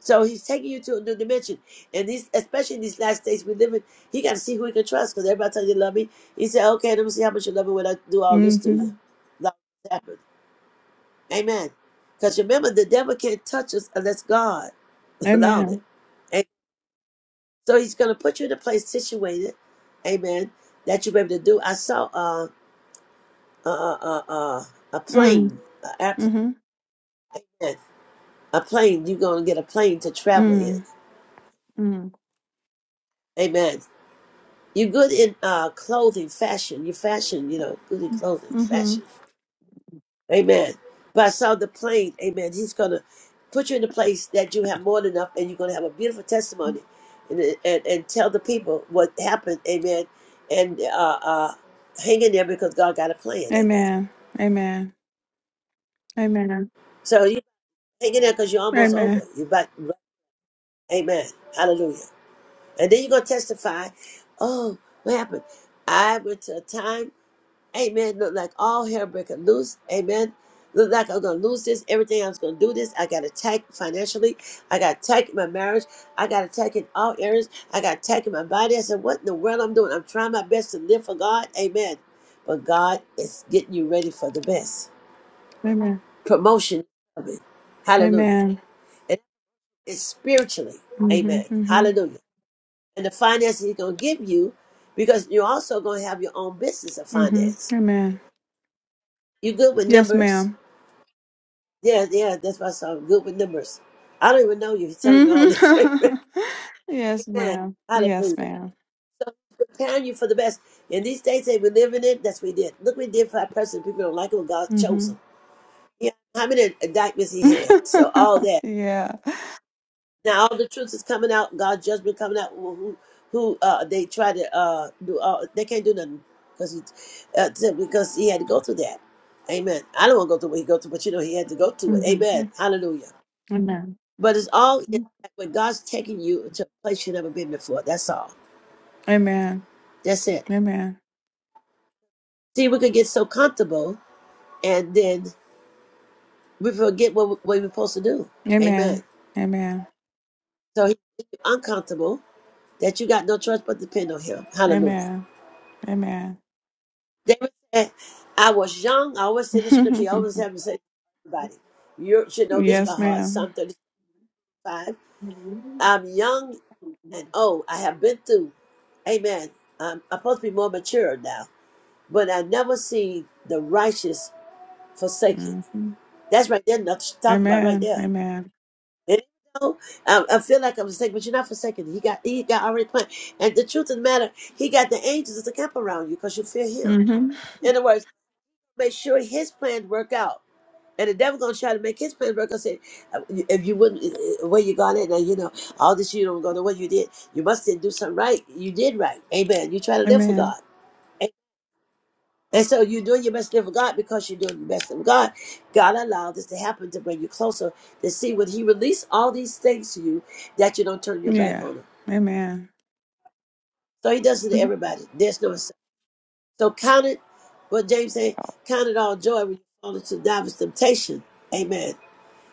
Speaker 1: So he's taking you to a new dimension. And these, especially in these last days we live in, he got to see who he can trust because everybody tells you love me. He said, okay, let me see how much you love me when I do all this to you.
Speaker 12: hmm
Speaker 1: Love happened. Amen. Because remember, the devil can't touch us unless God allowed it.
Speaker 12: Amen.
Speaker 1: And so he's going to put you in a place situated, amen, that you're able to do. I saw uh, uh, uh, uh, uh, a
Speaker 12: Mm.
Speaker 1: plane, a airplane,
Speaker 12: hmm
Speaker 1: amen. A plane, you're going to get a plane to travel in.
Speaker 12: Mm. Mm.
Speaker 1: Amen You're good in uh, clothing, fashion. You fashion, you know, good in clothing,
Speaker 12: hmm
Speaker 1: fashion. Amen. But I saw the plane. Amen. He's gonna put you in a place that you have more than enough, and you're gonna have a beautiful testimony, and and, and tell the people what happened. Amen. And uh, uh, hang in there because God got a plan. Amen.
Speaker 12: Amen. Amen. Amen.
Speaker 1: So you hang in there because you're almost over.
Speaker 12: Amen.
Speaker 1: You about. Amen. Hallelujah. And then you're gonna testify. Oh, what happened? I went to a time. Amen. Look like all hell breaking loose. Amen. Look like I'm gonna lose this. Everything I was gonna do this. I got attacked financially. I got attacked in my marriage. I got attacked in all areas. I got attacked in my body. I said, What in the world I'm doing? I'm trying my best to live for God. Amen. But God is getting you ready for the best.
Speaker 12: Amen.
Speaker 1: Promotion is coming. Hallelujah.
Speaker 12: Amen.
Speaker 1: And it's spiritually.
Speaker 12: hmm
Speaker 1: Amen.
Speaker 12: hmm
Speaker 1: Hallelujah. And the finances he's gonna give you, because you're also gonna have your own business of
Speaker 12: hmm
Speaker 1: finance.
Speaker 12: Amen.
Speaker 1: You good with
Speaker 12: Yes,
Speaker 1: numbers?
Speaker 12: ma'am.
Speaker 1: Yeah, yeah, that's why I saw good with numbers. I don't even know you. He's telling me
Speaker 12: hmm
Speaker 1: all this. Amen.
Speaker 12: yes, ma'am. Yes,
Speaker 1: Hallelujah.
Speaker 12: ma'am.
Speaker 1: So preparing you for the best. In these days that we live in it, that's what we did. Look what we did for our president. People don't like him. God chose
Speaker 12: hmm
Speaker 1: him. Yeah. How many indictments he had. So all that.
Speaker 12: yeah.
Speaker 1: Now all the truth is coming out. God's judgment coming out. Who who, who uh they try to uh do all they can't do nothing because he uh, t- because he had to go through that. Amen. I don't want to go through what he go through, but you know he had to go through it.
Speaker 12: hmm
Speaker 1: Amen.
Speaker 12: Amen.
Speaker 1: Hallelujah. But it's all in that when God's taking you to a place you've never been before. That's all.
Speaker 12: Amen.
Speaker 1: That's it.
Speaker 12: Amen.
Speaker 1: See, we can get so comfortable and then we forget what, we- what we're supposed to do. Amen.
Speaker 12: Amen. Amen.
Speaker 1: So he's uncomfortable that you got no choice but to depend on him. Hallelujah.
Speaker 12: Amen. Amen.
Speaker 1: David said, I was young. I always say this scripture. I always have to say to everybody. You should know this by
Speaker 12: yes,
Speaker 1: heart.
Speaker 12: madam
Speaker 1: Psalm 35. I'm young and old. I have been through. Amen. I'm, I'm supposed to be more mature now. But I never see the righteous forsaken.
Speaker 12: Mm-hmm.
Speaker 1: That's right there, enough to talk about right
Speaker 12: Amen.
Speaker 1: there.
Speaker 12: Amen.
Speaker 1: And you know, I, I feel like I'm forsaken, but you're not forsaken. He got he got already planned. And the truth of the matter, he got the angels to camp around you because you fear him.
Speaker 12: hmm
Speaker 1: In other words, make sure his plan work out. And the devil gonna try to make his plan work out. Say, uh, if you wouldn't, uh, uh, where you got it, now you know all this. You don't go to what you did. You must did do something right. You did right. Amen. You try to live for
Speaker 12: Amen.
Speaker 1: God. And so you're doing your best to live for God because you're doing your best to live for God. God allowed this to happen to bring you closer to see when He released all these things to you that you don't turn your back
Speaker 12: Yeah.
Speaker 1: on Him.
Speaker 12: Amen.
Speaker 1: So He does it to
Speaker 12: Mhm.
Speaker 1: everybody. There's no exception. So count it. What James said, count it all joy when you fall into divers temptation. Amen.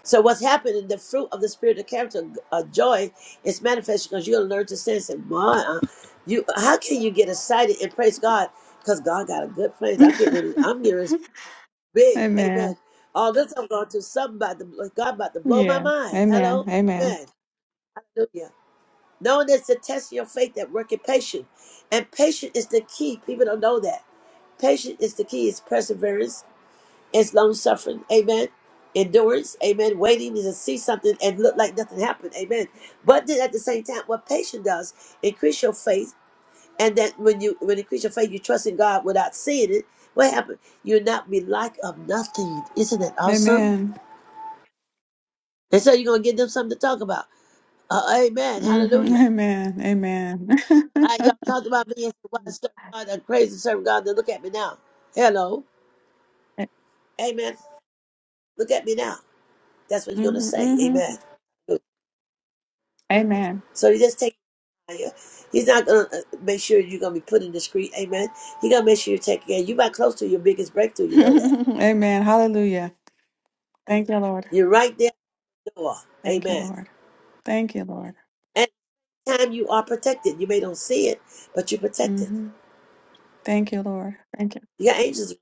Speaker 1: So what's happening? The fruit of the spirit of character, of joy, is manifest because you're gonna learn to sense it. My, uh, you, how can you get excited and praise God? Because God got a good plan. I'm getting ready. I'm getting ready. Big. Amen.
Speaker 12: Amen.
Speaker 1: All this I'm going to something about the God about to blow my
Speaker 12: Yeah.
Speaker 1: mind.
Speaker 12: Amen.
Speaker 1: Hello.
Speaker 12: Amen.
Speaker 1: Amen. Hallelujah. Knowing it's the test of your faith that worketh patience. And patience is the key. People don't know that. Patience is the key. It's perseverance. It's long suffering. Amen. Endurance. Amen. Waiting to see something and look like nothing happened. Amen. But then at the same time, what patience does, increase your faith. And that when you when you increase your faith, you trust in God without seeing it. What happened? You'll not be like of nothing. Isn't that awesome?
Speaker 12: Amen.
Speaker 1: And so you're going to give them something to talk about. Uh, amen.
Speaker 12: hmm
Speaker 1: Hallelujah.
Speaker 12: Amen. Amen.
Speaker 1: Uh, y'all talked about me and said, "Why servant of God, a crazy servant God. Then look at me now. Hello. Amen. Look at me now. That's what you're going to
Speaker 12: hmm
Speaker 1: say.
Speaker 12: hmm
Speaker 1: Amen.
Speaker 12: Amen.
Speaker 1: So he just take it out of you. He's not going to make sure you're going to be put in the street. Amen. He's going to make sure you take care. You're about close to your biggest breakthrough. You know that.
Speaker 12: Amen. Hallelujah. Thank you, Lord.
Speaker 1: You're right there at the door.
Speaker 12: Thank you,
Speaker 1: Amen.
Speaker 12: Lord. Thank you, Lord.
Speaker 1: At the time you are protected. You may don't see it, but you're protected.
Speaker 12: hmm Thank you, Lord. Thank you.
Speaker 1: You got angels.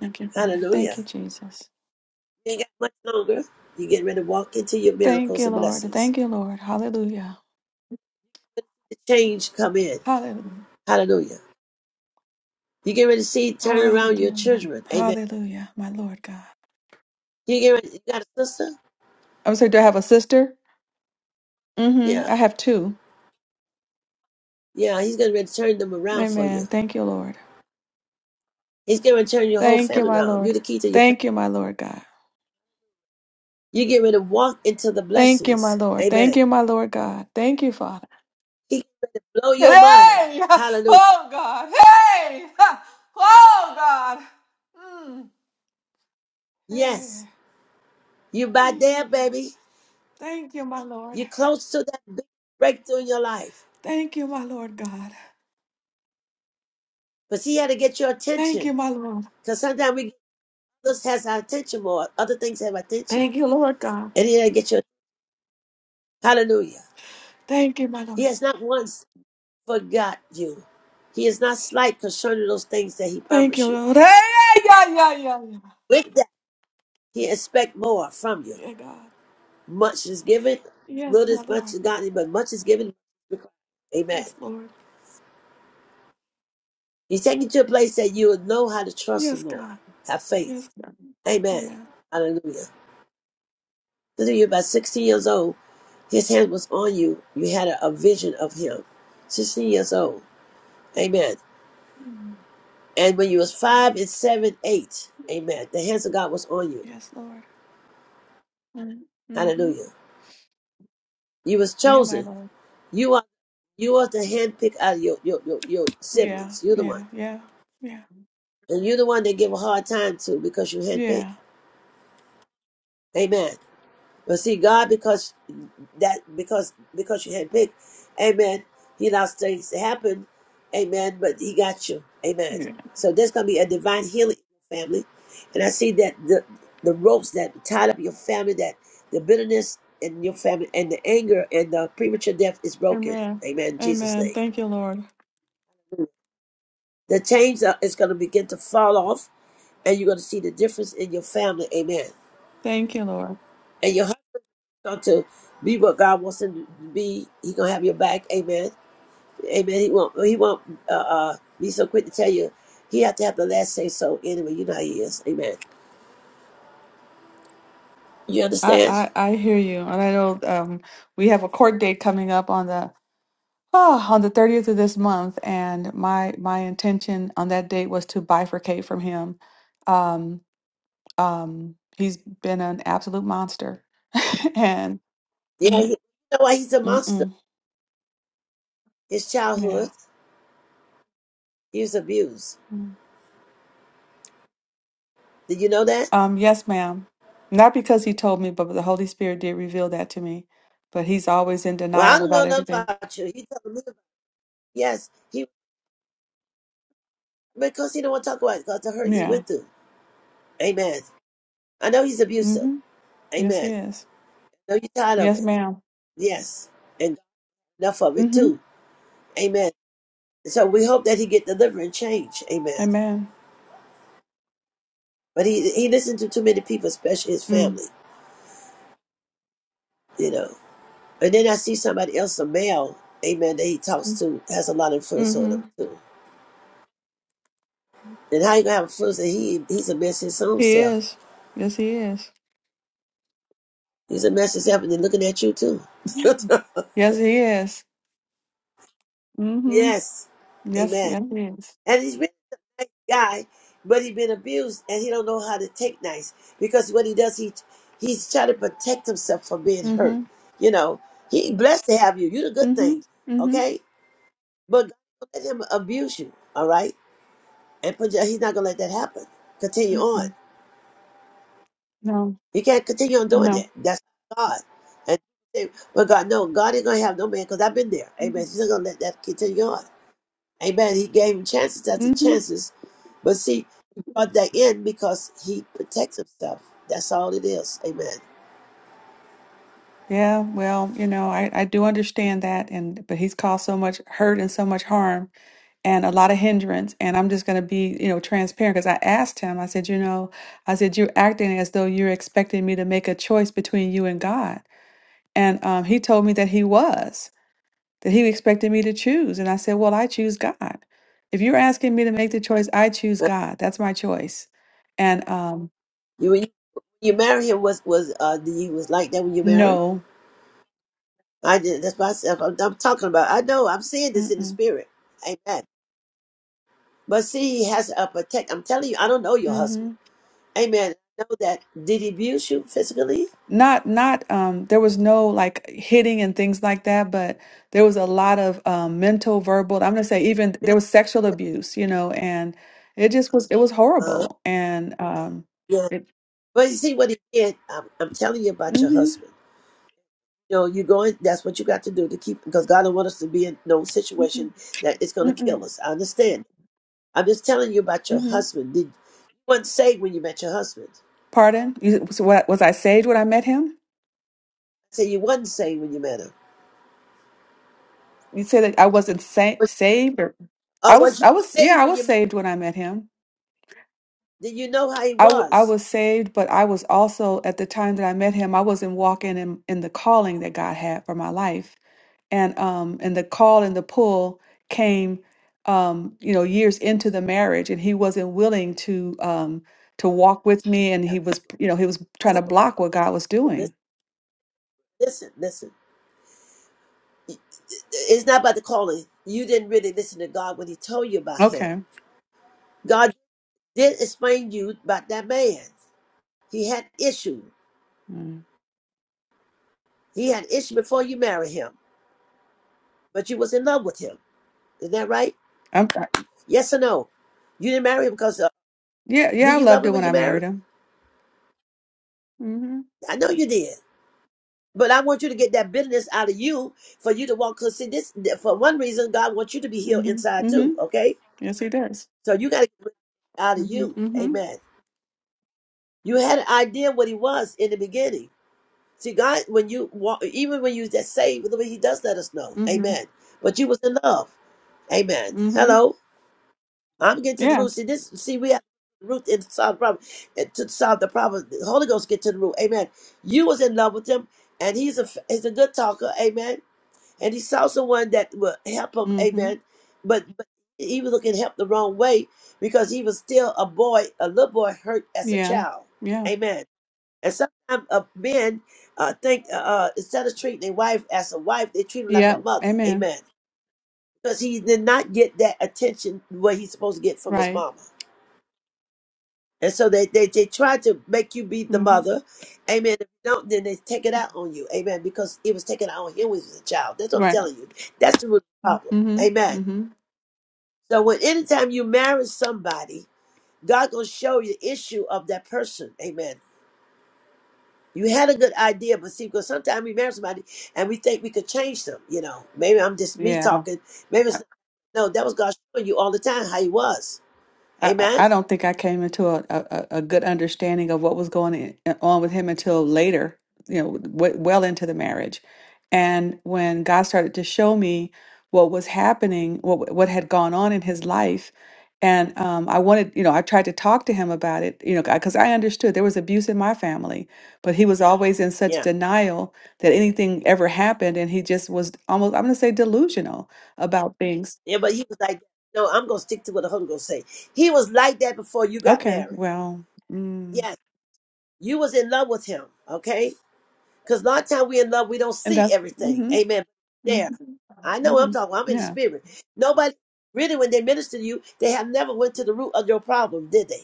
Speaker 12: Thank you, Father.
Speaker 1: Hallelujah.
Speaker 12: Thank you, Jesus.
Speaker 1: You ain't got much longer. You're getting ready to walk into your
Speaker 12: Thank
Speaker 1: miracles
Speaker 12: you,
Speaker 1: and
Speaker 12: Lord.
Speaker 1: blessings.
Speaker 12: Thank you, Lord. Hallelujah.
Speaker 1: The change come in.
Speaker 12: Hallelujah.
Speaker 1: Hallelujah. You get ready to see turn around your
Speaker 12: Hallelujah.
Speaker 1: children. Amen.
Speaker 12: Hallelujah. My Lord God.
Speaker 1: You get ready, you got a sister?
Speaker 12: I was saying, do I have a sister? hmm
Speaker 1: Yeah.
Speaker 12: I have two.
Speaker 1: Yeah, he's getting ready to turn them around for you.
Speaker 12: Amen. Thank you, Lord.
Speaker 1: He's getting ready to turn your whole
Speaker 12: Thank you,
Speaker 1: family
Speaker 12: my
Speaker 1: around. You're
Speaker 12: Lord.
Speaker 1: the key to your family.
Speaker 12: Thank you, my Lord God.
Speaker 1: You get ready to walk into the
Speaker 12: Thank you, my
Speaker 1: blessings.
Speaker 12: Lord. Thank
Speaker 1: Amen.
Speaker 12: you, my Lord God. Thank you, Father.
Speaker 1: He get ready to blow your mind.
Speaker 12: Hey!
Speaker 1: Hallelujah.
Speaker 12: Oh, God. Hey! Oh, God. Mm. Hey.
Speaker 1: Yes. You by there, baby.
Speaker 12: Thank you, my Lord.
Speaker 1: You're close to that big breakthrough in your life.
Speaker 12: Thank you, my Lord God.
Speaker 1: But see, he had to get your
Speaker 12: Thank
Speaker 1: attention.
Speaker 12: you, my Lord.
Speaker 1: Because sometimes we This has our attention more. Other things have our attention.
Speaker 12: Thank you, Lord God.
Speaker 1: And he didn't get your hallelujah.
Speaker 12: Thank you, my
Speaker 1: He
Speaker 12: Lord.
Speaker 1: has not once forgot you. He is not slight concerning those things that he
Speaker 12: Thank you,
Speaker 1: promised you.
Speaker 12: Lord. Hey! Yeah, yeah, yeah, yeah. Yeah,
Speaker 1: With that, he expect more from you.
Speaker 12: Yeah, God.
Speaker 1: Much is given,
Speaker 12: Yes,
Speaker 1: little
Speaker 12: my
Speaker 1: is much
Speaker 12: Lord.
Speaker 1: is gotten, but much is given. Amen.
Speaker 12: Yes, Lord.
Speaker 1: He's taking you to a place that you will know how to trust
Speaker 12: Yes,
Speaker 1: him more.
Speaker 12: God.
Speaker 1: Have faith.
Speaker 12: Yes, God.
Speaker 1: Amen.
Speaker 12: Yeah.
Speaker 1: Hallelujah. When you were about 16 years old, his hand was on you. You had a, a vision of him. 16 years old. Amen.
Speaker 12: Mm.
Speaker 1: And when you was five and seven, eight, amen. The hands of God was on you.
Speaker 12: Yes, Lord. Mm-hmm. Mm-hmm.
Speaker 1: Hallelujah. You was
Speaker 12: Yeah, my
Speaker 1: chosen.
Speaker 12: Lord.
Speaker 1: You are you are the handpicked out of your your, your, your
Speaker 12: Yeah,
Speaker 1: siblings. You're the one.
Speaker 12: yeah, yeah, yeah,
Speaker 1: And you're the one they give a hard time to because you handpicked.
Speaker 12: yeah,
Speaker 1: Amen. But see, God, because that because because you had picked, Amen. He allows things to happen, Amen. But He got you, Amen.
Speaker 12: yeah.
Speaker 1: So there's gonna be a divine healing in your family, and I see that the the ropes that tied up your family, that the bitterness in your family, and the anger and the premature death is broken,
Speaker 12: Amen.
Speaker 1: Amen. In Jesus'
Speaker 12: Amen.
Speaker 1: name,
Speaker 12: Thank you, Lord.
Speaker 1: the chains are, is gonna begin to fall off, and you're gonna see the difference in your family, Amen.
Speaker 12: Thank you, Lord.
Speaker 1: And your on to be what God wants him to be. He gonna have your back. Amen. Amen. He won't. He won't uh, uh, be so quick to tell you. He have to have the last say. So anyway, you know how he is. Amen. You understand?
Speaker 12: I, I, I hear you. And I know um we have a court date coming up on the oh, on the 30th of this month, and my my intention on that date was to bifurcate from him. Um um he's been an absolute monster. and
Speaker 1: Yeah.
Speaker 12: mm,
Speaker 1: He, you know why he's a monster?
Speaker 12: mm-mm,
Speaker 1: His childhood.
Speaker 12: yeah.
Speaker 1: He was abused. Did you know that?
Speaker 12: Um, yes, ma'am. Not because he told me, but the Holy Spirit did reveal that to me. But he's always in
Speaker 1: Well, I
Speaker 12: denial
Speaker 1: don't know
Speaker 12: about
Speaker 1: nothing
Speaker 12: everything.
Speaker 1: about you. He told me. About, Yes. He because he don't want to talk about it because the hurt he
Speaker 12: Yeah.
Speaker 1: went through. Amen. I know he's abusive.
Speaker 12: Mm-hmm. Yes, he
Speaker 1: Amen.
Speaker 12: is.
Speaker 1: I know you're tired of
Speaker 12: Yes,
Speaker 1: it.
Speaker 12: ma'am.
Speaker 1: Yes. And enough of it
Speaker 12: Mm-hmm.
Speaker 1: too. Amen. So we hope that he get delivered and change. Amen.
Speaker 12: Amen.
Speaker 1: But he he listened to too many people, especially his
Speaker 12: Mm.
Speaker 1: family, you know. And then I see somebody else, a male, amen, that he talks to, has a lot of influence on him
Speaker 12: Mm-hmm.
Speaker 1: too. And how you gonna have influence that he he's a mess his own
Speaker 12: He
Speaker 1: self.
Speaker 12: is. Yes, he is.
Speaker 1: He's a mess himself and then looking at you too.
Speaker 12: Yes, he is. Mm-hmm.
Speaker 1: yes.
Speaker 12: Yes,
Speaker 1: amen.
Speaker 12: yes, he is.
Speaker 1: And he's really a nice guy, but he's been abused and he don't know how to take nice because what he does, he he's trying to protect himself from being hurt.
Speaker 12: Mm-hmm.
Speaker 1: You know, he blessed to have you. You're the good
Speaker 12: Mm-hmm.
Speaker 1: thing,
Speaker 12: Mm-hmm.
Speaker 1: okay? But God don't let him abuse you, all right? And put you, he's not gonna let that happen. Continue on.
Speaker 12: Mm-mm. No.
Speaker 1: You can't continue on doing
Speaker 12: No.
Speaker 1: that. That's God. And they- but God, no, God ain't gonna have no man because I've been there. Amen.
Speaker 12: Mm-hmm.
Speaker 1: He's not gonna let that continue on. Amen. He gave him chances after
Speaker 12: Mm-hmm.
Speaker 1: chances But see, he brought that in because he protects himself. That's all it is. Amen.
Speaker 12: Yeah, well, you know, I, I do understand that and but he's caused so much hurt and so much harm and a lot of hindrance. And I'm just going to be, you know, transparent because I asked him, I said, you know, I said, you're acting as though you're expecting me to make a choice between you and God. And um, he told me that he was, that he expected me to choose. And I said, well, I choose God. If you're asking me to make the choice, I choose
Speaker 1: Well,
Speaker 12: God. That's my choice. And um,
Speaker 1: you when you, you marry him was was uh do you was like that when you married?
Speaker 12: no,
Speaker 1: I did. That's myself. I'm, I'm talking about. I know. I'm seeing this in the
Speaker 12: mm-mm,
Speaker 1: spirit. Amen. But see, he has a protect. I'm telling you, I don't know your
Speaker 12: mhm.
Speaker 1: husband. Amen. I know that. Did he abuse you physically?
Speaker 12: Not, not, um, there was no like hitting and things like that, but there was a lot of um, mental, verbal, I'm gonna say even there
Speaker 1: Yeah.
Speaker 12: was sexual abuse, you know, and it just was, it was
Speaker 1: Uh,
Speaker 12: horrible. And um,
Speaker 1: yeah.
Speaker 12: it,
Speaker 1: But you see what he did. I'm, I'm telling you about your
Speaker 12: mm-hmm,
Speaker 1: husband. No, you going. That's what you got to do to keep, because God don't want us to be in no
Speaker 12: mm-hmm,
Speaker 1: situation that it's going to
Speaker 12: mm-hmm,
Speaker 1: kill us. I understand. I'm just telling you about your
Speaker 12: mm-hmm.
Speaker 1: husband. Did you wasn't saved when you met your husband?
Speaker 12: Pardon? You, so what, was I saved when I met him?
Speaker 1: Say you wasn't saved when you met him.
Speaker 12: You said that I wasn't sa
Speaker 1: Was-
Speaker 12: saved or I
Speaker 1: Or was
Speaker 12: was,
Speaker 1: you
Speaker 12: I was, yeah,
Speaker 1: saved
Speaker 12: I
Speaker 1: when
Speaker 12: was
Speaker 1: you? met-
Speaker 12: saved when I met him.
Speaker 1: Did you know how he
Speaker 12: I, w I
Speaker 1: was?
Speaker 12: was saved, but I was also, at the time that I met him, I wasn't walking in, in the calling that God had for my life and um and the call and the pull came um you know years into the marriage and he wasn't willing to um to walk with me and
Speaker 1: Yeah.
Speaker 12: he was you know he was
Speaker 1: I
Speaker 12: trying
Speaker 1: have
Speaker 12: to block what God was
Speaker 1: a,
Speaker 12: doing
Speaker 1: listen, listen, listen. It's not about the calling. You didn't really listen to God when He told you about him.
Speaker 12: okay
Speaker 1: God did explain to you about that man. He had issue.
Speaker 12: mm.
Speaker 1: He had issue before you married him, but you was in love with him. Is that right?
Speaker 12: I'm, I,
Speaker 1: Yes or no? You didn't marry him because uh,
Speaker 12: yeah yeah
Speaker 1: did
Speaker 12: I
Speaker 1: you love
Speaker 12: loved
Speaker 1: him
Speaker 12: it
Speaker 1: when
Speaker 12: when
Speaker 1: you
Speaker 12: I
Speaker 1: married?
Speaker 12: married him mm
Speaker 1: I know you did, but I want you to get that bitterness out of you for you to walk. Cause see, this for one reason, God wants you to be healed
Speaker 12: mhm mhm
Speaker 1: inside too.
Speaker 12: mhm
Speaker 1: Okay,
Speaker 12: yes he does
Speaker 1: so you got to get it out of
Speaker 12: mm
Speaker 1: you.
Speaker 12: mhm
Speaker 1: Amen. You had an idea what he was in the beginning. See, God, when you walk, even when you just saved, the way He does let us know.
Speaker 12: mm mhm
Speaker 1: Amen. But you was in love.
Speaker 12: mhm
Speaker 1: Amen.
Speaker 12: mhm
Speaker 1: Hello. I'm getting to the
Speaker 12: yeah
Speaker 1: root. See this. See we have root in solve the problem. And to solve the problem, the Holy Ghost get to the root. Amen. You was in love with him, and he's a he's a good talker. Amen. And he saw someone that would help him.
Speaker 12: mm mhm
Speaker 1: Amen. But, but he was looking help the wrong way because he was still a boy, a little boy hurt as a
Speaker 12: yeah
Speaker 1: child.
Speaker 12: yeah
Speaker 1: Amen. And sometimes uh, men uh, think uh, uh, instead of treating their wife as a wife, they treat her like a
Speaker 12: yeah
Speaker 1: mother.
Speaker 12: amen
Speaker 1: Amen. Because he did not get that attention what he's supposed to get from his
Speaker 12: right
Speaker 1: mama. And so they, they, they try to make you be the
Speaker 12: mm mhm
Speaker 1: mother. Amen. If you don't, then they take it out on you. Amen. Because it was taken out on him when he was a child. That's what I'm
Speaker 12: right
Speaker 1: telling you. That's the root
Speaker 12: mm
Speaker 1: problem.
Speaker 12: mhm
Speaker 1: Amen.
Speaker 12: mm mhm
Speaker 1: So when anytime you marry somebody, God gonna show you the issue of that person. Amen. You had a good idea, but see, because sometimes we marry somebody and we think we could change them. You know, maybe I'm just me
Speaker 12: yeah
Speaker 1: talking. Maybe it's no. That was God showing you all the time how He was.
Speaker 12: I,
Speaker 1: Amen.
Speaker 12: I I don't think I came into a, a, a a good understanding of what was going in- on with him until later, you know, w- well into the marriage. And when God started to show me what was happening, what what had gone on in his life, and um, I wanted, you know, I tried to talk to him about it, you know, because I understood there was abuse in my family, but he was always in
Speaker 1: Yeah.
Speaker 12: such denial that anything ever happened, and he just was almost, I'm going to say, delusional about things.
Speaker 1: Yeah, but he was like, no, I'm gonna stick to what the Holy Ghost say. He was like that before you got
Speaker 12: Okay,
Speaker 1: married.
Speaker 12: well. mm.
Speaker 1: Yes, you was in love with him, okay? Because a lot of time we in love, we don't
Speaker 12: And
Speaker 1: see
Speaker 12: that's
Speaker 1: everything.
Speaker 12: mm-hmm,
Speaker 1: Amen. There, I
Speaker 12: mm-hmm,
Speaker 1: know what I'm
Speaker 12: mm-hmm.
Speaker 1: talking. I'm in the
Speaker 12: Yeah.
Speaker 1: spirit. Nobody really, when they minister to you, they have never went to the root of your problem, did they?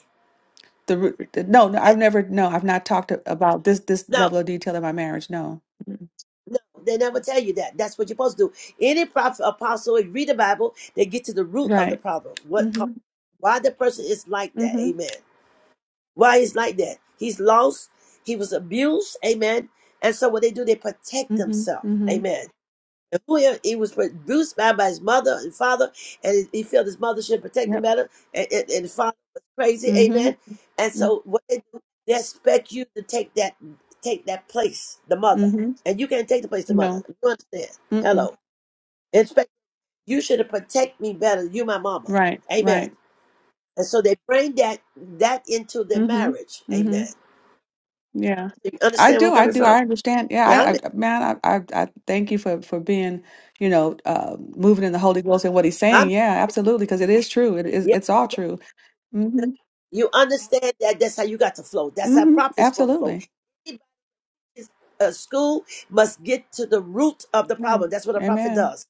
Speaker 12: The, ru- the no, no, I've
Speaker 1: That-
Speaker 12: never no, I've not talked a- about this this
Speaker 1: no.
Speaker 12: level of detail in my marriage. No. Mm.
Speaker 1: No, they never tell you that. That's what you're supposed to do. Any prophet, apostle, if you read the Bible, they get to the root of the
Speaker 12: Right.
Speaker 1: problem. What caused
Speaker 12: Mm-hmm.
Speaker 1: why the person is like that?
Speaker 12: Mm-hmm.
Speaker 1: Amen. Why is like that? He's lost. He was abused. Amen. And so what they do, they protect
Speaker 12: Mm-hmm.
Speaker 1: themselves.
Speaker 12: Mm-hmm.
Speaker 1: Amen. And who he, he was abused by, by his mother and father, and he felt his mother should protect him
Speaker 12: Yep.
Speaker 1: better, and, and, and the father was crazy.
Speaker 12: Mm-hmm.
Speaker 1: Amen. And
Speaker 12: mm,
Speaker 1: so what they do, they expect you to take that take that place, the mother,
Speaker 12: Mm-hmm.
Speaker 1: and you can't take the place, of the mother.
Speaker 12: No.
Speaker 1: You understand?
Speaker 12: Mm-mm.
Speaker 1: Hello. They Expect you should have protect me better. You my mama.
Speaker 12: Right.
Speaker 1: Amen.
Speaker 12: Right.
Speaker 1: And so they bring that that into their
Speaker 12: Mm-hmm.
Speaker 1: marriage.
Speaker 12: Mm-hmm.
Speaker 1: Amen.
Speaker 12: Yeah.
Speaker 1: You
Speaker 12: I
Speaker 1: understand where I'm
Speaker 12: do. I
Speaker 1: coming
Speaker 12: do. I
Speaker 1: from?
Speaker 12: understand. Yeah.
Speaker 1: Yeah, I'm in.
Speaker 12: I, I man, I, I I thank you for for being, you know, uh moving in the Holy Ghost and what he's
Speaker 1: I'm
Speaker 12: saying. Yeah, absolutely, because it is true. It is
Speaker 1: in. Yeah.
Speaker 12: it's all
Speaker 1: yeah.
Speaker 12: true. Mm-hmm,
Speaker 1: You understand that that's how you got to flow. That's how
Speaker 12: hmm
Speaker 1: profits for the flow.
Speaker 12: Absolutely.
Speaker 1: Anybody's, uh, school must get to the root of the problem.
Speaker 12: Amen.
Speaker 1: That's what a prophet
Speaker 12: Amen.
Speaker 1: does.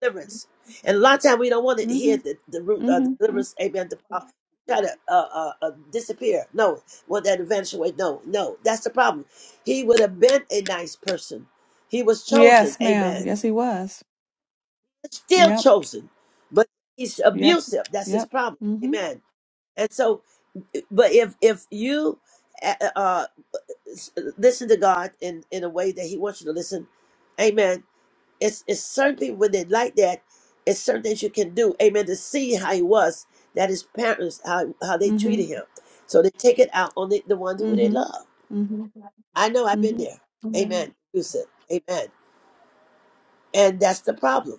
Speaker 1: Deliverance. And a lot of time we don't want to
Speaker 12: hmm
Speaker 1: hear the, the root of the
Speaker 12: hmm
Speaker 1: deliverance. Amen. The, uh, try to uh, uh, uh, disappear. No. Want that eventuate. No, no. That's the problem. He would have been a nice person. He was chosen.
Speaker 12: Yes, ma'am.
Speaker 1: Amen.
Speaker 12: Yes, he was.
Speaker 1: Still
Speaker 12: Yep.
Speaker 1: chosen. But he's
Speaker 12: Yep.
Speaker 1: abusive. That's his
Speaker 12: Yep.
Speaker 1: problem.
Speaker 12: hmm
Speaker 1: Amen. And so, but if if you uh, uh, s- listen to God in in a way that He wants you to listen, Amen. It's it's certain people when they like that, it's certain things you can do, Amen. To see how He was, that His parents how how they treated
Speaker 12: hmm
Speaker 1: Him, so they take it out on the, the ones who they
Speaker 12: hmm
Speaker 1: love.
Speaker 12: hmm
Speaker 1: I know I've been
Speaker 12: hmm
Speaker 1: there,
Speaker 12: Amen.
Speaker 1: Amen. You said, Amen, and that's the problem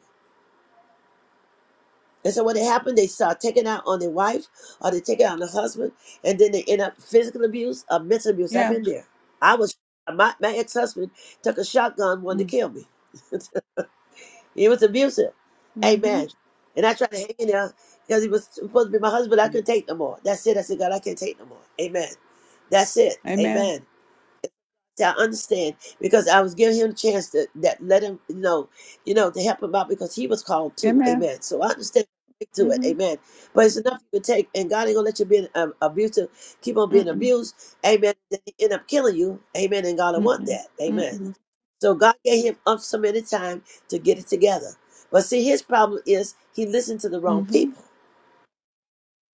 Speaker 1: And so when it happened, they start taking out on their wife or they take it out on the husband, and then they end up physical abuse or mental abuse. I've
Speaker 12: Yeah.
Speaker 1: been there. I was my, my ex husband took a shotgun, wanted to kill me. he was abusive.
Speaker 12: Mm-hmm.
Speaker 1: Amen. And I tried to hang in there because he was supposed to be my husband. I couldn't take no more. That's it. I said, God, I can't take no more. Amen. That's it.
Speaker 12: Amen.
Speaker 1: Amen. So I understand because I was giving him a chance to that let him know, you know, to help him out because he was called too.
Speaker 12: Amen.
Speaker 1: Amen. So I understand to it.
Speaker 12: Mm-hmm.
Speaker 1: Amen. But it's enough you can take, and God ain't gonna let you be um, abusive, keep on being
Speaker 12: Mm-mm.
Speaker 1: abused. Amen. Then he end up killing you. Amen. And God don't want
Speaker 12: Mm-mm.
Speaker 1: that. Amen.
Speaker 12: Mm-mm.
Speaker 1: So God gave him up so many time to get it together. But see, his problem is he listened to the wrong people.
Speaker 12: Mm-hmm.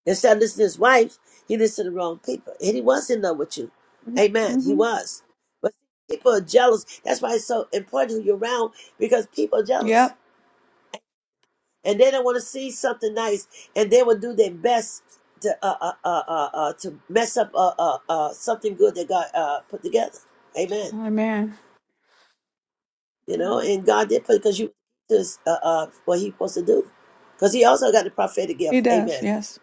Speaker 1: Instead of listening to his wife, he listened to the wrong people. And he was in love with you. Amen. He
Speaker 12: Mm-hmm.
Speaker 1: was. But people are jealous. That's why it's so important who you're around because people are jealous.
Speaker 12: Yep.
Speaker 1: And they don't want to see something nice. And they will do their best to uh, uh, uh, uh, uh, to mess up uh, uh, uh, something good that God uh, put together. Amen.
Speaker 12: Amen.
Speaker 1: You know, and God did put it because you this uh, uh, what he supposed to do. Because he also got the prophetic
Speaker 12: He
Speaker 1: gift.
Speaker 12: does.
Speaker 1: Amen.
Speaker 12: Yes.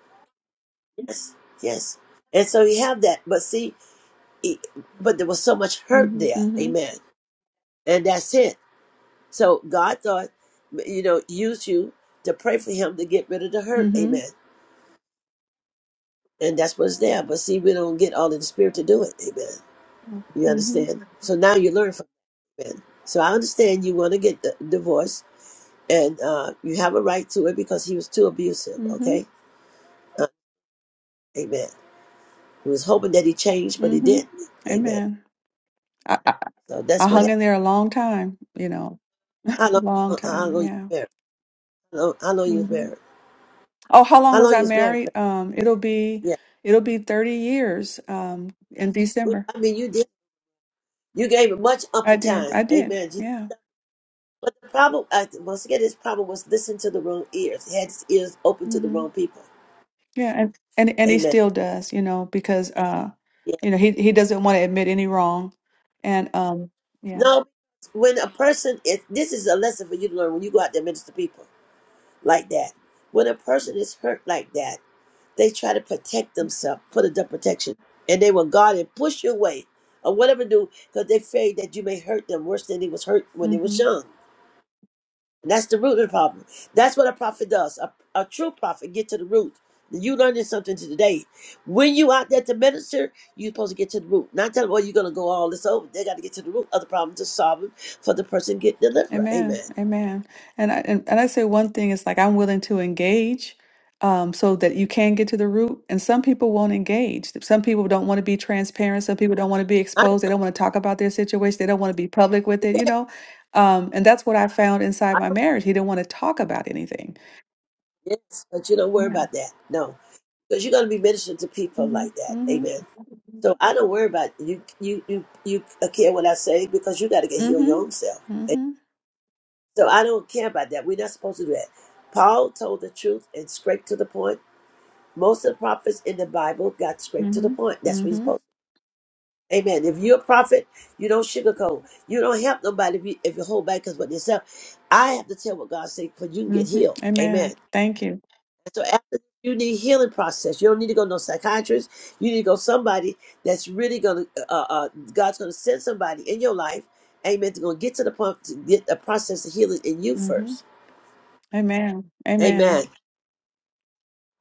Speaker 1: Yes. Yes. And so he have that. But see, it- but there was so much hurt
Speaker 12: hmm
Speaker 1: there.
Speaker 12: Mm-hmm.
Speaker 1: Amen. And that's it. So God thought, you know, use you to pray for him to get rid of the hurt.
Speaker 12: Mm-hmm.
Speaker 1: Amen. And that's what's there. But see, we don't get all in the spirit to do it. Amen. You
Speaker 12: Mm-hmm.
Speaker 1: understand? So now you learn from it. Amen. So I understand you want to get the divorce and uh, you have a right to it because he was too abusive.
Speaker 12: Mm-hmm.
Speaker 1: Okay. Uh, amen. He was hoping that he changed, but he
Speaker 12: Mm-hmm.
Speaker 1: didn't. Amen.
Speaker 12: Amen.
Speaker 1: So that's
Speaker 12: I
Speaker 1: what
Speaker 12: hung
Speaker 1: happened.
Speaker 12: in there a long time, you know,
Speaker 1: How long,
Speaker 12: long
Speaker 1: uh, how
Speaker 12: time.
Speaker 1: long you
Speaker 12: Yeah.
Speaker 1: married? How long, how long you was
Speaker 12: hmm
Speaker 1: married?
Speaker 12: Oh, how long
Speaker 1: How
Speaker 12: was
Speaker 1: long you
Speaker 12: I
Speaker 1: was married?
Speaker 12: married? Um, it'll be,
Speaker 1: Yeah,
Speaker 12: it'll be 30 years, um, in December.
Speaker 1: I mean, you did. You gave it much
Speaker 12: I
Speaker 1: ample
Speaker 12: did.
Speaker 1: time.
Speaker 12: I did.
Speaker 1: Amen. You-
Speaker 12: Yeah.
Speaker 1: But the problem, I, once again, his problem was listening to the wrong ears. He had his ears open to the
Speaker 12: hmm
Speaker 1: wrong people.
Speaker 12: Yeah. And, and, and he
Speaker 1: Amen.
Speaker 12: still does, you know, because, uh,
Speaker 1: Yeah.
Speaker 12: you know, he, he doesn't want to admit any wrong. And, um, yeah.
Speaker 1: No, when a person is, this is a lesson for you to learn when you go out there and minister to people like that. When a person is hurt like that, they try to protect themselves, put it up protection, and they will guard and push you away or whatever do because they fear that you may hurt them worse than they was hurt when they
Speaker 12: Mm-hmm.
Speaker 1: was young. That's the root of the problem. That's what a prophet does. A, a true prophet get to the root. You learning something today. When you out there to minister, you're supposed to get to the root. Not tell them, well, you're going to go all this over. They got to get to the root of the problem to solve it for the person get delivered. Amen.
Speaker 12: Amen. Amen. And I and, and I say one thing is like I'm willing to engage um so that you can get to the root. And some people won't engage. Some people don't want to be transparent. Some people don't want to be
Speaker 1: I don't,
Speaker 12: exposed. They don't want to talk about their situation. They don't want to be public with it, you know. Um, and that's what I found inside
Speaker 1: I
Speaker 12: my
Speaker 1: don't,
Speaker 12: marriage. He didn't want to talk about anything.
Speaker 1: yes, but you don't worry
Speaker 12: Yeah.
Speaker 1: about that. No, because you're going to be ministering to people
Speaker 12: Mm-hmm.
Speaker 1: like that.
Speaker 12: Mm-hmm.
Speaker 1: Amen. So I don't worry about you. You you you uh, care what I say because you got to get healed your
Speaker 12: Mm-hmm.
Speaker 1: own self.
Speaker 12: Mm-hmm.
Speaker 1: So I don't care about that. We're not supposed to do that. Paul told the truth and straight to the point. Most of the prophets in the Bible got straight to the
Speaker 12: Mm-hmm.
Speaker 1: point. That's what he's
Speaker 12: Mm-hmm.
Speaker 1: supposed to. Amen. If you're a prophet, you don't sugarcoat. You don't help nobody if you, if you hold back because what yourself. I have to tell what God said because you can get
Speaker 12: Mm-hmm.
Speaker 1: healed. Amen.
Speaker 12: Amen. Thank you.
Speaker 1: And so after you need healing process, you don't need to go to no psychiatrist. You need to go somebody that's really gonna. Uh, uh, uh, God's gonna send somebody in your life. Amen. To gonna get to the point to get a process of healing in you
Speaker 12: Mm-hmm.
Speaker 1: first.
Speaker 12: Amen.
Speaker 1: Amen.
Speaker 12: Amen.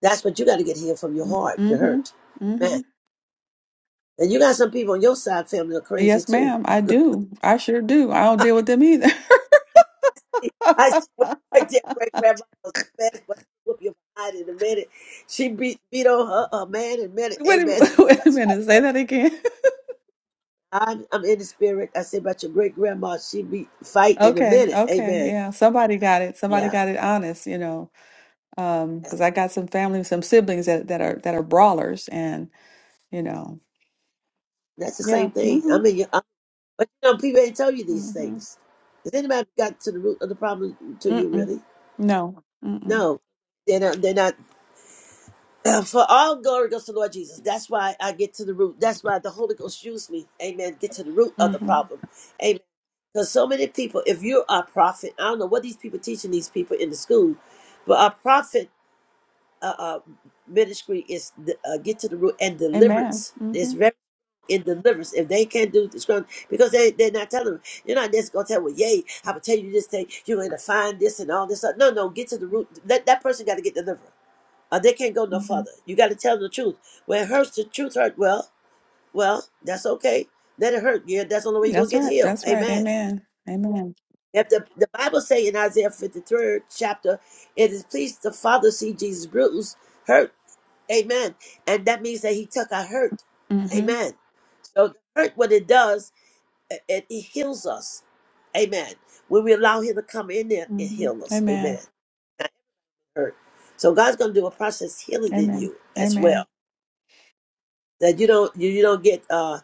Speaker 1: That's what you got to get healed from your heart, your
Speaker 12: Mm-hmm.
Speaker 1: hurt.
Speaker 12: mm-hmm.
Speaker 1: Man. And you got some people on your side family are crazy
Speaker 12: Yes,
Speaker 1: too.
Speaker 12: ma'am, I do. I sure do. I don't
Speaker 1: I
Speaker 12: deal with them either.
Speaker 1: see what great great grandma was a mess, but she'll whoop your behind in a minute. She beat beat on her, her man in a minute.
Speaker 12: Wait a,
Speaker 1: Amen.
Speaker 12: wait a minute, say that again.
Speaker 1: I'm, I'm in the spirit. I said about your great grandma, she be fight in a
Speaker 12: Okay,
Speaker 1: minute.
Speaker 12: okay,
Speaker 1: Amen.
Speaker 12: yeah. Somebody got it. Somebody
Speaker 1: Yeah,
Speaker 12: got it honest, you know. Um,
Speaker 1: that's,
Speaker 12: because I got some family, some siblings that, that are that are brawlers and, you know.
Speaker 1: that's the
Speaker 12: Yeah.
Speaker 1: same thing.
Speaker 12: Mm-hmm.
Speaker 1: I mean, you- i but you know, people ain't tell you these
Speaker 12: Mm-hmm.
Speaker 1: things. Has anybody got to the root of the problem to you
Speaker 12: Mm-mm.
Speaker 1: really?
Speaker 12: No. Mm-mm.
Speaker 1: No, they're not. They're not. Uh, For all glory goes to Lord Jesus. That's why I get to the root. That's why the Holy Ghost used me. Amen. Get to the root of the
Speaker 12: Mm-hmm.
Speaker 1: problem. Amen. Because so many people, if you're a prophet, I don't know what these people teaching these people in the school, but our prophet uh, uh, ministry is the- uh, get to the root and
Speaker 12: Amen.
Speaker 1: deliverance. There's
Speaker 12: Mm-hmm.
Speaker 1: very in deliverance. If they can't do this, because they, they're not telling them, you're not just going to tell, well, yay, I'm going to tell you this thing, you're going to find this and all this. stuff. No, no, get to the root. That, that person got to get delivered or they can't go no
Speaker 12: Mm-hmm.
Speaker 1: further. You got to tell them the truth. When it hurts, the truth hurt. Well, well, that's okay. Let it hurt. Yeah, that's the only way you're gonna
Speaker 12: That's
Speaker 1: get
Speaker 12: right.
Speaker 1: healed.
Speaker 12: That's right.
Speaker 1: Amen.
Speaker 12: Amen. Amen.
Speaker 1: If the, the Bible say in Isaiah 53rd chapter, it is pleased the Father see Jesus bruise hurt. Amen. And that means that He took our hurt.
Speaker 12: Mm-hmm.
Speaker 1: Amen. So the hurt, what it does, it, it it heals us. Amen. When we allow Him to come in there and
Speaker 12: Mm-hmm.
Speaker 1: heal us. Amen.
Speaker 12: Amen.
Speaker 1: That hurt. So God's gonna do a process healing in
Speaker 12: Amen.
Speaker 1: you as well
Speaker 12: Amen.
Speaker 1: that you don't you, you don't get uh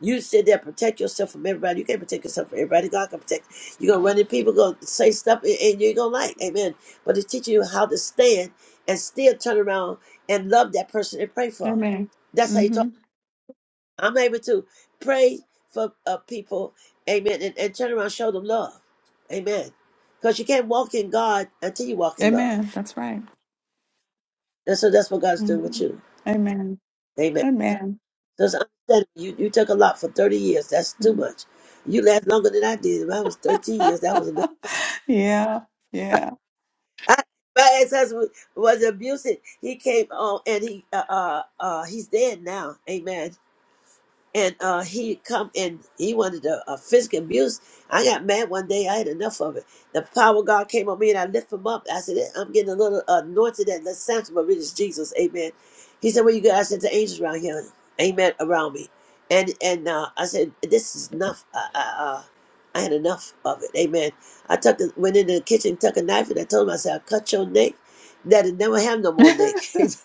Speaker 1: you sit there and protect yourself from everybody. You can't protect yourself from everybody. God can protect. you. You're gonna run into people, gonna say stuff, and, and you're gonna like, Amen. But it's teaching you how to stand and still turn around and love that person and pray for them.
Speaker 12: Amen.
Speaker 1: That's how you talk.
Speaker 12: Mm-hmm.
Speaker 1: I'm able to pray for uh, people, Amen, and, and turn around, and show them love, Amen. Because you can't walk in God until you walk in love,
Speaker 12: Amen. That's right.
Speaker 1: and so that's what God's doing
Speaker 12: hmm
Speaker 1: with you,
Speaker 12: Amen. Amen.
Speaker 1: Because I'm telling you, you took a lot for 30 years. That's too
Speaker 12: Mm.
Speaker 1: much. You last longer than I did. When I was 13 years, that was enough.
Speaker 12: yeah. Yeah.
Speaker 1: I, my ex-husband was abusive. He came on and he, uh, uh, uh, he's dead now. Amen. and uh, he come and he wanted to uh, physical abuse. I got mad one day. I had enough of it. The power of God came on me, and I lift him up. I said, "Yeah, "I'm getting a little anointed at the Samson, but really it's Jesus." Amen. He said, "Well, you guys said the angels around here, amen, around me." And and uh, I said, "This is enough." I, I, uh, I had enough of it. Amen. I took the, went into the kitchen, took a knife, and I told him, "I said, I'll cut your neck. That'll never have no more neck."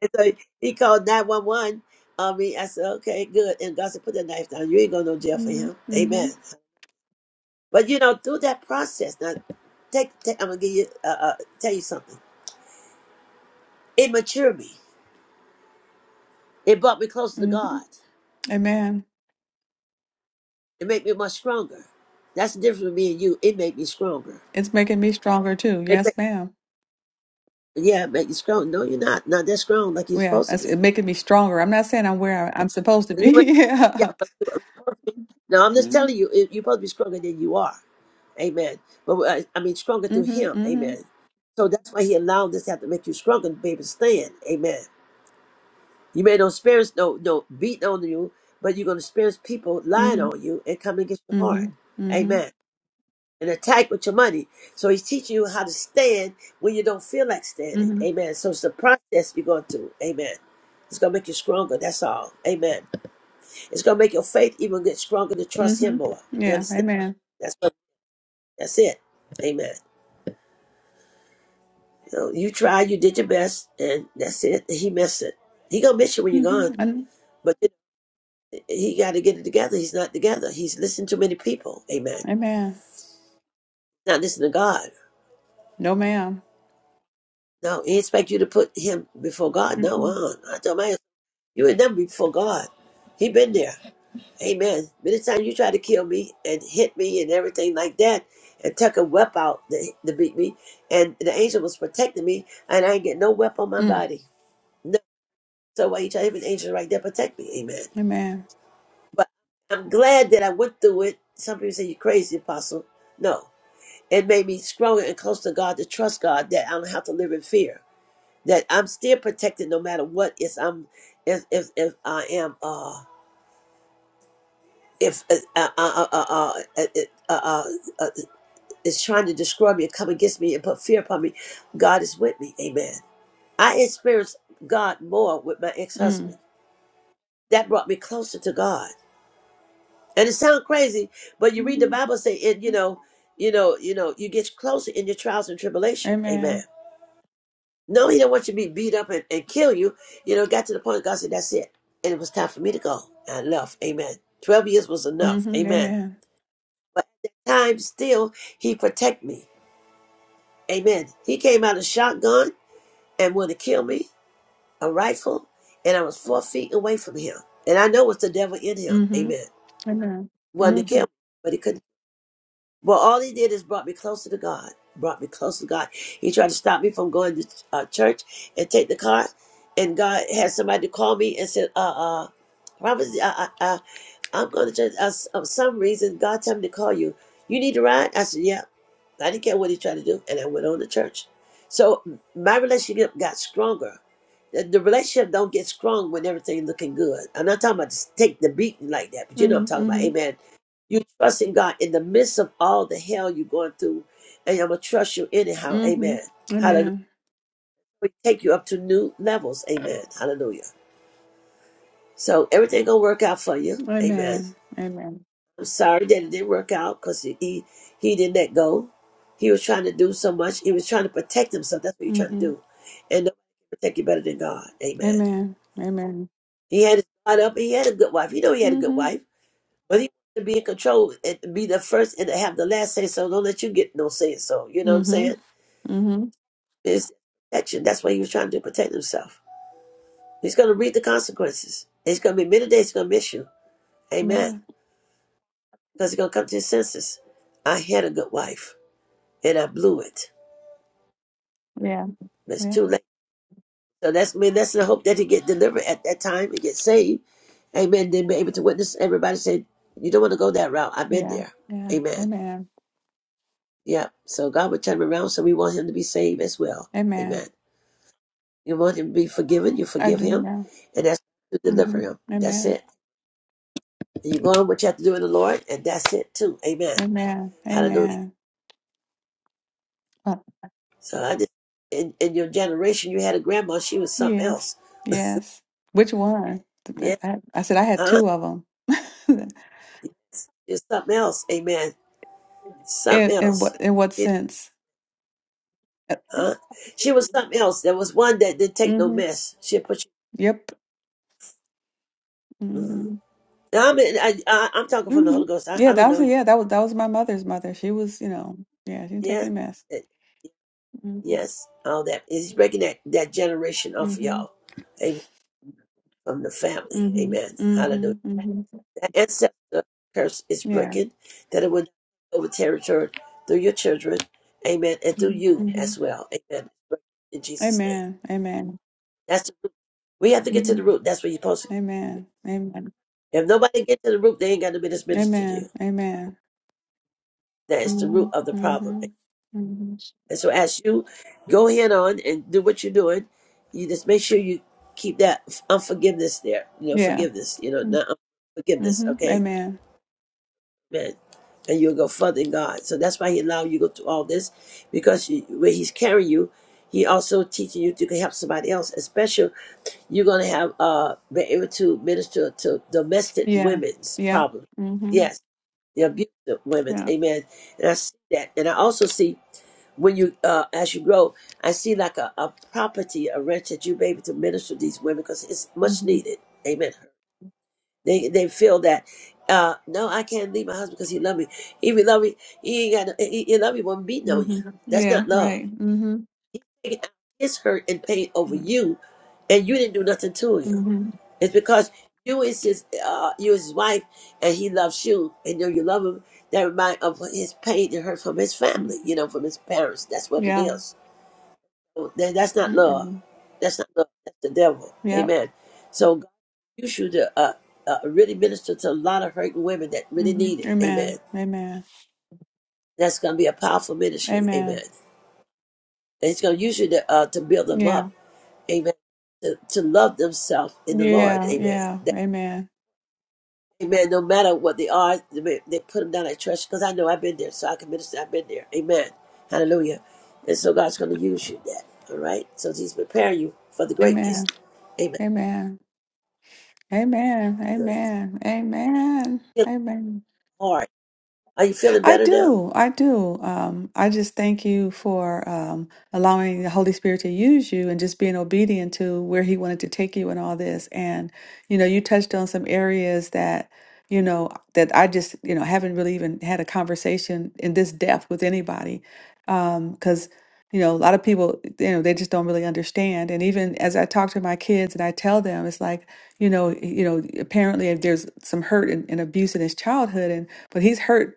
Speaker 1: And so he called 911 on me. I said, okay, good. And God said, put the knife down. You ain't going to no jail for
Speaker 12: hmm
Speaker 1: him.
Speaker 12: hmm
Speaker 1: Amen. But you know, through that process, now, take, take I'm going to give you, uh, uh, tell you something. It matured me. It brought me closer to
Speaker 12: hmm
Speaker 1: God.
Speaker 12: Amen.
Speaker 1: It made me much stronger. That's the difference with me and you. It made me stronger.
Speaker 12: It's making me stronger too.
Speaker 1: It ma-
Speaker 12: Yes, ma'am.
Speaker 1: yeah, it made you strong. No, you're not. Not that strong like you're
Speaker 12: Yeah,
Speaker 1: supposed to
Speaker 12: it's
Speaker 1: be.
Speaker 12: it making me stronger. I'm not saying I'm where I- I'm supposed to
Speaker 1: And you
Speaker 12: be.
Speaker 1: ain't- yeah.
Speaker 12: yeah.
Speaker 1: No, I'm just
Speaker 12: hmm
Speaker 1: telling you, it- you're supposed to be stronger than you are. Amen. But uh, I mean, stronger through
Speaker 12: hmm
Speaker 1: Him.
Speaker 12: hmm
Speaker 1: Amen. So that's why He allowed this to have to make you stronger to be able to stand. Amen. You may not experience no no beating on you, but you're gonna experience people lying
Speaker 12: hmm
Speaker 1: on you and coming against your
Speaker 12: hmm
Speaker 1: heart.
Speaker 12: hmm
Speaker 1: Amen. And attack with your money. So He's teaching you how to stand when you don't feel like standing.
Speaker 12: hmm
Speaker 1: Amen. So it's the process you're going through. Amen. It's gonna make you stronger. That's all. Amen. It's gonna make your faith even get stronger to trust Him
Speaker 12: hmm
Speaker 1: more. You
Speaker 12: Yeah.
Speaker 1: understand?
Speaker 12: Amen.
Speaker 1: That's what, that's it. Amen. So you tried, you did your best, and that's it. He missed it. He gonna miss you when you're
Speaker 12: hmm
Speaker 1: gone, but he got to get it together. He's not together. He's listening to many people. Amen.
Speaker 12: Amen.
Speaker 1: Not listening to God.
Speaker 12: No, ma'am.
Speaker 1: No, he expect you to put him before God. No,
Speaker 12: Mm-mm.
Speaker 1: uh, I told my husband, you would never be before God. He been there. Amen. Many times you try to kill me and hit me and everything like that, and took a whip out to, to beat me, and the angel was protecting me, and I ain't get no whip on my
Speaker 12: Mm.
Speaker 1: body. No, so why you try to have an angel right there protect me? Amen.
Speaker 12: Amen.
Speaker 1: But I'm glad that I went through it. Some people say you're crazy, Apostle. No. It made me stronger and closer to God to trust God that I don't have to live in fear. That I'm still protected no matter what is I'm if if, if I am uh if uh, uh, uh, uh, uh, uh, uh, uh, uh, uh, uh, is trying to destroy me and come against me and put fear upon me, God is with me. Amen. I experienced God more with my
Speaker 12: Mm.
Speaker 1: ex-husband. That brought me closer to God. and it sounds crazy, but you read the
Speaker 12: Mhm.
Speaker 1: Bible say it, you know, you know, you know, you get closer in your trials and tribulation.
Speaker 12: Amen.
Speaker 1: Amen. No, he don't want you to be beat up and, and kill you. You know, got to the point God said, That's it. And it was time for me to go. I left. Amen. Twelve years was enough.
Speaker 12: Mm-hmm.
Speaker 1: Amen.
Speaker 12: Amen.
Speaker 1: But at that time still he protect me. Amen. He came out a shotgun and wanted to kill me, a rifle, and I was four feet away from him. And I know it's the devil in him.
Speaker 12: Mm-hmm.
Speaker 1: Amen.
Speaker 12: Amen.
Speaker 1: Wanted to kill
Speaker 12: Mm-hmm.
Speaker 1: me, but he couldn't Well, all he did is brought me closer to God. Brought me closer to God. He tried to stop me from going to uh, church and take the car. And God had somebody to call me and said, "Uh, uh, Robert, uh, uh, uh, I'm going to church. Uh, s- uh, some reason God told me to call you. You need to ride." I said, "Yeah." I didn't care what he tried to do, and I went on to church. So my relationship got stronger the the relationship don't get strong when everything looking good. I'm not talking about just take the beating like that, but you know what I'm talking about.
Speaker 12: Mm-hmm.
Speaker 1: Amen. You trust in God in the midst of all the hell you're going through, and I'm gonna trust you
Speaker 12: Mm-hmm.
Speaker 1: anyhow. Amen.
Speaker 12: mm-hmm,
Speaker 1: Hallelujah.
Speaker 12: Amen.
Speaker 1: We take you up to new levels. Amen. Hallelujah. So everything gonna work out for you. Amen.
Speaker 12: Amen. Amen.
Speaker 1: I'm sorry that it didn't work out because he, he he didn't let go. He was trying to do so much. He was trying to protect himself. That's what you're trying to
Speaker 12: Mm-hmm.
Speaker 1: do, and nobody can protect you better than God. Amen.
Speaker 12: Amen. Amen.
Speaker 1: He had his guard up. He had a good wife. You know he had a good
Speaker 12: Mm-hmm.
Speaker 1: wife, but he wanted to be in control and to be the first and to have the last say so. Don't let you get no say so. You know what I'm
Speaker 12: Mm-hmm.
Speaker 1: saying?
Speaker 12: Mm-hmm.
Speaker 1: It's protection. That's what he was trying to do, protect himself. He's going to reap the consequences. It's going to be many days. He's going to miss you. Amen.
Speaker 12: Amen.
Speaker 1: Because he's going to come to his senses. I had a good wife and I blew it.
Speaker 12: Yeah.
Speaker 1: But It's too
Speaker 12: Yeah.
Speaker 1: late. So that's I mean, that's the hope that he get delivered at that time and get saved. Amen. Then be able to witness everybody say, you don't want to go that route. I've been
Speaker 12: Yeah.
Speaker 1: there.
Speaker 12: Yeah.
Speaker 1: Amen.
Speaker 12: Amen.
Speaker 1: Yeah. So God would turn him around. So we want him to be saved as well.
Speaker 12: Amen.
Speaker 1: Amen. You want him to be forgiven. You
Speaker 12: I
Speaker 1: forgive
Speaker 12: do
Speaker 1: him,
Speaker 12: now.
Speaker 1: and that's to deliver
Speaker 12: Mm-hmm.
Speaker 1: him. That's
Speaker 12: Amen.
Speaker 1: it. And you go on what you have to do in the Lord, and that's it too. Amen.
Speaker 12: Amen.
Speaker 1: Hallelujah.
Speaker 12: Amen. Uh,
Speaker 1: So I just in, in your generation, you had a grandma. She was something else.
Speaker 12: yes. Yes. Which one? I,
Speaker 1: Yeah.
Speaker 12: I, I said I had
Speaker 1: Huh?
Speaker 12: two of them.
Speaker 1: She was something else. Amen.
Speaker 12: in,
Speaker 1: Something
Speaker 12: in
Speaker 1: else.
Speaker 12: what in what
Speaker 1: She,
Speaker 12: sense? Uh,
Speaker 1: huh? she was something else. There was one that didn't take no
Speaker 12: hmm
Speaker 1: mess. She put
Speaker 12: Yep.
Speaker 1: you. Mhm.
Speaker 12: hmm
Speaker 1: Now, I'm, in, I, I, I'm talking from the
Speaker 12: hmm
Speaker 1: Holy Ghost. I,
Speaker 12: Yeah,
Speaker 1: I
Speaker 12: that
Speaker 1: don't know
Speaker 12: was
Speaker 1: you.
Speaker 12: yeah, that was that was my mother's mother. She was, you know, yeah, she didn't take
Speaker 1: Yes.
Speaker 12: any mess. hmm
Speaker 1: Yes, all that is breaking that, that generation off of
Speaker 12: hmm
Speaker 1: y'all. Amen. From the family.
Speaker 12: hmm
Speaker 1: Amen.
Speaker 12: hmm
Speaker 1: Hallelujah.
Speaker 12: hmm
Speaker 1: That ancestor curse is
Speaker 12: Yeah.
Speaker 1: breaking, that it would over territory through your children. Amen. And through
Speaker 12: hmm
Speaker 1: you
Speaker 12: hmm
Speaker 1: as well. Amen. In Jesus' name.
Speaker 12: Amen. Amen.
Speaker 1: That's the root. We have to get to
Speaker 12: hmm
Speaker 1: the root. That's where you're supposed to
Speaker 12: Amen. Amen.
Speaker 1: get. If nobody get to the root, they ain't got no business minister to you.
Speaker 12: Amen. Amen.
Speaker 1: That is the
Speaker 12: hmm
Speaker 1: root of the problem.
Speaker 12: hmm hmm
Speaker 1: And so as you go ahead on and do what you're doing, you just make sure you keep that unforgiveness there. You know,
Speaker 12: Yeah.
Speaker 1: forgiveness, you know, not unforgiveness,
Speaker 12: hmm
Speaker 1: okay?
Speaker 12: Amen.
Speaker 1: Amen. And you'll go further in God. So that's why he allowed you to go through all this, because you, where he's carrying you, he also teaching you to help somebody else. Especially you're gonna have uh be able to minister to domestic
Speaker 12: Yeah.
Speaker 1: women's
Speaker 12: Yeah.
Speaker 1: problems.
Speaker 12: hmm
Speaker 1: Yes, the abuse of women.
Speaker 12: Yeah.
Speaker 1: Amen. And I see that. And I also see when you uh, as you grow, I see like a, a property, a rent that you be able to minister to these women because it's
Speaker 12: hmm
Speaker 1: much
Speaker 12: hmm
Speaker 1: needed. Amen. They they feel that. Uh, no, I can't leave my husband because he love me. If he love me, he ain't got. No, he, he love me when beating on you. That's
Speaker 12: Yeah.
Speaker 1: not love.
Speaker 12: Right. hmm
Speaker 1: It's hurt and pain over
Speaker 12: hmm
Speaker 1: you, and you didn't do nothing to him. It's because you is his uh, you is his wife, and he loves you, and know you love him. That remind of his pain and hurt from his
Speaker 12: hmm
Speaker 1: family, you know, from his parents. That's what it
Speaker 12: Yeah.
Speaker 1: is that, that's not love.
Speaker 12: Mm-mm.
Speaker 1: That's not love. That's the devil.
Speaker 12: Yep.
Speaker 1: Amen. So God used you to uh, uh, really minister to a lot of hurting women that really
Speaker 12: hmm
Speaker 1: need it. Amen.
Speaker 12: Amen. Amen.
Speaker 1: That's going to be a powerful ministry. Amen.
Speaker 12: Amen.
Speaker 1: And it's going to use you to, uh, to build them up.
Speaker 12: Yeah.
Speaker 1: Amen. To, to love themselves in the Lord.
Speaker 12: Yeah.
Speaker 1: Amen.
Speaker 12: Yeah.
Speaker 1: That,
Speaker 12: Amen.
Speaker 1: amen. No matter what they are, they they put them down at trash because I know I've been there. So I can minister. I've been there. Amen. Hallelujah. And so God's going to use you in that. All right. So He's preparing you for the greatness.
Speaker 12: Amen.
Speaker 1: Amen.
Speaker 12: Amen. Amen. Amen. Amen. Amen.
Speaker 1: hard. Are you feeling
Speaker 12: I
Speaker 1: better now?
Speaker 12: do. I do. Um, I just thank you for um, allowing the Holy Spirit to use you and just being obedient to where He wanted to take you and all this. And, you know, you touched on some areas that, you know, that I just, you know, haven't really even had a conversation in this depth with anybody. Because, you know, a lot of people, you know, they just don't really understand. And even as I talk to my kids and I tell them, it's like, you know, you know, apparently there's some hurt and, and abuse in his childhood, and but he's hurt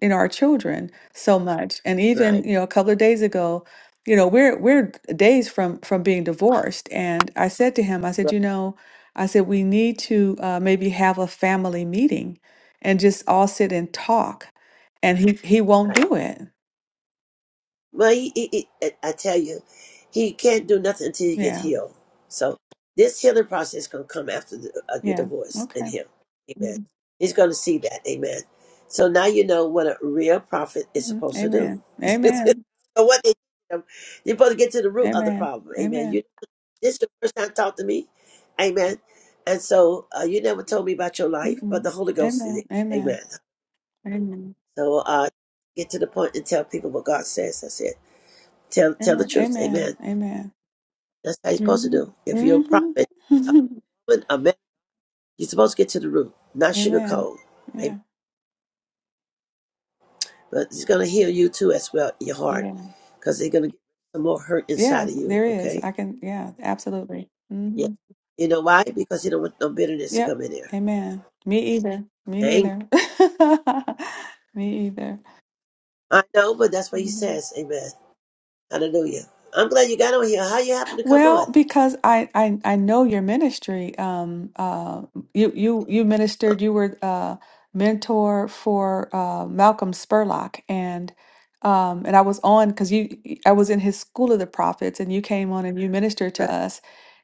Speaker 12: in our children so much and
Speaker 1: Right,
Speaker 12: even you know a couple of days ago you know we're we're days from from being divorced and i said to him i said
Speaker 1: right.
Speaker 12: you know i said we need to uh, maybe have a family meeting and just all sit and talk and he he won't
Speaker 1: right.
Speaker 12: do it
Speaker 1: Well, he, he, he, I tell you, he can't do nothing until you get
Speaker 12: yeah
Speaker 1: healed. So this healing process gonna come after the, uh, your
Speaker 12: yeah
Speaker 1: divorce and
Speaker 12: okay
Speaker 1: him. Amen.
Speaker 12: Mhm.
Speaker 1: He's gonna see that. Amen. So now you know what a real prophet is
Speaker 12: Mhm.
Speaker 1: supposed to do.
Speaker 12: amen amen
Speaker 1: Or what they do. you're supposed to get to the root of the
Speaker 12: amen
Speaker 1: problem. Amen.
Speaker 12: amen
Speaker 1: You this is the first time you talked to me. Amen. And so uh, you never told me about your life, but
Speaker 12: Mhm.
Speaker 1: the Holy Ghost did.
Speaker 12: amen amen
Speaker 1: Amen.
Speaker 12: amen
Speaker 1: So uh, get to the point and tell people what God says. That's it. Tell tell the
Speaker 12: amen
Speaker 1: truth.
Speaker 12: amen
Speaker 1: Amen.
Speaker 12: amen
Speaker 1: That's how you're supposed to
Speaker 12: hmm
Speaker 1: do. If you're a prophet, a
Speaker 12: hmm
Speaker 1: woman, a man, you're supposed to get to the root, not
Speaker 12: Amen.
Speaker 1: sugarcoat. Amen.
Speaker 12: Yeah.
Speaker 1: But it's going to heal you too as well, your heart,
Speaker 12: Yeah.
Speaker 1: because they're going to get some more hurt inside
Speaker 12: Yeah,
Speaker 1: of you.
Speaker 12: there is.
Speaker 1: Okay.
Speaker 12: I can, yeah, absolutely.
Speaker 1: Yeah.
Speaker 12: hmm
Speaker 1: You know why? Because you don't want no bitterness to
Speaker 12: Yep.
Speaker 1: come in there.
Speaker 12: Amen. Me either. Me
Speaker 1: Anger.
Speaker 12: neither. Me either.
Speaker 1: I know, but that's what he
Speaker 12: Mhm.
Speaker 1: says. Amen. Hallelujah. I'm glad you got on here. How you happen to come
Speaker 12: Well,
Speaker 1: on?
Speaker 12: because I, I I know your ministry. Um, uh, you you you
Speaker 1: Uh,
Speaker 12: ministered. You were a mentor for uh Malcolm Spurlock, and um, and I was on because you I was in his School of the Prophets, and you came on and you ministered
Speaker 1: uh,
Speaker 12: to us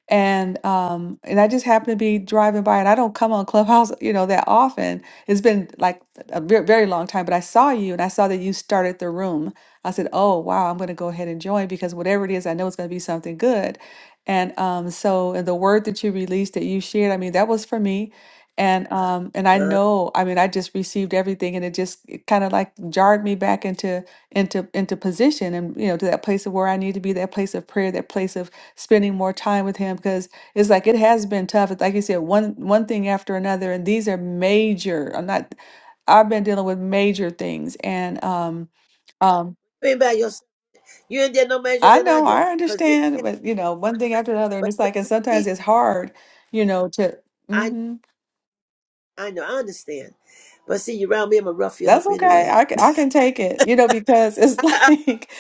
Speaker 12: and um and I just happened to be driving by and I don't come on Clubhouse you know that often it's been like a very, very long time but I saw you and I saw that you started the room I said oh wow I'm going to go ahead and join because whatever it is I know it's going to be something good and um so and the word that you released that you shared I mean that was for me and um and I
Speaker 1: uh.
Speaker 12: know I mean I just received everything and it just kind of like jarred me back into into into position and you know to that place of where I need to be that place of prayer that place of spending more time with him because it's like it has been tough. It's like you said, one one thing after another, and these are major. I'm not. I've been dealing with major things, and um, um,
Speaker 1: you ain't by yourself. You ain't did no measure
Speaker 12: I
Speaker 1: than I
Speaker 12: know
Speaker 1: do.
Speaker 12: I
Speaker 1: Cause
Speaker 12: understand, but you know, one thing after another, and
Speaker 1: But,
Speaker 12: it's
Speaker 1: but
Speaker 12: like, and
Speaker 1: you
Speaker 12: sometimes
Speaker 1: teach,
Speaker 12: it's hard, you know, to.
Speaker 1: I know,
Speaker 12: mm-hmm,
Speaker 1: I know, I understand. But see, you around me, I'm gonna rough you up
Speaker 12: That's okay.
Speaker 1: anyway.
Speaker 12: I can, I can take it, you know, because it's
Speaker 1: I,
Speaker 12: like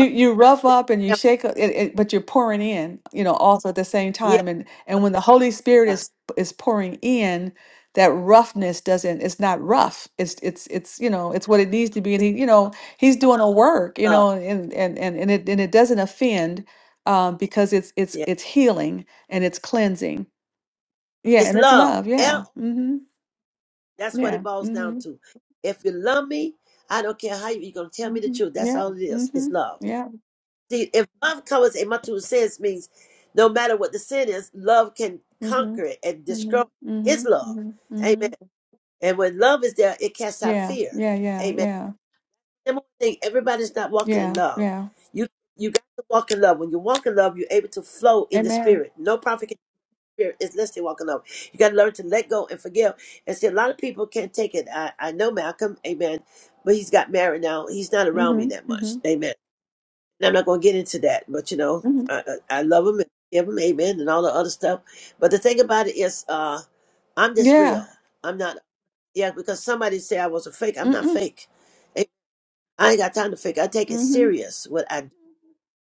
Speaker 1: I, I,
Speaker 12: you rough up and you
Speaker 1: yeah,
Speaker 12: shake it, it, but you're pouring in, you know, also at the same
Speaker 1: yeah,
Speaker 12: time. And and when the Holy Spirit is
Speaker 1: yes,
Speaker 12: is pouring in, that roughness doesn't. It's not rough. It's it's it's you know it's what it needs to be. And
Speaker 1: it's
Speaker 12: he you
Speaker 1: love,
Speaker 12: know he's
Speaker 1: love,
Speaker 12: doing a work, you
Speaker 1: love,
Speaker 12: know, and and and and it and it doesn't offend, um, because it's it's
Speaker 1: yeah,
Speaker 12: it's healing and it's cleansing. Yeah,
Speaker 1: it's
Speaker 12: and it's
Speaker 1: love.
Speaker 12: love. Yeah.
Speaker 1: L,
Speaker 12: Mm-hmm.
Speaker 1: that's what
Speaker 12: Yeah.
Speaker 1: it boils down
Speaker 12: Mm-hmm.
Speaker 1: to. If you love me, I don't care how you, you're gonna tell me the
Speaker 12: Mm-hmm.
Speaker 1: truth. That's
Speaker 12: Yeah.
Speaker 1: all it is. It's
Speaker 12: Mm-hmm.
Speaker 1: love.
Speaker 12: Yeah.
Speaker 1: See, if love covers a multitude of sins, means no matter what the sin is, love can
Speaker 12: Mhm.
Speaker 1: conquer it and destroy.
Speaker 12: Mhm.
Speaker 1: His
Speaker 12: Mhm.
Speaker 1: love,
Speaker 12: Mhm.
Speaker 1: amen.
Speaker 12: Mhm.
Speaker 1: And when love is there, it casts out
Speaker 12: Yeah.
Speaker 1: fear.
Speaker 12: Yeah. Yeah.
Speaker 1: Amen.
Speaker 12: Yeah.
Speaker 1: Number one thing, everybody's not walking in
Speaker 12: Yeah.
Speaker 1: love.
Speaker 12: Yeah.
Speaker 1: You you got to walk in love. When you walk in love, you're able to flow in the
Speaker 12: Amen.
Speaker 1: spirit. No prophet can spirit is less than walk in love. You got to learn to let go and forgive. And see, a lot of people can't take it. I, I know Malcolm, amen, but he's got married now. He's not around me
Speaker 12: Mhm.
Speaker 1: that much,
Speaker 12: Mhm.
Speaker 1: amen. And I'm not going to get into that, but you know,
Speaker 12: Mhm.
Speaker 1: I, I, I love him and give him amen and all the other stuff. But the thing about it is, uh, I'm just
Speaker 12: Yeah.
Speaker 1: real. I'm not, yeah, because somebody said I was a fake. I'm not
Speaker 12: Mhm.
Speaker 1: fake. I ain't got time to figure. I take it
Speaker 12: Mhm.
Speaker 1: serious what I do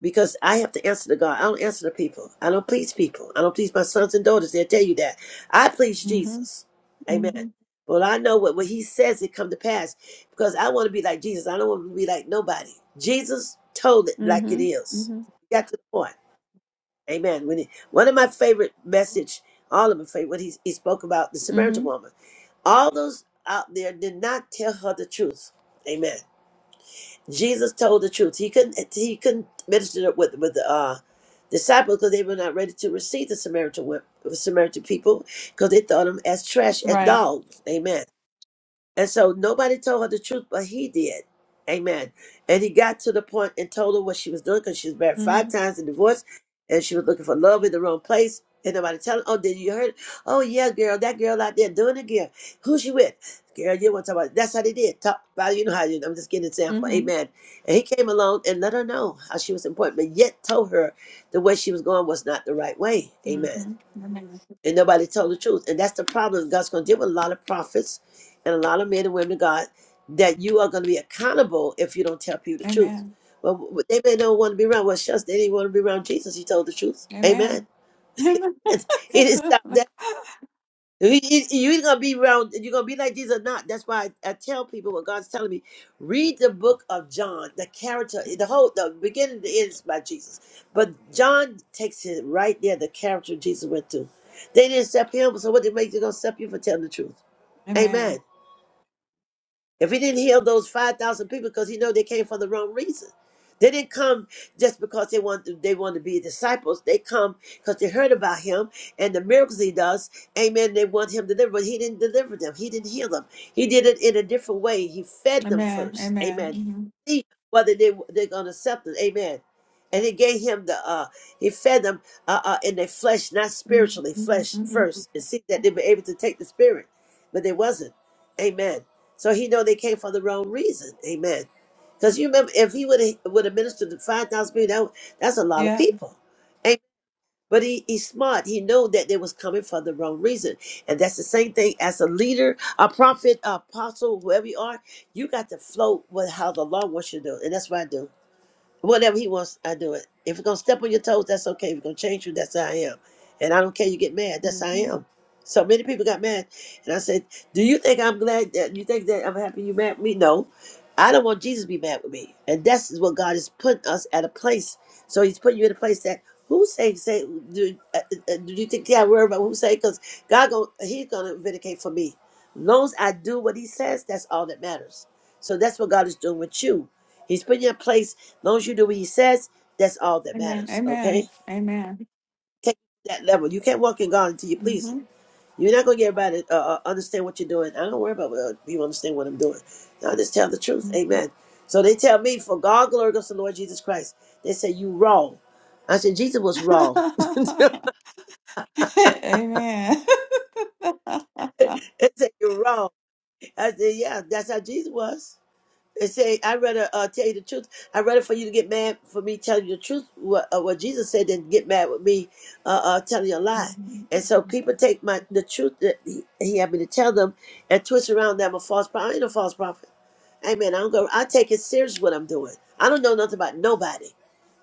Speaker 1: because I have to answer to God. I don't answer to people. I don't please people. I don't please my sons and daughters. They'll tell you that. I please
Speaker 12: Mhm.
Speaker 1: Jesus. Amen.
Speaker 12: Mhm.
Speaker 1: Well, I know what when He says it come to pass because I want to be like Jesus. I don't want to be like nobody. Jesus told it like it
Speaker 12: Mhm.
Speaker 1: is.
Speaker 12: Mhm.
Speaker 1: Got to the point. Amen. When he, one of my favorite message, all of my favorite, what he, he spoke about the Samaritan
Speaker 12: Mhm.
Speaker 1: woman. All those out there did not tell her the truth. Amen. Jesus told the truth. He couldn't he couldn't minister it with with the uh, disciples because they were not ready to receive the Samaritan wo- Samaritan people because they thought them as trash, as
Speaker 12: Right.
Speaker 1: dogs. Amen. And so nobody told her the truth, but he did. Amen. And he got to the point and told her what she was doing because she was married five
Speaker 12: Mhm.
Speaker 1: times and divorced and she was looking for love in the wrong place. And nobody telling, her, oh, did you heard? Oh, yeah, girl, that girl out there doing it again. Who she with? Girl, you want to talk about it. That's how they did. Talk about, you know how you, I'm just giving an example.
Speaker 12: Mhm.
Speaker 1: Amen. And he came along and let her know how she was important, but yet told her the way she was going was not the right way. Amen
Speaker 12: Mhm.
Speaker 1: and nobody told the truth. And that's the problem. God's going to deal with a lot of prophets and a lot of men and women of God that you are going to be accountable if you don't tell people the truth.
Speaker 12: Amen.
Speaker 1: Well, w- w- they may not want to be around. Well, shucks, they didn't want to be around Jesus. He told the truth.
Speaker 12: Amen.
Speaker 1: Amen.
Speaker 12: Amen.
Speaker 1: He didn't stop there. You, you, you're gonna be around. You're gonna be like Jesus or not. That's why I, I tell people what God's telling me. Read the book of John. The character, the whole, the beginning, the end is by Jesus. But John takes it right there. The character Jesus went through. They didn't accept him, so what they make you gonna accept you for telling the truth? Amen.
Speaker 12: Amen.
Speaker 1: If he didn't heal those five thousand people, because he know they came for the wrong reason, they didn't come just because they want to, they want to be disciples. They come because they heard about him and the miracles he does. Amen. They want him to deliver, but he didn't deliver them. He didn't heal them. He did it in a different way. He fed them
Speaker 12: Amen.
Speaker 1: first.
Speaker 12: Amen.
Speaker 1: Amen.
Speaker 12: Mhm.
Speaker 1: See whether they they're gonna accept it. Amen. And he gave him the uh he fed them uh, uh in their flesh, not
Speaker 12: Mhm.
Speaker 1: spiritually,
Speaker 12: Mhm.
Speaker 1: flesh
Speaker 12: Mhm.
Speaker 1: first, and see that they were able to take the spirit, but they wasn't. Amen. So he know they came for the wrong reason. Amen. Because you remember, if he would have would have ministered to five thousand people, that, would- that's a lot of
Speaker 12: Yeah.
Speaker 1: people. Amen. But he, he's smart. He know that they was coming for the wrong reason, and that's the same thing as a leader, a prophet, a apostle, whoever you are. You got to flow with how the Lord wants you to do, and that's what I do. Whatever he wants, I do it. If you're gonna step on your toes, that's okay. If you're gonna change you, that's how I am. And I don't care you get mad, that's how I
Speaker 12: Mhm.
Speaker 1: am. So many people got mad. And I said, Do you think I'm glad that you think that I'm happy you mad at me? No. I don't want Jesus to be mad with me. And that's what God is putting us at a place. So he's putting you in a place that who say say do, uh, uh, uh, do you think yeah worry about who say because God go he's gonna vindicate for me. As long as I do what he says, that's all that matters. So that's what God is doing with you. He's putting you in place. As long as you do what he says, that's all that
Speaker 12: Amen.
Speaker 1: matters.
Speaker 12: Amen.
Speaker 1: Okay,
Speaker 12: Amen.
Speaker 1: take that level. You can't walk in God until you please him. You're not gonna get everybody to uh, uh, understand what you're doing. I don't worry about whether people understand what I'm doing. I just tell the truth.
Speaker 12: Mhm.
Speaker 1: Amen. So they tell me, for God glory goes to the Lord Jesus Christ. They say you wrong. I said Jesus was wrong. they
Speaker 12: Amen.
Speaker 1: said you're wrong. I said yeah, that's how Jesus was. They say, I'd rather uh, tell you the truth. I'd rather for you to get mad for me telling you the truth, what, uh, what Jesus said, than get mad with me uh, uh, telling you a lie.
Speaker 12: Mhm,
Speaker 1: And so people take my the truth that he, he had me to tell them and twist around that I'm a false prophet. I ain't a false prophet. Amen. I don't go. I take it serious what I'm doing. I don't know nothing about nobody.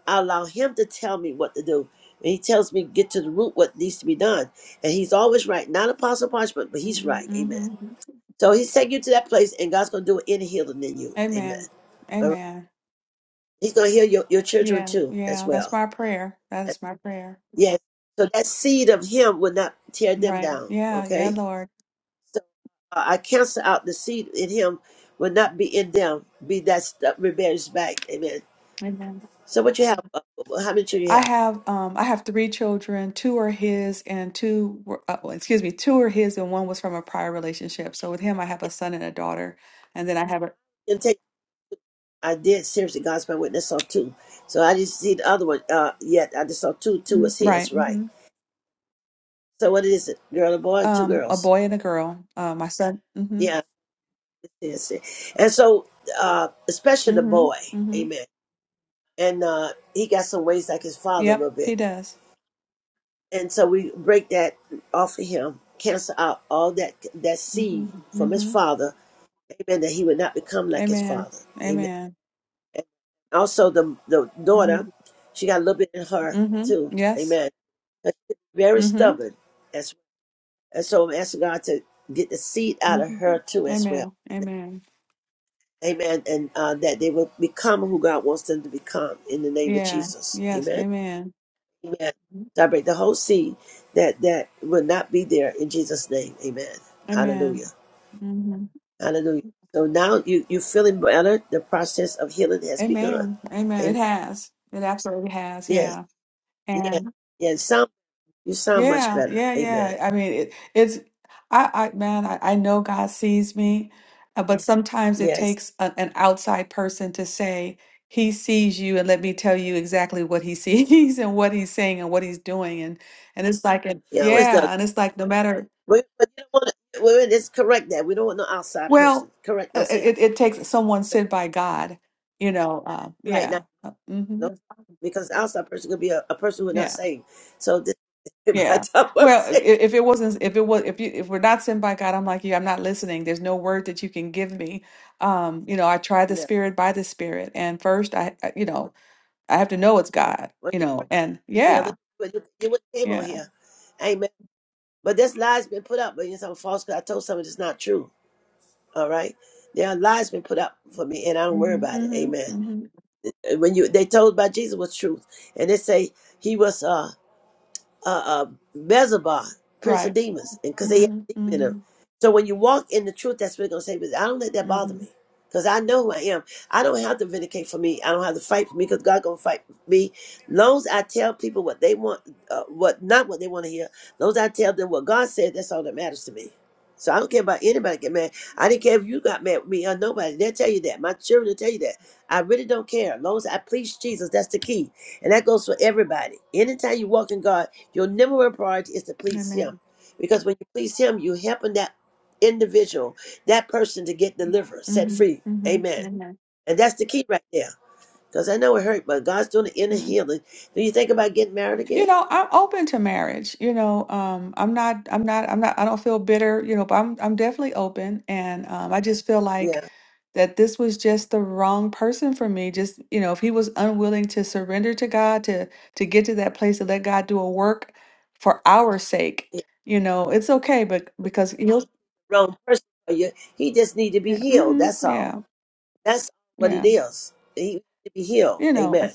Speaker 1: I allow him to tell me what to do. And he tells me get to the root what needs to be done. And he's always right. Not apostle punishment, but he's
Speaker 12: mhm,
Speaker 1: right. Amen.
Speaker 12: mhm.
Speaker 1: So he's taking you to that place and God's gonna do it any healing in you. Amen.
Speaker 12: Amen.
Speaker 1: All right.
Speaker 12: Amen.
Speaker 1: He's going to heal your, your children
Speaker 12: Yeah,
Speaker 1: too, as
Speaker 12: yeah. That's
Speaker 1: well.
Speaker 12: my prayer. That is my prayer.
Speaker 1: Yes. So that seed of him will not tear them
Speaker 12: Right.
Speaker 1: down.
Speaker 12: Yeah, yeah,
Speaker 1: Okay.
Speaker 12: Lord.
Speaker 1: So uh, I cancel out the seed in him will not be in them. Be that stuff rebellious back. Amen.
Speaker 12: Amen.
Speaker 1: So what you have? Uh, how many children you
Speaker 12: I
Speaker 1: have?
Speaker 12: have um I have three children. Two are his and two were uh, well, excuse me, two are his and one was from a prior relationship. So with him I have
Speaker 1: Yeah.
Speaker 12: a son and a daughter. And then I have a
Speaker 1: And take. I did seriously. God's my witness. Saw two. So I didn't see the other one uh, yet. I just saw two. Two
Speaker 12: Mhm,
Speaker 1: was his,
Speaker 12: right.
Speaker 1: right?
Speaker 12: Mhm.
Speaker 1: So what is it? Girl and boy, or two
Speaker 12: Um a
Speaker 1: girls.
Speaker 12: boy and a girl. Uh my son. Mhm.
Speaker 1: Yeah. Yes. yes. And so, uh, especially the
Speaker 12: Mhm.
Speaker 1: boy.
Speaker 12: Mhm.
Speaker 1: Amen. and uh, he got some ways like his father a
Speaker 12: Yep,
Speaker 1: little bit.
Speaker 12: he does.
Speaker 1: And so we break that off of him, cancel out all that that seed
Speaker 12: hmm
Speaker 1: from his
Speaker 12: hmm
Speaker 1: father, amen, that he would not become like his
Speaker 12: Amen.
Speaker 1: father, amen.
Speaker 12: Amen.
Speaker 1: Also, the the
Speaker 12: hmm
Speaker 1: daughter, she got a little bit in her
Speaker 12: hmm
Speaker 1: too,
Speaker 12: Yes.
Speaker 1: amen. But she's Very
Speaker 12: hmm
Speaker 1: stubborn, as and so I'm asking God to get the seed out of
Speaker 12: hmm
Speaker 1: her too, as well,
Speaker 12: Amen.
Speaker 1: amen.
Speaker 12: Amen.
Speaker 1: Amen. And uh, that they will become who God wants them to become in the name of
Speaker 12: Yeah.
Speaker 1: Jesus,
Speaker 12: Yes.
Speaker 1: amen.
Speaker 12: Amen.
Speaker 1: Amen. So I break the whole seed that that will not be there in Jesus' name. Amen.
Speaker 12: Amen.
Speaker 1: Hallelujah.
Speaker 12: hmm
Speaker 1: Hallelujah. So now you you feeling better. The process of healing has begun.
Speaker 12: Amen. Amen. It
Speaker 1: Amen.
Speaker 12: has. It absolutely has.
Speaker 1: Yes.
Speaker 12: Yeah.
Speaker 1: Yes. Yes. Sound you sound much
Speaker 12: Yeah,
Speaker 1: better.
Speaker 12: yeah,
Speaker 1: Amen.
Speaker 12: yeah. I mean, it, it's I, I, man, I, I know God sees me, uh, but sometimes it
Speaker 1: Yes.
Speaker 12: takes a, an outside person to say He sees you, and let me tell you exactly what He sees and what He's saying and what He's doing, and and it's like, and,
Speaker 1: He always does.
Speaker 12: yeah, and it's like no matter.
Speaker 1: We, but you don't want to. Well, it's correct that we don't want no outside
Speaker 12: Well,
Speaker 1: person. Correct.
Speaker 12: uh,
Speaker 1: Don't say
Speaker 12: it it takes someone sent by God, you know. Uh,
Speaker 1: right now.
Speaker 12: yeah, uh, mm-hmm,
Speaker 1: No, because outside person could be a, a person who
Speaker 12: yeah.
Speaker 1: not saved. So this, by
Speaker 12: Yeah.
Speaker 1: the time I'm
Speaker 12: Well, i-
Speaker 1: saved,
Speaker 12: if it wasn't, if it was, if you, if we're not sent by God, I'm like you, I'm not listening. There's no word that you can give me. Um, you know, I try the spirit by the spirit, and first, I, I- you know, I have to know it's God. You
Speaker 1: no.
Speaker 12: know, and
Speaker 1: real.
Speaker 12: yeah,
Speaker 1: But you, you wouldn't came on
Speaker 12: yeah.
Speaker 1: here. Amen. But this lie's been put up, but it's all false because I told someone it's not true. All right. There are lies been put up for me and I don't worry
Speaker 12: Mm-hmm,
Speaker 1: about it. Amen.
Speaker 12: mm-hmm, mm-hmm.
Speaker 1: And when you they told by Jesus was truth. And they say he was uh uh, uh, Beelzebub, Prince of
Speaker 12: Right.
Speaker 1: Demons, because they have
Speaker 12: Mm-hmm,
Speaker 1: a demon in them.
Speaker 12: mm-hmm,
Speaker 1: So when you walk in the truth, that's what they're going to say. But I don't let that bother me
Speaker 12: mm-hmm.
Speaker 1: because I know who I am. I don't have to vindicate for me. I don't have to fight for me because God going to fight for me. Long as I tell people what they want, uh, what not what they want to hear, long as I tell them what God said, that's all that matters to me. So I don't care about anybody get mad. I didn't care if you got mad with me or nobody. They'll tell you that. My children will tell you that. I really don't care. As long as I please Jesus, that's the key. And that goes for everybody. Anytime you walk in God, your number one priority is to please Him.
Speaker 12: Amen.
Speaker 1: Because when you please Him, you're helping that individual, that person to get delivered, set
Speaker 12: Mm-hmm,
Speaker 1: free. Amen.
Speaker 12: mm-hmm. Amen.
Speaker 1: And that's the key right there. Because I know it hurt, but God's doing the inner healing. Do you think about getting married
Speaker 12: You
Speaker 1: again?
Speaker 12: know, I'm open to marriage. You know, um, I'm not, I'm not, I'm not, I don't feel bitter, you know, but I'm, I'm definitely open. And um, I just feel like
Speaker 1: Yeah.
Speaker 12: that this was just the wrong person for me. Just, you know, if he was unwilling to surrender to God, to, to get to that place to let God do a work for our sake,
Speaker 1: He's
Speaker 12: you know, it's okay, but because he'll,
Speaker 1: the wrong person for you. He just need to be
Speaker 12: yeah,
Speaker 1: healed.
Speaker 12: mm-hmm,
Speaker 1: That's all.
Speaker 12: yeah,
Speaker 1: That's what it
Speaker 12: yeah,
Speaker 1: is. He need to be healed.
Speaker 12: you know,
Speaker 1: Amen.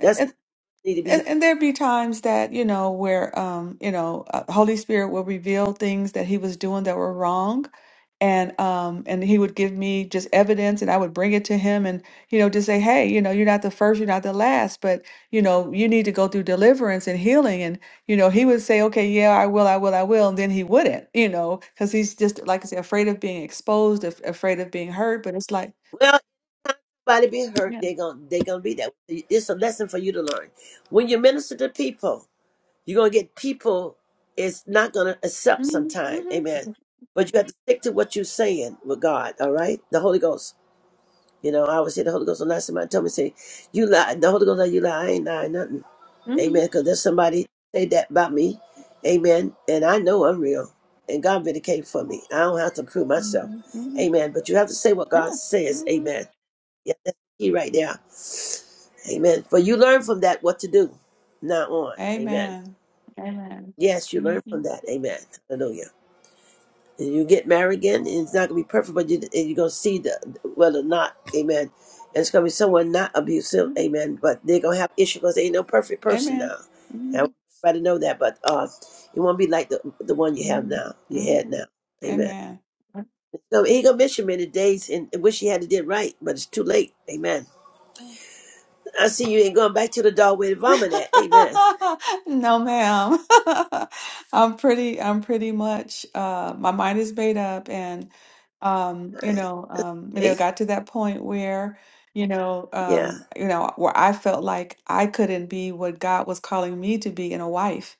Speaker 1: That's all he need to be healed.
Speaker 12: And, and there'd be times that, you know, where, um, you know, uh, Holy Spirit will reveal things that he was doing that were wrong. And, um, and he would give me just evidence and I would bring it to him and, you know, just say, hey, you know, you're not the first, you're not the last, but, you know, you need to go through deliverance and healing. And, you know, he would say, okay, yeah, I will, I will, I will. And then he wouldn't, you know, because he's just, like I said, afraid of being exposed, af- afraid of being hurt. But it's like,
Speaker 1: Well, Somebody be hurt.
Speaker 12: yeah,
Speaker 1: They're going to they are gonna be there. It's a lesson for you to learn. When you minister to people, you're going to get people is not going to accept
Speaker 12: mm-hmm,
Speaker 1: sometime.
Speaker 12: mm-hmm,
Speaker 1: Amen. But you have to stick to what you're saying with God, all right? The Holy Ghost. You know, I always say the Holy Ghost. Last somebody told me, say, you lie. The Holy Ghost, like, you lie. I ain't lying nothing.
Speaker 12: mm-hmm,
Speaker 1: Amen. Because there's somebody say that about me. Amen. And I know I'm real. And God vindicated for me. I don't have to prove myself.
Speaker 12: mm-hmm, mm-hmm,
Speaker 1: Amen. But you have to say what
Speaker 12: yeah.
Speaker 1: God says.
Speaker 12: Mm-hmm.
Speaker 1: Amen. Yeah, that's the key right there. Amen. But you learn from that what to do, not on. Amen.
Speaker 12: Amen. Amen.
Speaker 1: Yes, you
Speaker 12: hmm
Speaker 1: learn from that. Amen. Hallelujah. And you get married again, and it's not going to be perfect, but you, and you're going to see the, whether or not. Amen. And it's going to be someone not abusive.
Speaker 12: hmm
Speaker 1: Amen. But they're going to have issues because they ain't no perfect person
Speaker 12: Amen.
Speaker 1: now. And I
Speaker 12: hmm
Speaker 1: want everybody to know that, but uh, it won't be like the the one you have
Speaker 12: hmm
Speaker 1: now, you had
Speaker 12: hmm
Speaker 1: now. Amen.
Speaker 12: Amen.
Speaker 1: So he going to miss you many days and wish he had it did right, but it's too late. Amen. I see you ain't going back to the dog with vomit. at. Amen.
Speaker 12: No, ma'am. I'm pretty, I'm pretty much, uh, my mind is made up and, um,
Speaker 1: All
Speaker 12: you
Speaker 1: right.
Speaker 12: know, um, you know,
Speaker 1: Hey,
Speaker 12: got to that point where, you know,
Speaker 1: yeah.
Speaker 12: um, you know, where I felt like I couldn't be what God was calling me to be in a wife.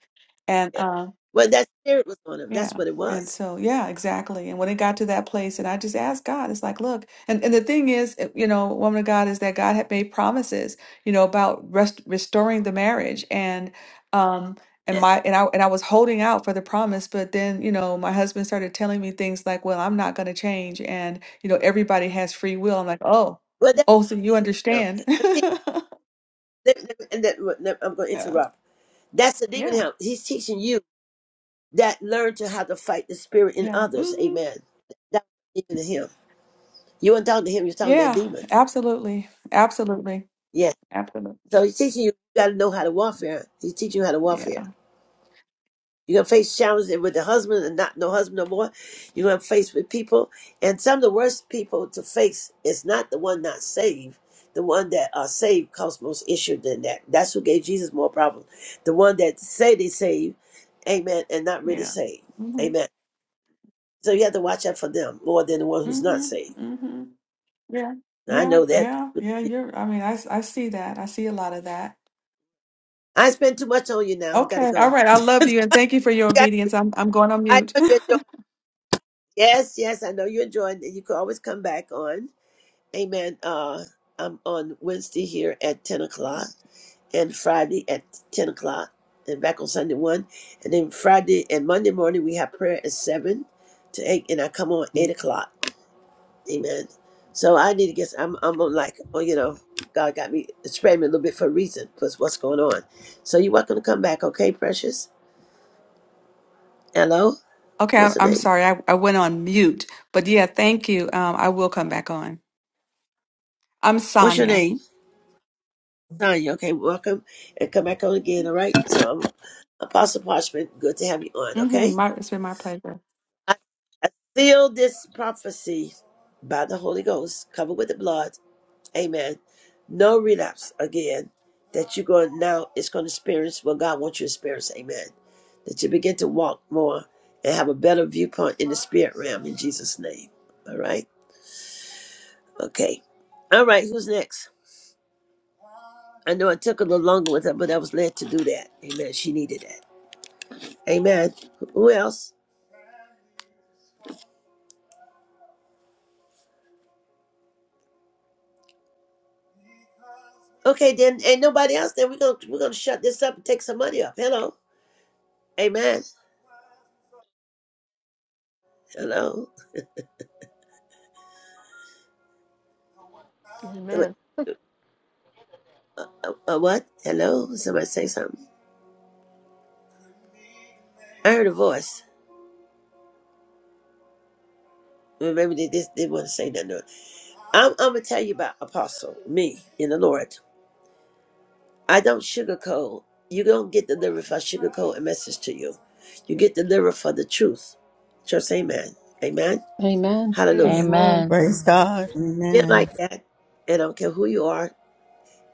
Speaker 12: and.
Speaker 1: yeah.
Speaker 12: um,
Speaker 1: Well, that spirit was on him. That's
Speaker 12: Yeah.
Speaker 1: what it
Speaker 12: And
Speaker 1: was.
Speaker 12: so, yeah, exactly. And when it got to that place, and I just asked God, it's like, look, and, and the thing is, uh, you know, woman of God, is that God had made promises, you know, about rest restoring the marriage. And, um, and
Speaker 1: Yes.
Speaker 12: my, and I, and I was holding out for the promise, but then, you know, my husband started telling me things like, well, I'm not going to change. And, you know, everybody has free will. I'm like, oh,
Speaker 1: Well, that's
Speaker 12: oh, so you
Speaker 1: him.
Speaker 12: understand.
Speaker 1: But see, let- let- and that- let- I'm going to
Speaker 12: Yeah.
Speaker 1: interrupt. That's the demon
Speaker 12: Yeah.
Speaker 1: him. He's teaching you that learn to how to fight the spirit in
Speaker 12: Yeah.
Speaker 1: others.
Speaker 12: hmm
Speaker 1: Amen. That's demon him. You weren't talking to him. You're talking to that
Speaker 12: Yeah.
Speaker 1: demon.
Speaker 12: Absolutely. Absolutely.
Speaker 1: Yes.
Speaker 12: Absolutely.
Speaker 1: So he's teaching you. You got to know how to warfare. He's teaching you how to
Speaker 12: Yeah.
Speaker 1: warfare. You're gonna face challenges with the husband and not no husband no more. You're gonna face with people, and some of the worst people to face is not the one not saved. The one that are saved cause most issue than that. That's who gave Jesus more problems. The one that say they saved, amen, and not really
Speaker 12: Yeah.
Speaker 1: saved,
Speaker 12: Mhm.
Speaker 1: amen. So you have to watch out for them more than the one who's not
Speaker 12: Mhm.
Speaker 1: saved.
Speaker 12: Mhm. Yeah.
Speaker 1: I
Speaker 12: Yeah.
Speaker 1: know that.
Speaker 12: Yeah. Yeah. You're. I mean, I s- I see that. I see a lot of that.
Speaker 1: I spend too much on you now. I gotta
Speaker 12: Okay. All
Speaker 1: go.
Speaker 12: right. I love you and thank you for your obedience. I'm I'm going on
Speaker 1: I
Speaker 12: mute.
Speaker 1: know you enjoy. Yes, yes, I know you enjoy, and you can always come back on. Amen. Uh, I'm on Wednesday here at 10 o'clock and Friday at 10 o'clock and back on Sunday 1. And then Friday and Monday morning, we have prayer at 7 to 8, and I come on 8 o'clock. Amen. So I need to get, I'm, I'm on like, oh, you know, God got me, spread me a little bit for a reason, because what's going on. So you're welcome to come back, okay, precious? Hello?
Speaker 12: okay.
Speaker 1: What's
Speaker 12: I'm,
Speaker 1: her
Speaker 12: I'm
Speaker 1: name?
Speaker 12: sorry. I I went on mute. But yeah, thank you. Um, I will come back on. I'm
Speaker 1: What's your
Speaker 12: Sonia.
Speaker 1: name? Sonya, okay, welcome and come back on again, all right? So I'm Apostle Parchment, good to have you on, okay?
Speaker 12: Mhm. My, it's been my pleasure.
Speaker 1: I, I seal this prophecy by the Holy Ghost, covered with the blood. Amen. No relapse again. That you're going now is going to experience what God wants you to experience. Amen. That you begin to walk more and have a better viewpoint in the spirit realm in Jesus' name. All right. Okay. All right. Who's next? I know it took a little longer with her, but I was led to do that. Amen. She needed that. Amen. Who else? Okay, then ain't nobody else. Then we're gonna we're gonna shut this up and take some money up. Hello. Amen. Hello.
Speaker 13: Amen.
Speaker 1: A, a what? Hello. Somebody say something. I heard a voice. Well, Maybe they just didn't want to say nothing. to it. I'm, I'm gonna tell you about Apostle, me in the Lord. I don't sugarcoat. You don't get delivered if I sugarcoat a message to you. You get delivered for the truth. Just amen. Amen.
Speaker 2: Amen.
Speaker 13: Amen.
Speaker 1: Hallelujah.
Speaker 2: Amen.
Speaker 4: Amen.
Speaker 6: Praise God.
Speaker 1: Been
Speaker 6: Amen.
Speaker 1: like that, and I don't care who you are.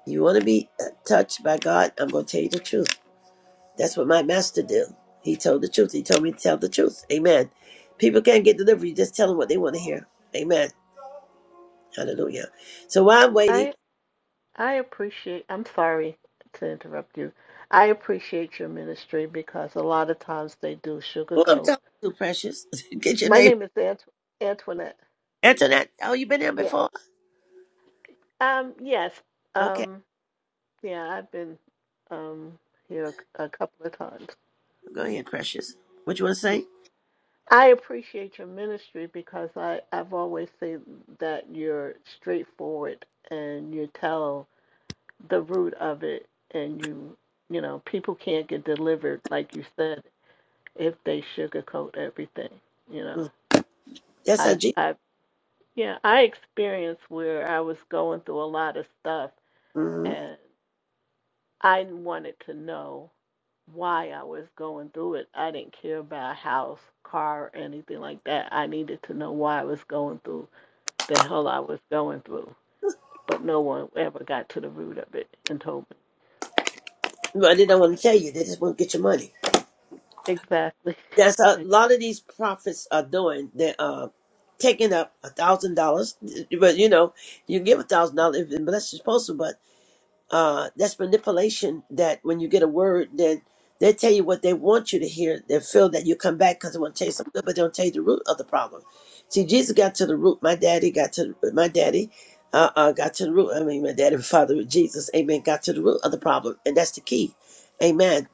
Speaker 1: You want to be uh, touched by God? I'm gonna tell you the truth. That's what my master did. He told the truth. He told me to tell the truth. Amen. People can't get delivery. You just tell them what they want to hear. Amen. Hallelujah. So while I'm waiting,
Speaker 13: I I appreciate I'm sorry to interrupt you. I appreciate your ministry because a lot of times they do
Speaker 1: who I'm
Speaker 13: sugarcoat.
Speaker 1: talking to, Precious? get your
Speaker 13: My
Speaker 1: name.
Speaker 13: name is Ant- Antoinette.
Speaker 1: Internet. Oh, you been here
Speaker 13: Yeah.
Speaker 1: before?
Speaker 13: Um yes.
Speaker 1: Okay.
Speaker 13: Um yeah, I've been um here a, a couple of times.
Speaker 1: Go ahead, Precious. What you want to
Speaker 13: Yeah.
Speaker 1: say?
Speaker 13: I appreciate your ministry because I I've always said that you're straightforward and you tell the root of it and you you know people can't get delivered like you said if they sugarcoat everything you know
Speaker 1: Mm. That's
Speaker 13: i
Speaker 1: how
Speaker 13: have
Speaker 1: Jesus.
Speaker 13: i have yeah i experienced where i was going through a lot of stuff
Speaker 1: Mm-hmm.
Speaker 13: and i wanted to know why i was going through it i didn't care about a house car or anything like that i needed to know why i was going through the hell i was going through but no one ever got to the root of it and told me
Speaker 1: Well, they don't want to
Speaker 13: but
Speaker 1: tell you. They just want to get your money.
Speaker 13: exactly
Speaker 1: That's a
Speaker 13: exactly
Speaker 1: lot of these prophets are doing. They're uh, taking up a thousand dollars, but you know, you give a thousand dollars if unless you're supposed to. But uh, that's manipulation that when you get a word then they tell you what they want you to hear they feel that you come back because they want to tell you something good but they don't tell you the root of the problem see jesus got to the root my daddy got to my daddy uh, uh, got to the root i mean my daddy and father jesus amen got to the root of the problem and that's the key amen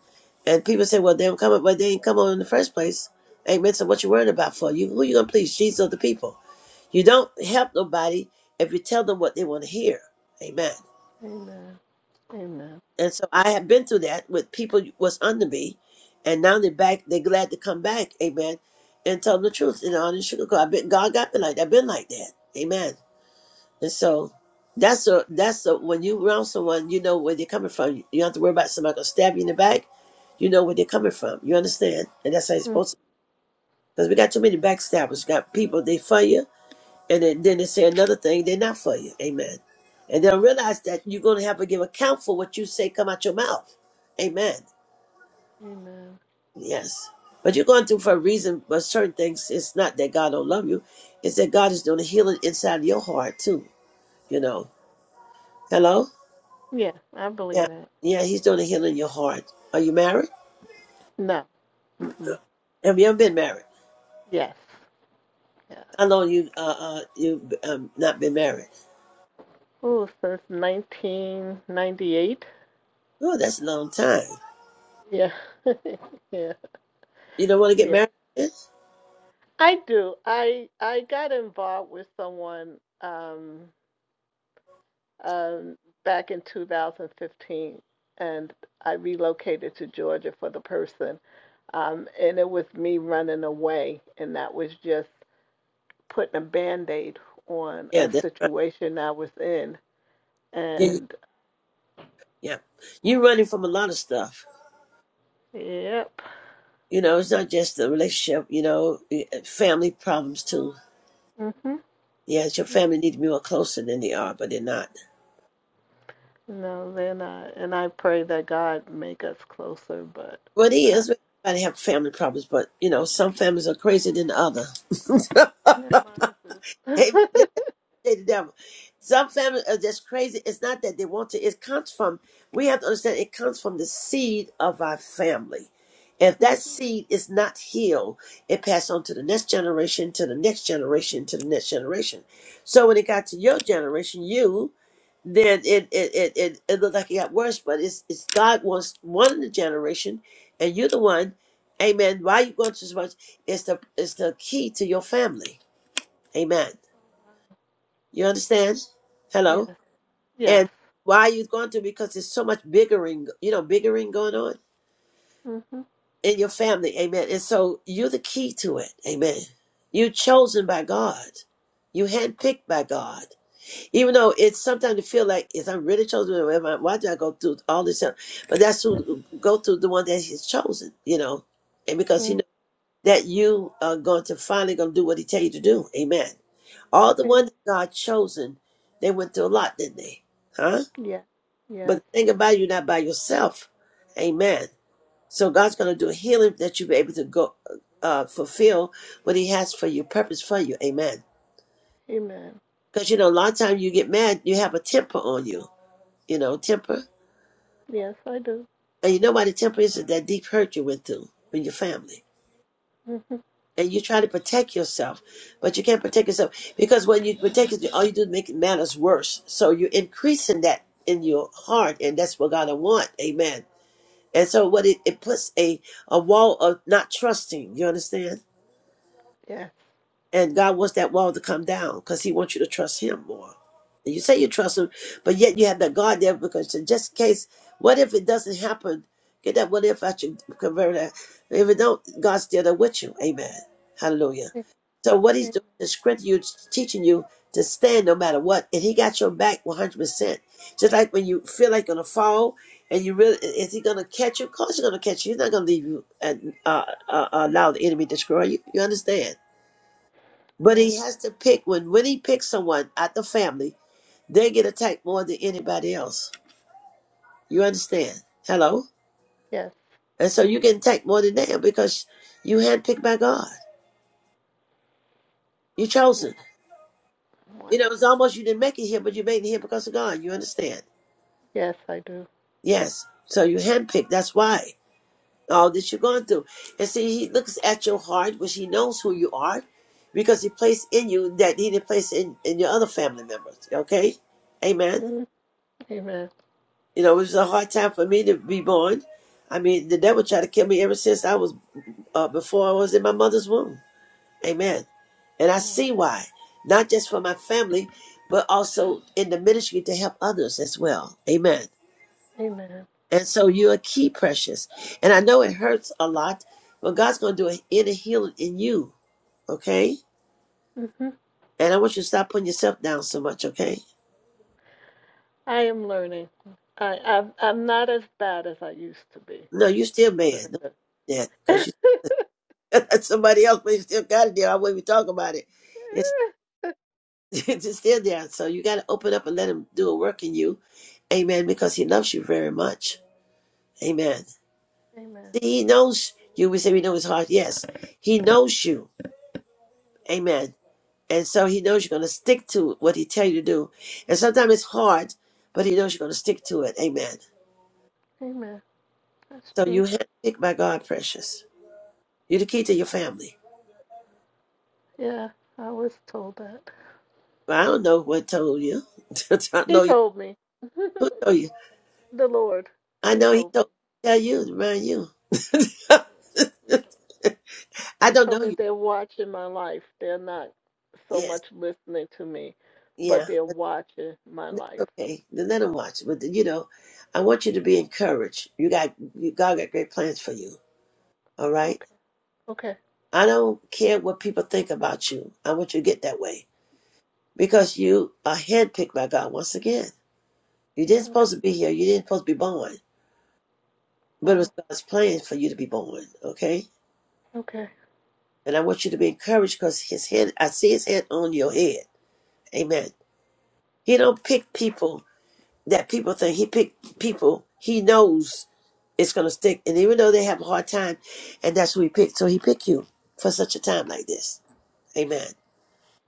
Speaker 1: and people say well they don't come up but they ain't come on in the first place amen so what you worrying about for you who you gonna please jesus or the people you don't help nobody if you tell them what they want to hear amen
Speaker 13: amen Amen.
Speaker 1: and so I have been through that with people was under me, and now they're back. They're glad to come back, amen, and tell the truth and all the sugarcoat. I've been God got me like that. I've been like that, amen. And so that's a that's a when you around someone, you know where they're coming from. You don't have to worry about somebody gonna stab you in the back. You know where they're coming from. You understand, and that's how it's
Speaker 13: Mm,
Speaker 1: supposed to. Because we got too many backstabbers. We got people they fire you and then, then they say another thing, they're not for you. Amen. And they'll realize that you're going to have to give account for what you say come out your mouth. Amen.
Speaker 13: Amen.
Speaker 1: Yes. But you're going through for a reason, but certain things, it's not that God don't love you. It's that God is doing a healing inside of your heart too. You know. Hello?
Speaker 13: Yeah, I believe
Speaker 1: Yeah.
Speaker 13: that.
Speaker 1: Yeah, he's doing a healing in your heart. Are you married?
Speaker 13: No. Mm-mm.
Speaker 1: Have you ever been married?
Speaker 13: Yes. Yes.
Speaker 1: How long you uh, uh you um not been married?
Speaker 13: Oh, since 1998.
Speaker 1: Oh, that's a long time.
Speaker 13: Yeah. yeah.
Speaker 1: You don't want to get
Speaker 13: Yeah.
Speaker 1: married? again?
Speaker 13: I do. I I got involved with someone um um back in 2015 and I relocated to Georgia for the person. Um and it was me running away and that was just putting a band-aid on
Speaker 1: Yeah,
Speaker 13: a
Speaker 1: that's right.
Speaker 13: situation I was in
Speaker 1: Yeah,
Speaker 13: And
Speaker 1: Yeah. You're running from a lot of stuff.
Speaker 13: yep.
Speaker 1: You know, it's not just the relationship, you know, eh, eh, family problems too.
Speaker 13: Mhm.
Speaker 1: Yes, your family need to be more closer than they are, but they're not.
Speaker 13: No, then I and I pray that God make us closer, but
Speaker 1: Well, it
Speaker 13: uh,
Speaker 1: is. Everybody have family problems, but, you know, some families are crazier than the other.
Speaker 13: never mind.
Speaker 1: Amen. They the devil. Some families are just crazy. It's not that they want to. It comes from. We have to understand. It comes from the seed of our family. If that
Speaker 13: Mhm.
Speaker 1: seed is not healed, it passed on to the next generation, to the next generation, to the next generation. So when it got to your generation, you then it it it it, it looked like it got worse. But it's it's God wants one in the generation, and you're the one. Amen. Why you going to so much? It's the it's the key to your family. Amen. You understand? Hello.
Speaker 13: yes. Yes.
Speaker 1: And why are you going through? Because there's so much bickering, you know, bickering going on
Speaker 13: Mhm.
Speaker 1: in your family. Amen. And so you're the key to it. Amen. You're chosen by God. You handpicked by God. Even though it's sometimes you feel like, is I'm really chosen? am I- Why do I go through all this? stuff? But that's who go through the one that he's chosen, you know. And because he
Speaker 13: Mm.
Speaker 1: knows that you are going to finally going to do what he tell you to do. Amen. All the ones that God chosen, they went through a lot, didn't they? Huh?
Speaker 13: Yes.
Speaker 1: But
Speaker 13: Yes.
Speaker 1: the thing about it, you're not by yourself. Amen. So God's going to do a healing that you'll be able to go uh, fulfill what He has for you, purpose for you. Amen.
Speaker 13: Amen.
Speaker 1: Because you know, a lot of times you get mad, you have a temper on you. You know, temper,
Speaker 13: Yes, I do.
Speaker 1: and you know why the temper is is that deep hurt you went through in your family,
Speaker 13: Mhm.
Speaker 1: and you try to protect yourself, but you can't protect yourself because when you protect yourself, all you do is make matters worse. So you're increasing that in your heart, and that's what God will want. Amen And so what it, it puts a, a wall of not trusting, you understand?
Speaker 13: Yes.
Speaker 1: And God wants that wall to come down because he wants you to trust him more. And you say you trust him, but yet you have that God there because in just in case, what if it doesn't happen? Get that what if I should convert that. If it don't, God's still there with you. Amen. Hallelujah.
Speaker 13: A-
Speaker 1: So what he's
Speaker 13: Amen.
Speaker 1: doing is strengthening you, teaching you to stand no matter what. And he got your back 100%. Just like when you feel like you're going to fall and you really, is he going to catch you? Of course he's going to catch you. He's not going to leave you and uh, uh, allow the enemy to destroy you. You understand? But
Speaker 13: Yes.
Speaker 1: he has to pick, when, when he picks someone out the family, they get attacked more than anybody else. You understand? Hello?
Speaker 13: Yes.
Speaker 1: And so you get attacked more than them because you handpicked by God. You're
Speaker 13: Wow.
Speaker 1: chosen. You know,
Speaker 13: Wow.
Speaker 1: it's almost you didn't make it here, but you made it here because of God. You understand?
Speaker 13: Yes, I do.
Speaker 1: Yes. So you handpicked. That's why all that you're going through. And see, he looks at your heart, which he knows who you are, because he placed in you that he didn't place in, in your other family members. Okay? Amen.
Speaker 13: Mhm. Amen.
Speaker 1: You know, it was a hard time for me to be born. I mean, the devil tried to kill me ever since I was, uh, before I was in my mother's womb. Amen. And I
Speaker 13: Wow.
Speaker 1: see why. Not just for my family, but also in the ministry to help others as well. Amen.
Speaker 13: Amen.
Speaker 1: And so you're a key, precious. And I know it hurts a lot, but God's going to do an inner healing in you, okay?
Speaker 13: Mhm.
Speaker 1: And I want you to stop putting yourself down so much, okay?
Speaker 13: I am learning. I, I'm I'm not as bad as I used to be.
Speaker 1: No, you're still
Speaker 13: Put
Speaker 1: mad.
Speaker 13: it
Speaker 1: Don't do that because you that's somebody else, but you still got it there. I wouldn't even talk about it. It's it's still there. So you got to open up and let Him do a work in you, Amen. Because He loves you very much, Amen.
Speaker 13: Amen.
Speaker 1: See, He knows you. We say we know His heart. Yes, He knows you, Amen. and so he knows you're going to stick to what he tell you to do and sometimes it's hard but he knows you're going to stick to it amen
Speaker 13: Amen. That's
Speaker 1: so you
Speaker 13: true.
Speaker 1: handpicked by god precious you're the key to your family
Speaker 13: Yeah, I was told that.
Speaker 1: Well, i don't know what told you i don't
Speaker 13: He
Speaker 1: know you
Speaker 13: told me.
Speaker 1: who told you
Speaker 13: the Lord.
Speaker 1: i
Speaker 13: He
Speaker 1: know he
Speaker 13: told me.
Speaker 1: told tell you remind you
Speaker 13: He told,
Speaker 1: i
Speaker 13: he
Speaker 1: don't
Speaker 13: told
Speaker 1: know
Speaker 13: me
Speaker 1: you
Speaker 13: they're watching my life. They're not so
Speaker 1: yes
Speaker 13: much listening to me,
Speaker 1: yeah
Speaker 13: but they're watching my
Speaker 1: that's
Speaker 13: life.
Speaker 1: okay then let him watch but you know i want you to be encouraged you got you, god got great plans for you all right
Speaker 13: Okay. Okay.
Speaker 1: i don't care what people think about you i want you to get that way because you are handpicked by God once again. You didn't
Speaker 13: Okay.
Speaker 1: supposed to be here. You didn't supposed to be born, but it
Speaker 13: Wow.
Speaker 1: was God's plan for you to be born. Okay,
Speaker 13: Okay.
Speaker 1: and I want you to be encouraged because His hand, I see His hand on your head. Amen. He don't pick people that people think He picked people He knows it's gonna stick, and even though they have a hard time, and that's who He picked, so He picked you for such a time like this. Amen.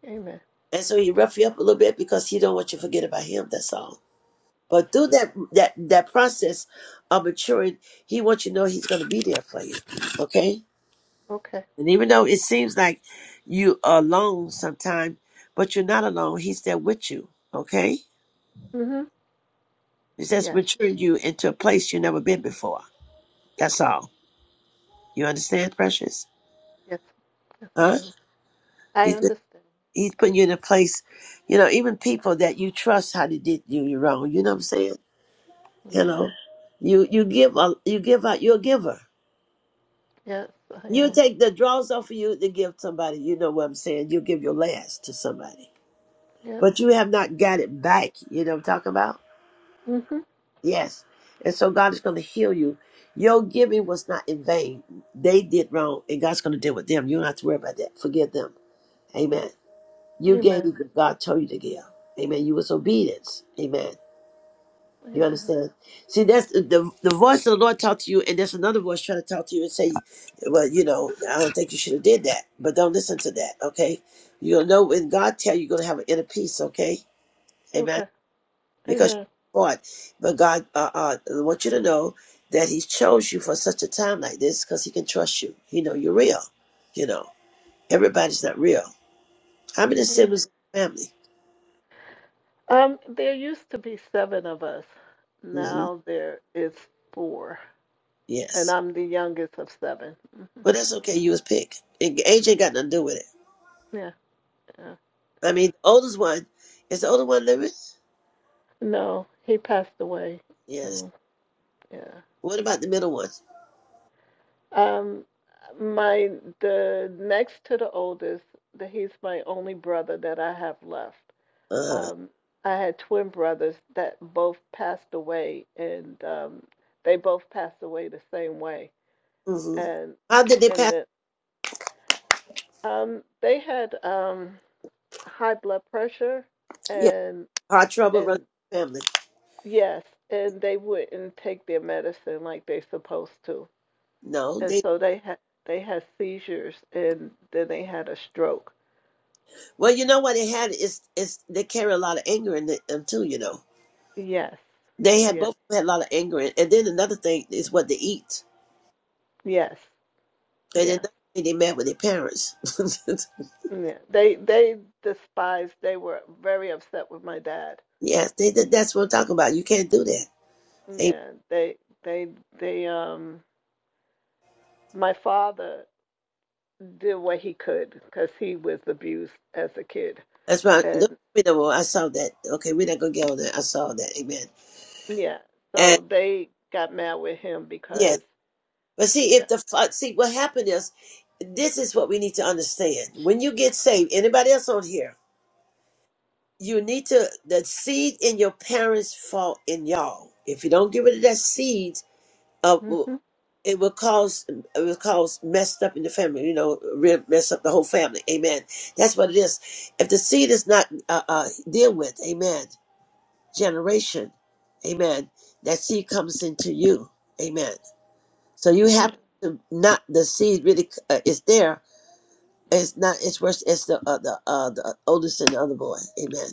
Speaker 13: Amen.
Speaker 1: And so He rough you up a little bit because He don't want you to forget about Him. That's all. But through that that that process of maturing, he wants you to know he's going to be there for you. Okay,
Speaker 13: Okay.
Speaker 1: and even though it seems like you are alone sometimes, but you're not alone. He's there with you. Okay,
Speaker 13: Mhm.
Speaker 1: he's just
Speaker 13: Yes.
Speaker 1: maturing you into a place you've never been before. That's all. You understand, precious?
Speaker 13: Yes. Yes, I
Speaker 1: Huh?
Speaker 13: do. I
Speaker 1: He's
Speaker 13: understand.
Speaker 1: he's putting you in a place. You know, even people that you trust, how they did you you wrong. You know what I'm saying? You
Speaker 13: Yeah.
Speaker 1: know, you you give a you give out. You're a giver.
Speaker 13: Yes, I
Speaker 1: You
Speaker 13: am.
Speaker 1: take the draws off of you to give somebody. You know what I'm saying? You give your last to somebody,
Speaker 13: Yep.
Speaker 1: but you have not got it back. You know what I'm talking about?
Speaker 13: Mhm.
Speaker 1: Yes. And so God is going to heal you. Your giving was not in vain. They did wrong, and God's going to deal with them. You don't have to worry about that. Forgive them. Amen. You gave
Speaker 13: Amen.
Speaker 1: what God told you to give. Amen. You was obedience. Amen. You
Speaker 13: Amen.
Speaker 1: understand? See, that's the the the voice of the Lord talk to you, and there's another voice trying to talk to you and say, "Well, you know, I don't think you should have did that." But don't listen to that, okay? You'll know when God tell you, you're gonna have an inner peace, okay? Amen.
Speaker 13: Okay.
Speaker 1: Because
Speaker 13: Amen.
Speaker 1: you fought, but God, uh, uh, I want you to know that He chose you for such a time like this because He can trust you. He know you're real. You know, everybody's not real. How many
Speaker 13: Amen.
Speaker 1: siblings in the family?
Speaker 13: Um, there used to be seven of us.
Speaker 1: hmm
Speaker 13: Now there is four, and
Speaker 1: Yes,
Speaker 13: I'm the youngest of seven. Mm,
Speaker 1: but that's okay. You was picked, and age ain't got nothing to do with it.
Speaker 13: Yeah, yeah,
Speaker 1: I
Speaker 13: yeah.
Speaker 1: mean, the oldest one is the older one living.
Speaker 13: No, he passed away.
Speaker 1: Yes.
Speaker 13: Mm, yeah.
Speaker 1: What about the middle one?
Speaker 13: Um, my the next to the oldest, the, he's my only brother that I have left.
Speaker 1: Uh huh.
Speaker 13: Um, I had twin brothers that both passed away, and um, they both passed away the same way.
Speaker 1: hmm
Speaker 13: And
Speaker 1: How did they
Speaker 13: and
Speaker 1: pass?
Speaker 13: then Um, they had um high blood pressure
Speaker 1: Yeah,
Speaker 13: and
Speaker 1: hard trouble run
Speaker 13: and
Speaker 1: family.
Speaker 13: yes, and they wouldn't take their medicine like they're supposed to.
Speaker 1: No,
Speaker 13: And
Speaker 1: they.
Speaker 13: so they had they had seizures and then they had a stroke.
Speaker 1: Well, you know what they had is is they carry a lot of anger in it, them too. You know,
Speaker 13: Yes.
Speaker 1: they had
Speaker 13: Yeah.
Speaker 1: both of them had a lot of anger, in, and then another thing is what they eat.
Speaker 13: Yes.
Speaker 1: And then
Speaker 13: Yes.
Speaker 1: another thing they met with their parents.
Speaker 13: Yeah. They they despised they were very upset with my dad.
Speaker 1: yes, they, that- that's what I'm talking about. You can't do that. Amen.
Speaker 13: Yeah. They they they um my father did what he could because he was abused as a kid
Speaker 1: That's why. Don't tell
Speaker 13: and
Speaker 1: me no more. I saw that. Okay, we're not gonna get on that. I saw that. Amen.
Speaker 13: Yeah.
Speaker 1: And
Speaker 13: So they got mad with him
Speaker 1: yes.
Speaker 13: because.
Speaker 1: But see,
Speaker 13: Yeah.
Speaker 1: if the fa- see what happened is, this is what we need to understand. When you get saved, anybody else on here, you need to the seed in your parents fall in y'all. If you don't get rid of that seed, uh,
Speaker 13: Mhm.
Speaker 1: it will cause it will cause messed up in the family. You know, re- mess up the whole family. Amen. That's what it is. If the seed is not uh, uh, deal with, amen. Generation, amen. That seed comes into you, amen. So you have
Speaker 13: Amen.
Speaker 1: to not the seed really uh, is there. It's not. It's worse. It's the uh, the uh, the oldest and the other boy. Amen.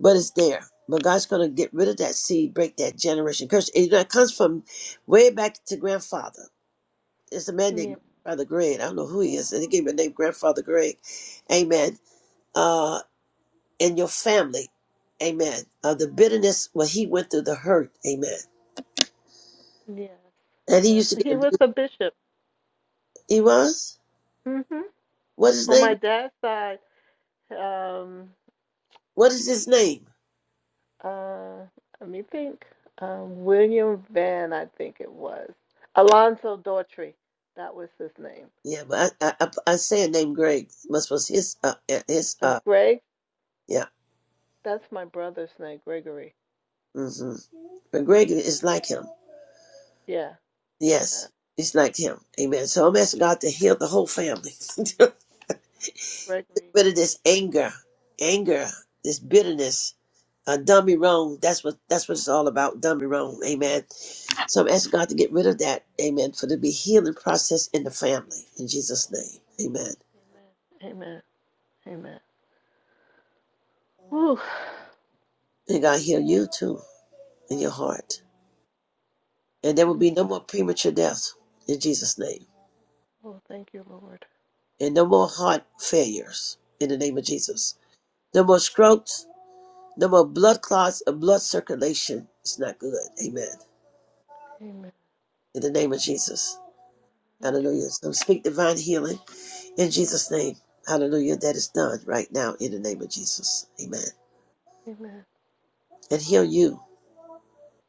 Speaker 1: But it's there. But God's gonna get rid of that seed, break that generation curse. And, you know, it comes from way back to grandfather. It's a man
Speaker 13: Yeah.
Speaker 1: named Grandfather Greg. I don't know who he is. And he gave him the name Grandfather Greg. Amen. Uh, and your family. Amen. Of the bitterness, what he went through, the hurt. Amen.
Speaker 13: Yes.
Speaker 1: And he
Speaker 13: Yes.
Speaker 1: used to get
Speaker 13: He was
Speaker 1: abused.
Speaker 13: a bishop.
Speaker 1: He was.
Speaker 13: Mhm.
Speaker 1: What his
Speaker 13: On my
Speaker 1: name?
Speaker 13: dad's side, um,
Speaker 1: What is his name?
Speaker 13: uh, let me think. Um, William Van, I think it was. Alonzo Daughtry. That was his name.
Speaker 1: Yeah, but I, I, I I say a name Greg. Must was his uh yeah, his
Speaker 13: Uh,
Speaker 1: uh
Speaker 13: Greg.
Speaker 1: yeah.
Speaker 13: That's my brother's name, Gregory.
Speaker 1: hmm But Greg is like him.
Speaker 13: Yeah. Uh,
Speaker 1: Yes. He's like him. Amen. So I'm asking God to heal the whole family.
Speaker 13: Gregory
Speaker 1: But it is
Speaker 13: is.
Speaker 1: anger. Anger, this bitterness, uh done me wrong. That's what that's what it's all about. Done me wrong. Amen. So I'm asking God to get rid of that. Amen. For there to be healing process in the family. In Jesus' name. Amen.
Speaker 13: Amen. Amen. Whew.
Speaker 1: And God heal you too in your heart. And there will
Speaker 13: Yeah.
Speaker 1: be no more premature death in Jesus' name.
Speaker 13: Oh, thank you, Lord.
Speaker 1: And no more heart failures in the name of Jesus. No more strokes, no more blood clots or blood circulation. It's not good. Amen.
Speaker 13: Amen.
Speaker 1: In the name of Jesus.
Speaker 13: My Jesus.
Speaker 1: Hallelujah. So speak divine healing in Jesus' name. Hallelujah. That is done right now in the name of Jesus. Amen.
Speaker 13: Amen.
Speaker 1: And heal you.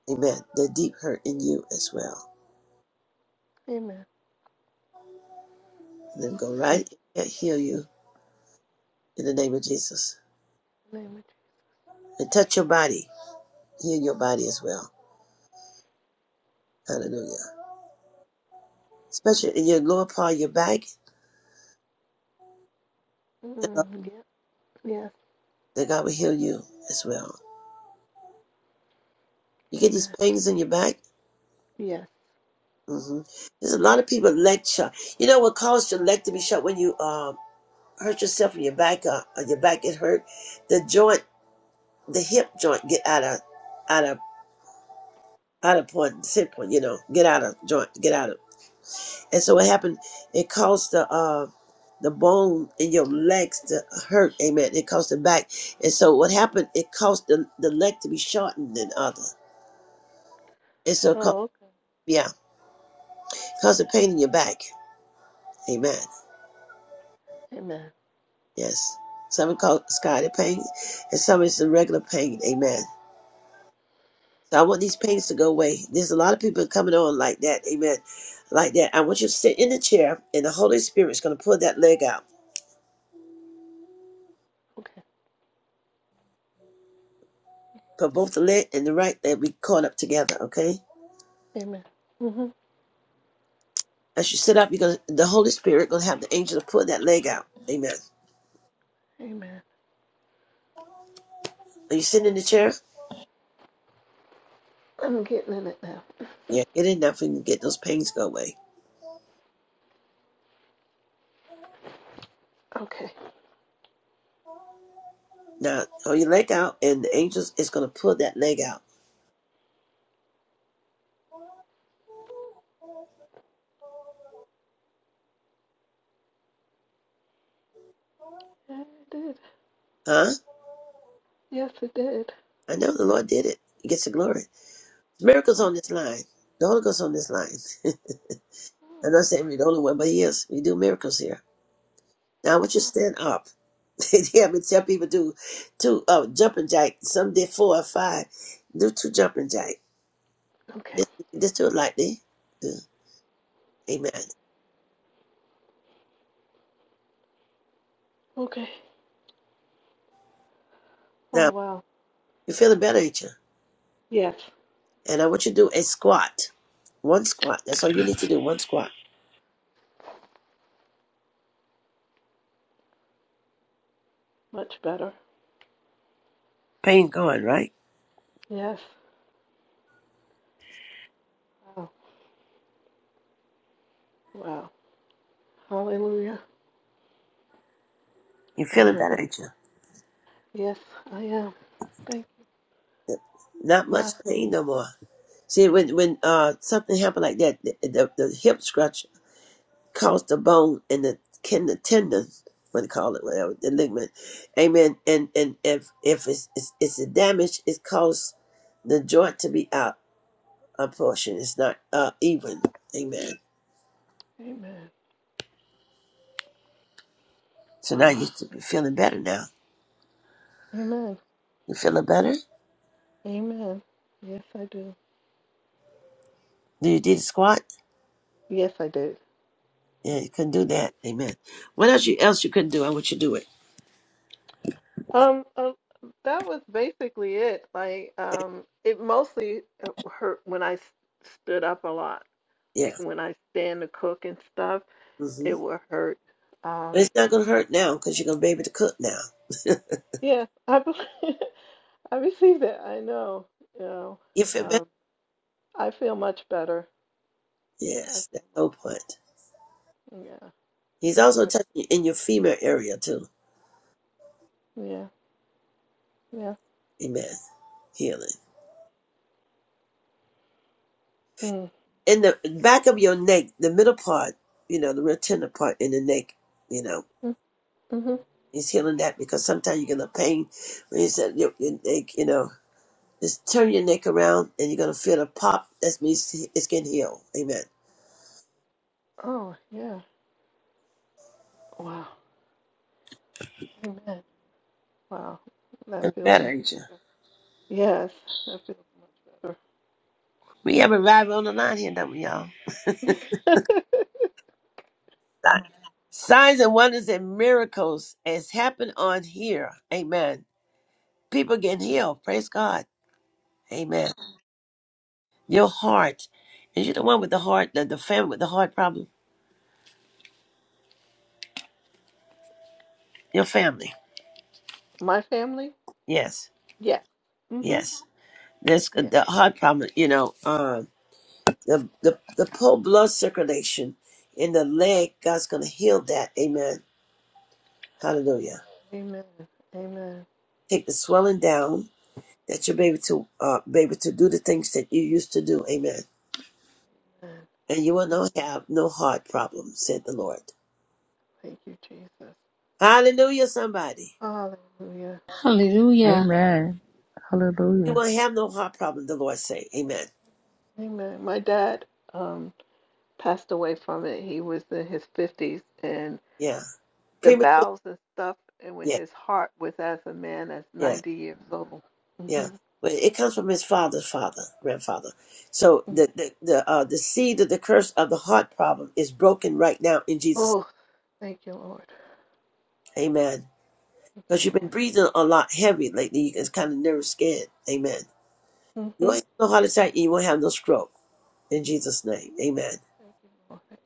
Speaker 1: Amen. The deep hurt in you as well.
Speaker 13: Amen.
Speaker 1: Let him go
Speaker 13: Mm.
Speaker 1: right and heal you in the name of Jesus.
Speaker 13: Name of
Speaker 1: And touch your body. Heal your body as well. Hallelujah. especially in your lower part of your back,
Speaker 13: Jesus.
Speaker 1: you know,
Speaker 13: Mm, yep. Yes.
Speaker 1: that God will heal you as well. You get these
Speaker 13: Amen.
Speaker 1: pains in your back.
Speaker 13: Yes.
Speaker 1: hmm There's a lot of people lecture. You know what caused your leg to be shut when you um hurt yourself in your back? Uh, or your back get hurt. The joint, the hip joint, get out of out of out of point, sit point. You know, get out of joint, get out of. And so what happened? It caused the uh the bone in your legs to hurt. Amen. It caused the back. And so what happened? It caused the, the leg to be shortened than other. It's so cause
Speaker 13: Oh, okay.
Speaker 1: yeah, cause a pain in your back. Amen.
Speaker 13: Amen.
Speaker 1: Yes. Some it call sciatic pain, and some it's the regular pain. Amen. So I want these pains to go away. There's a lot of people coming on like that. Amen. Like that. I want you to sit in the chair, and the Holy Spirit is going to pull that leg out.
Speaker 13: Okay.
Speaker 1: Put both the leg and the right leg be caught up together. Okay.
Speaker 13: Amen. hmm
Speaker 1: As you sit up, you're gonna the Holy Spirit gonna have the angel to pull that leg out. Amen.
Speaker 13: Amen.
Speaker 1: Are you sitting in the chair?
Speaker 13: I'm getting in it now.
Speaker 1: Yeah. Get in now, for you can get those pains go away.
Speaker 13: Okay.
Speaker 1: Now throw your leg out, and the angels is gonna pull that leg out.
Speaker 13: Yeah, it did.
Speaker 1: Huh?
Speaker 13: Yes, it did.
Speaker 1: I know the Lord did it. He gets the glory. Miracles
Speaker 13: Oh,
Speaker 1: on this line. The Holy Ghost on this line. I'm not saying we're the only one, but he is. We do miracles here. Now I want you to
Speaker 13: wow.
Speaker 1: stand up. yeah, but some people do two uh jumping jack. Some did four or five. Do two jumping jack.
Speaker 13: Okay.
Speaker 1: Just, just do it lightly. Yeah. Amen.
Speaker 13: Okay. Oh,
Speaker 1: Now
Speaker 13: wow.
Speaker 1: you're feeling better, ain't you?
Speaker 13: Yes.
Speaker 1: And I want you to do a squat. One squat. That's all you need to do. One squat.
Speaker 13: Much better.
Speaker 1: Pain gone, right?
Speaker 13: Yes. Oh, wow. Hallelujah.
Speaker 1: You're feeling better,
Speaker 13: Finally.
Speaker 1: ain't you?
Speaker 13: Yes, I am. Thank
Speaker 1: Not
Speaker 13: you.
Speaker 1: much
Speaker 13: Wow.
Speaker 1: pain no more. See, when when uh something happened like that, the, the, the hip scratch caused the bone and the kin the tendon, what they call it, whatever the ligament, amen. And and if if it's it's, it's a damage, it caused the joint to be out a portion. It's not uh even, amen.
Speaker 13: Amen.
Speaker 1: So now
Speaker 13: Wow.
Speaker 1: you're feeling better now.
Speaker 13: Amen.
Speaker 1: You feeling better?
Speaker 13: Amen. Yes, I do.
Speaker 1: Do you did a squat?
Speaker 13: Yes, I do.
Speaker 1: Yeah, you couldn't do that, amen. What else you else you couldn't do? I want you to do it.
Speaker 13: Um, uh, that was basically it. Like,
Speaker 1: Okay?
Speaker 13: um, it mostly uh, hurt when I s- stood up a lot.
Speaker 1: Yeah.
Speaker 13: Like when I stand to cook and stuff,
Speaker 1: hmm
Speaker 13: it would hurt.
Speaker 1: But
Speaker 13: Um,
Speaker 1: it's not going to hurt now because you're going to be able to cook now.
Speaker 13: yeah, I believe, I received it. I know. You know,
Speaker 1: You feel better?
Speaker 13: um, I feel much better. I
Speaker 1: Yes,
Speaker 13: feel
Speaker 1: that's the whole
Speaker 13: much
Speaker 1: point.
Speaker 13: better. Yeah.
Speaker 1: He's also
Speaker 13: I,
Speaker 1: touching you in your female area too.
Speaker 13: yeah. Yeah.
Speaker 1: Amen. Healing.
Speaker 13: hmm,
Speaker 1: In the back of your neck, the middle part, you know, the real tender part in the neck, you know,
Speaker 13: Mm. Mm-hmm.
Speaker 1: he's healing that because sometimes you're going to pain when you said your, your neck, you know, just turn your neck around and you're going to feel the pop. That means it's getting healed. Amen.
Speaker 13: Oh, yeah. Wow. Amen. Wow. That
Speaker 1: Feeling
Speaker 13: feels
Speaker 1: better,
Speaker 13: much
Speaker 1: ain't you?
Speaker 13: better. Yes, that feels much better.
Speaker 1: We have a rival on the line here, don't we, y'all? Signs and wonders and miracles has happened on here. Amen. People getting healed. Praise God. Amen. Your heart. Is you the one with the heart, the, the family with the heart problem? Your family.
Speaker 13: My family?
Speaker 1: Yes.
Speaker 13: Yes. Mm-hmm.
Speaker 1: Yes. That's
Speaker 13: Yeah.
Speaker 1: the heart problem, you know, um, the, the, the poor blood circulation in the leg, God's going to heal that. Amen. Hallelujah.
Speaker 13: Amen. Amen.
Speaker 1: Take the swelling down that you're able to, uh, be able to do the things that you used to do. Amen.
Speaker 13: Amen.
Speaker 1: and you will not have no heart problem, said the Lord.
Speaker 13: Thank you, Jesus.
Speaker 1: Hallelujah, somebody.
Speaker 13: Hallelujah.
Speaker 2: Hallelujah.
Speaker 4: Amen.
Speaker 1: You
Speaker 4: Hallelujah.
Speaker 1: will have no heart problem, the Lord say. Amen.
Speaker 13: Amen. My dad um, passed away from it. He was in his 50s, and
Speaker 1: Yeah.
Speaker 13: the
Speaker 1: Premature.
Speaker 13: vows and stuff, and with
Speaker 1: Yeah,
Speaker 13: his heart was as a man that's
Speaker 1: yeah,
Speaker 13: 90 years old. hmm
Speaker 1: yeah. But it comes from his father's father, grandfather. So the the the, uh, the seed of the curse of the heart problem is broken right now in Jesus.
Speaker 13: Oh, thank you, Lord.
Speaker 1: Amen.
Speaker 13: Thank you,
Speaker 1: Because you've been
Speaker 13: Lord.
Speaker 1: breathing a lot heavy lately. It's kind of nervous, scared. Amen. You won't
Speaker 13: hmm
Speaker 1: have no heart attack. and You won't have no stroke in Jesus' name. Amen.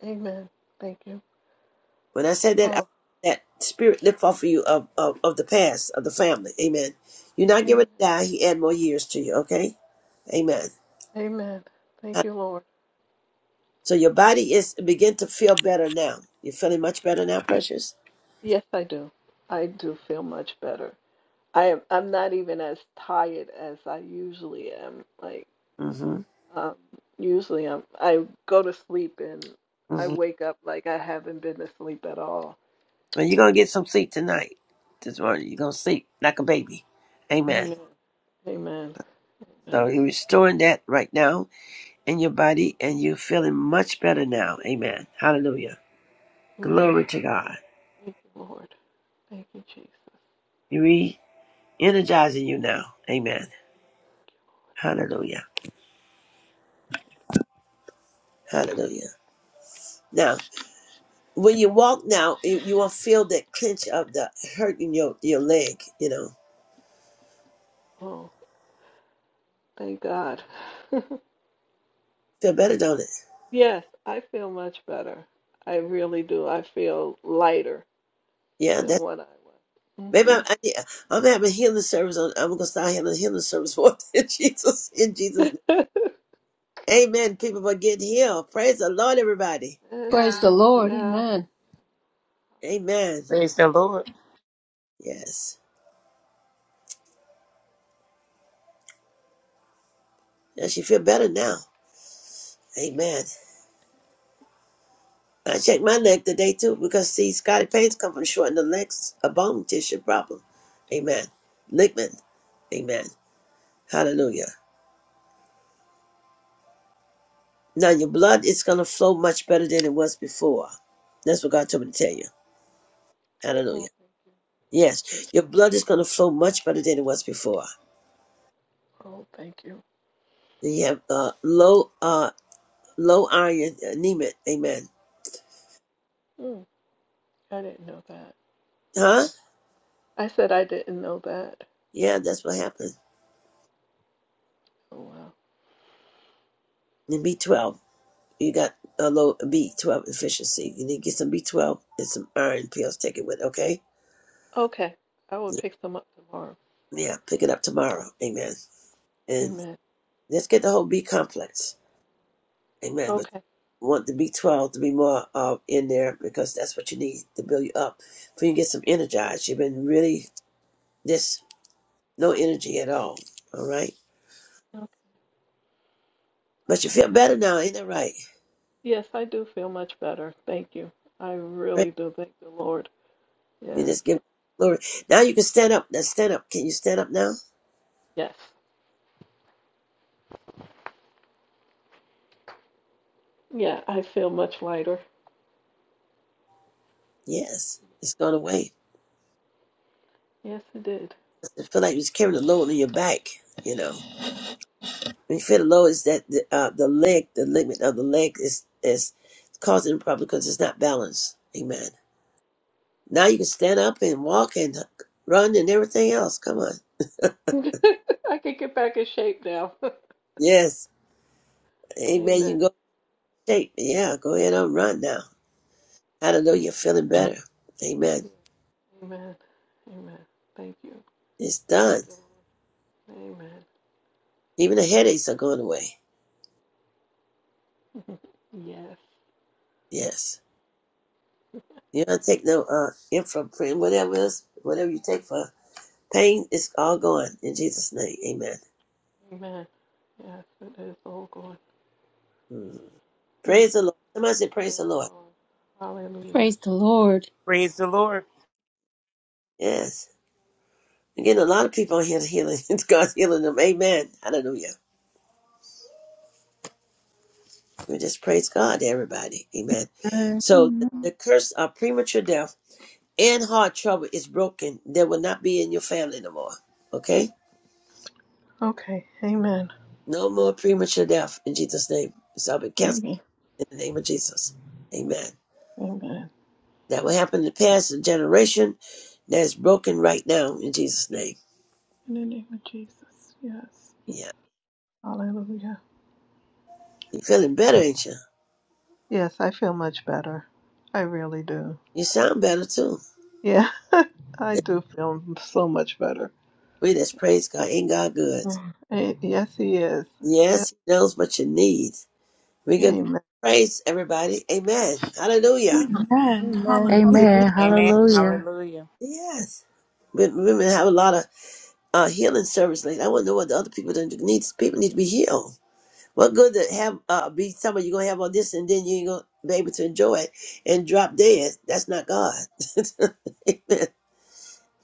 Speaker 13: Amen. Thank you.
Speaker 1: When I said that, I,
Speaker 13: Oh,
Speaker 1: that spirit lift off of you of, of, of the past, of the family. Amen. You're not getting
Speaker 13: amen.
Speaker 1: ready to die. He add more years to you, okay? Amen.
Speaker 13: Amen. Thank
Speaker 1: Huh?
Speaker 13: you, Lord.
Speaker 1: So your body is begin to feel better now. You're feeling much better now, precious?
Speaker 13: Yes, I do. I do feel much better. I am, I'm not even as tired as I usually am. Like,
Speaker 1: Mm-hmm.
Speaker 13: um, usually I'm, I go to sleep and I
Speaker 1: Mm-hmm.
Speaker 13: wake up like I haven't been asleep at all.
Speaker 1: And you're going to get some sleep tonight. This morning, you're going to sleep like a baby. Amen.
Speaker 13: Amen. Amen.
Speaker 1: So
Speaker 13: Amen.
Speaker 1: you're restoring that right now in your body, and you're feeling much better now. Amen. Hallelujah.
Speaker 13: Amen.
Speaker 1: Glory to God.
Speaker 13: Thank you, Lord. Thank you, Jesus.
Speaker 1: You're re-energizing you now. Amen. Hallelujah. Hallelujah. Now, when you walk now, you, you will feel that clench of the hurt in your, your leg, you know.
Speaker 13: Oh, thank God.
Speaker 1: Feel better, don't it?
Speaker 13: yes, I feel much better. I really do. I feel lighter
Speaker 1: Yeah,
Speaker 13: than
Speaker 1: that's
Speaker 13: what I was.
Speaker 1: maybe
Speaker 13: hmm
Speaker 1: I'm I, need- I'm having healing service on I'm gonna start having a healing service for in Jesus in Jesus. name. Amen. People are getting healed. Praise the Lord, everybody.
Speaker 13: and
Speaker 2: Praise
Speaker 13: then,
Speaker 2: the
Speaker 13: Lord,
Speaker 2: Lord.
Speaker 13: yeah.
Speaker 2: Amen.
Speaker 1: Amen.
Speaker 8: Praise the Lord.
Speaker 1: Yes. And she feel better now. Amen. I checked my leg today too because see Scotty pains come from shortening the legs a bone tissue problem. Amen. Ligament. Amen. Hallelujah. Now your blood is going to flow much better than it was before. That's what God told me to tell you. Hallelujah.
Speaker 13: Oh,
Speaker 1: Yes, your blood is going to flow much better than it was before.
Speaker 13: Oh, thank you.
Speaker 1: You have uh, low uh, low iron anemia. Amen.
Speaker 13: Hmm, I didn't know that.
Speaker 1: Huh?
Speaker 13: Okay. I said I didn't know that.
Speaker 1: Yeah, that's what happened.
Speaker 13: Oh, wow.
Speaker 1: And B12. You got a low B12 deficiency. You need to get some B12 and some iron pills Take it with, okay?
Speaker 13: Okay. I will
Speaker 1: Yeah,
Speaker 13: pick them up tomorrow.
Speaker 1: yeah, pick it up tomorrow. Amen. And
Speaker 13: Amen.
Speaker 1: let's get the whole B complex. Amen. But
Speaker 13: Okay.
Speaker 1: you want the B12 to be more uh, in there because that's what you need to build you up. For you get some energized. You've been really just no energy at all. All right.
Speaker 13: Okay. all
Speaker 1: But you feel
Speaker 13: right.
Speaker 1: better now, ain't that right?
Speaker 13: Yes, I do feel much better. Thank you. I
Speaker 1: Right?
Speaker 13: really do thank the Lord.
Speaker 1: You
Speaker 13: Yes.
Speaker 1: just give glory. Now you can stand up. Now stand up. Can you stand up now?
Speaker 13: Yes. Yeah, I feel much lighter.
Speaker 1: Yes. It's gone away.
Speaker 13: Yes, it did.
Speaker 1: I feel like you was carrying a load on your back, you know. When you feel the load is that the, uh, the leg, the ligament of the leg is is causing a problem because it's not balanced. Amen. Now you can stand up and walk and run and everything else. Come on.
Speaker 13: I can get back in shape now.
Speaker 1: Yes. Amen. You
Speaker 13: Amen.
Speaker 1: can go in shape. Yeah, go ahead and run now.
Speaker 13: Mm,
Speaker 1: Hallelujah. Feeling better. Amen.
Speaker 13: Amen. Amen. Thank you.
Speaker 1: It's
Speaker 13: Thank
Speaker 1: done.
Speaker 13: you. Amen.
Speaker 1: Even the headaches are going away.
Speaker 13: yes.
Speaker 1: Yes. You don't take no uh infraprint, whatever else, whatever you take for pain, it's all gone in Jesus' name. Amen.
Speaker 13: Amen. Yes, it is all good.
Speaker 1: Mm.
Speaker 13: Mm.
Speaker 1: Praise the Lord. Somebody say praise the
Speaker 13: Thank you,
Speaker 1: Lord.
Speaker 13: Lord. Hallelujah.
Speaker 2: Praise the Lord.
Speaker 8: Praise the Lord.
Speaker 1: Yes. Again, a lot of people are here healing. God's healing them. Amen. Hallelujah. We just praise God, everybody. Amen. So the, the curse of premature death and heart trouble is broken. There will not be in your family no more. Okay?
Speaker 13: Okay, amen.
Speaker 1: No more premature death in Jesus' name. It's all been
Speaker 13: Give
Speaker 1: canceled
Speaker 13: me.
Speaker 1: in the name of Jesus. Amen.
Speaker 13: Amen.
Speaker 1: That will happen in the past the generation that's broken right now in Jesus' name.
Speaker 13: In the name of Jesus. Yes.
Speaker 1: Yeah.
Speaker 13: Hallelujah.
Speaker 1: you are feeling better, ain't you?
Speaker 13: Yes, I feel much better. I really do.
Speaker 1: You sound better too.
Speaker 13: Yeah, I do feel so much better.
Speaker 1: We just praise God. Ain't God good?
Speaker 13: Mm. Eh, Yes, he is. Yeah.
Speaker 1: Yes, He knows what you need. We give God
Speaker 13: Amen.
Speaker 1: praise, everybody. Amen. Hallelujah.
Speaker 3: Amen. Hallelujah.
Speaker 2: Amen.
Speaker 4: Amen.
Speaker 8: Amen.
Speaker 4: Hallelujah.
Speaker 8: Hallelujah.
Speaker 1: Yes. But women have a lot of uh, healing service. Like I want to know what the other people that needs. People need to be healed. What good to have uh, be somebody you're gonna have all this and then you ain't gonna be able to enjoy it and drop dead. That's not God. Amen.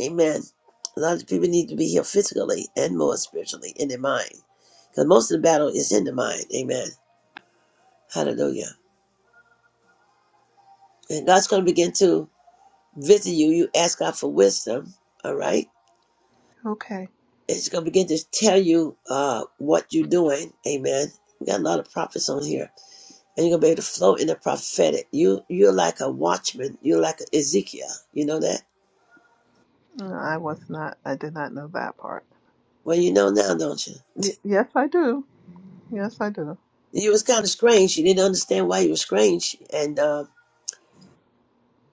Speaker 1: Amen. A lot of people need to be healed physically and more spiritually in their mind, because most of the battle is in the mind. Amen. Hallelujah. And God's gonna begin to visit you, you ask God for wisdom, all right?
Speaker 13: Okay.
Speaker 1: And going to begin to tell you uh, what you're doing, amen. We got a lot of prophets on here, and you're going to be able to flow in the prophetic. You, you're like a watchman, you're like Ezekiel. You know that?
Speaker 13: No, I was not, I did not know that part.
Speaker 1: Well, you know now, don't you?
Speaker 13: Y- yes, I do. Yes, I do.
Speaker 1: You was kind of strange. You didn't understand why you were strange, and uh,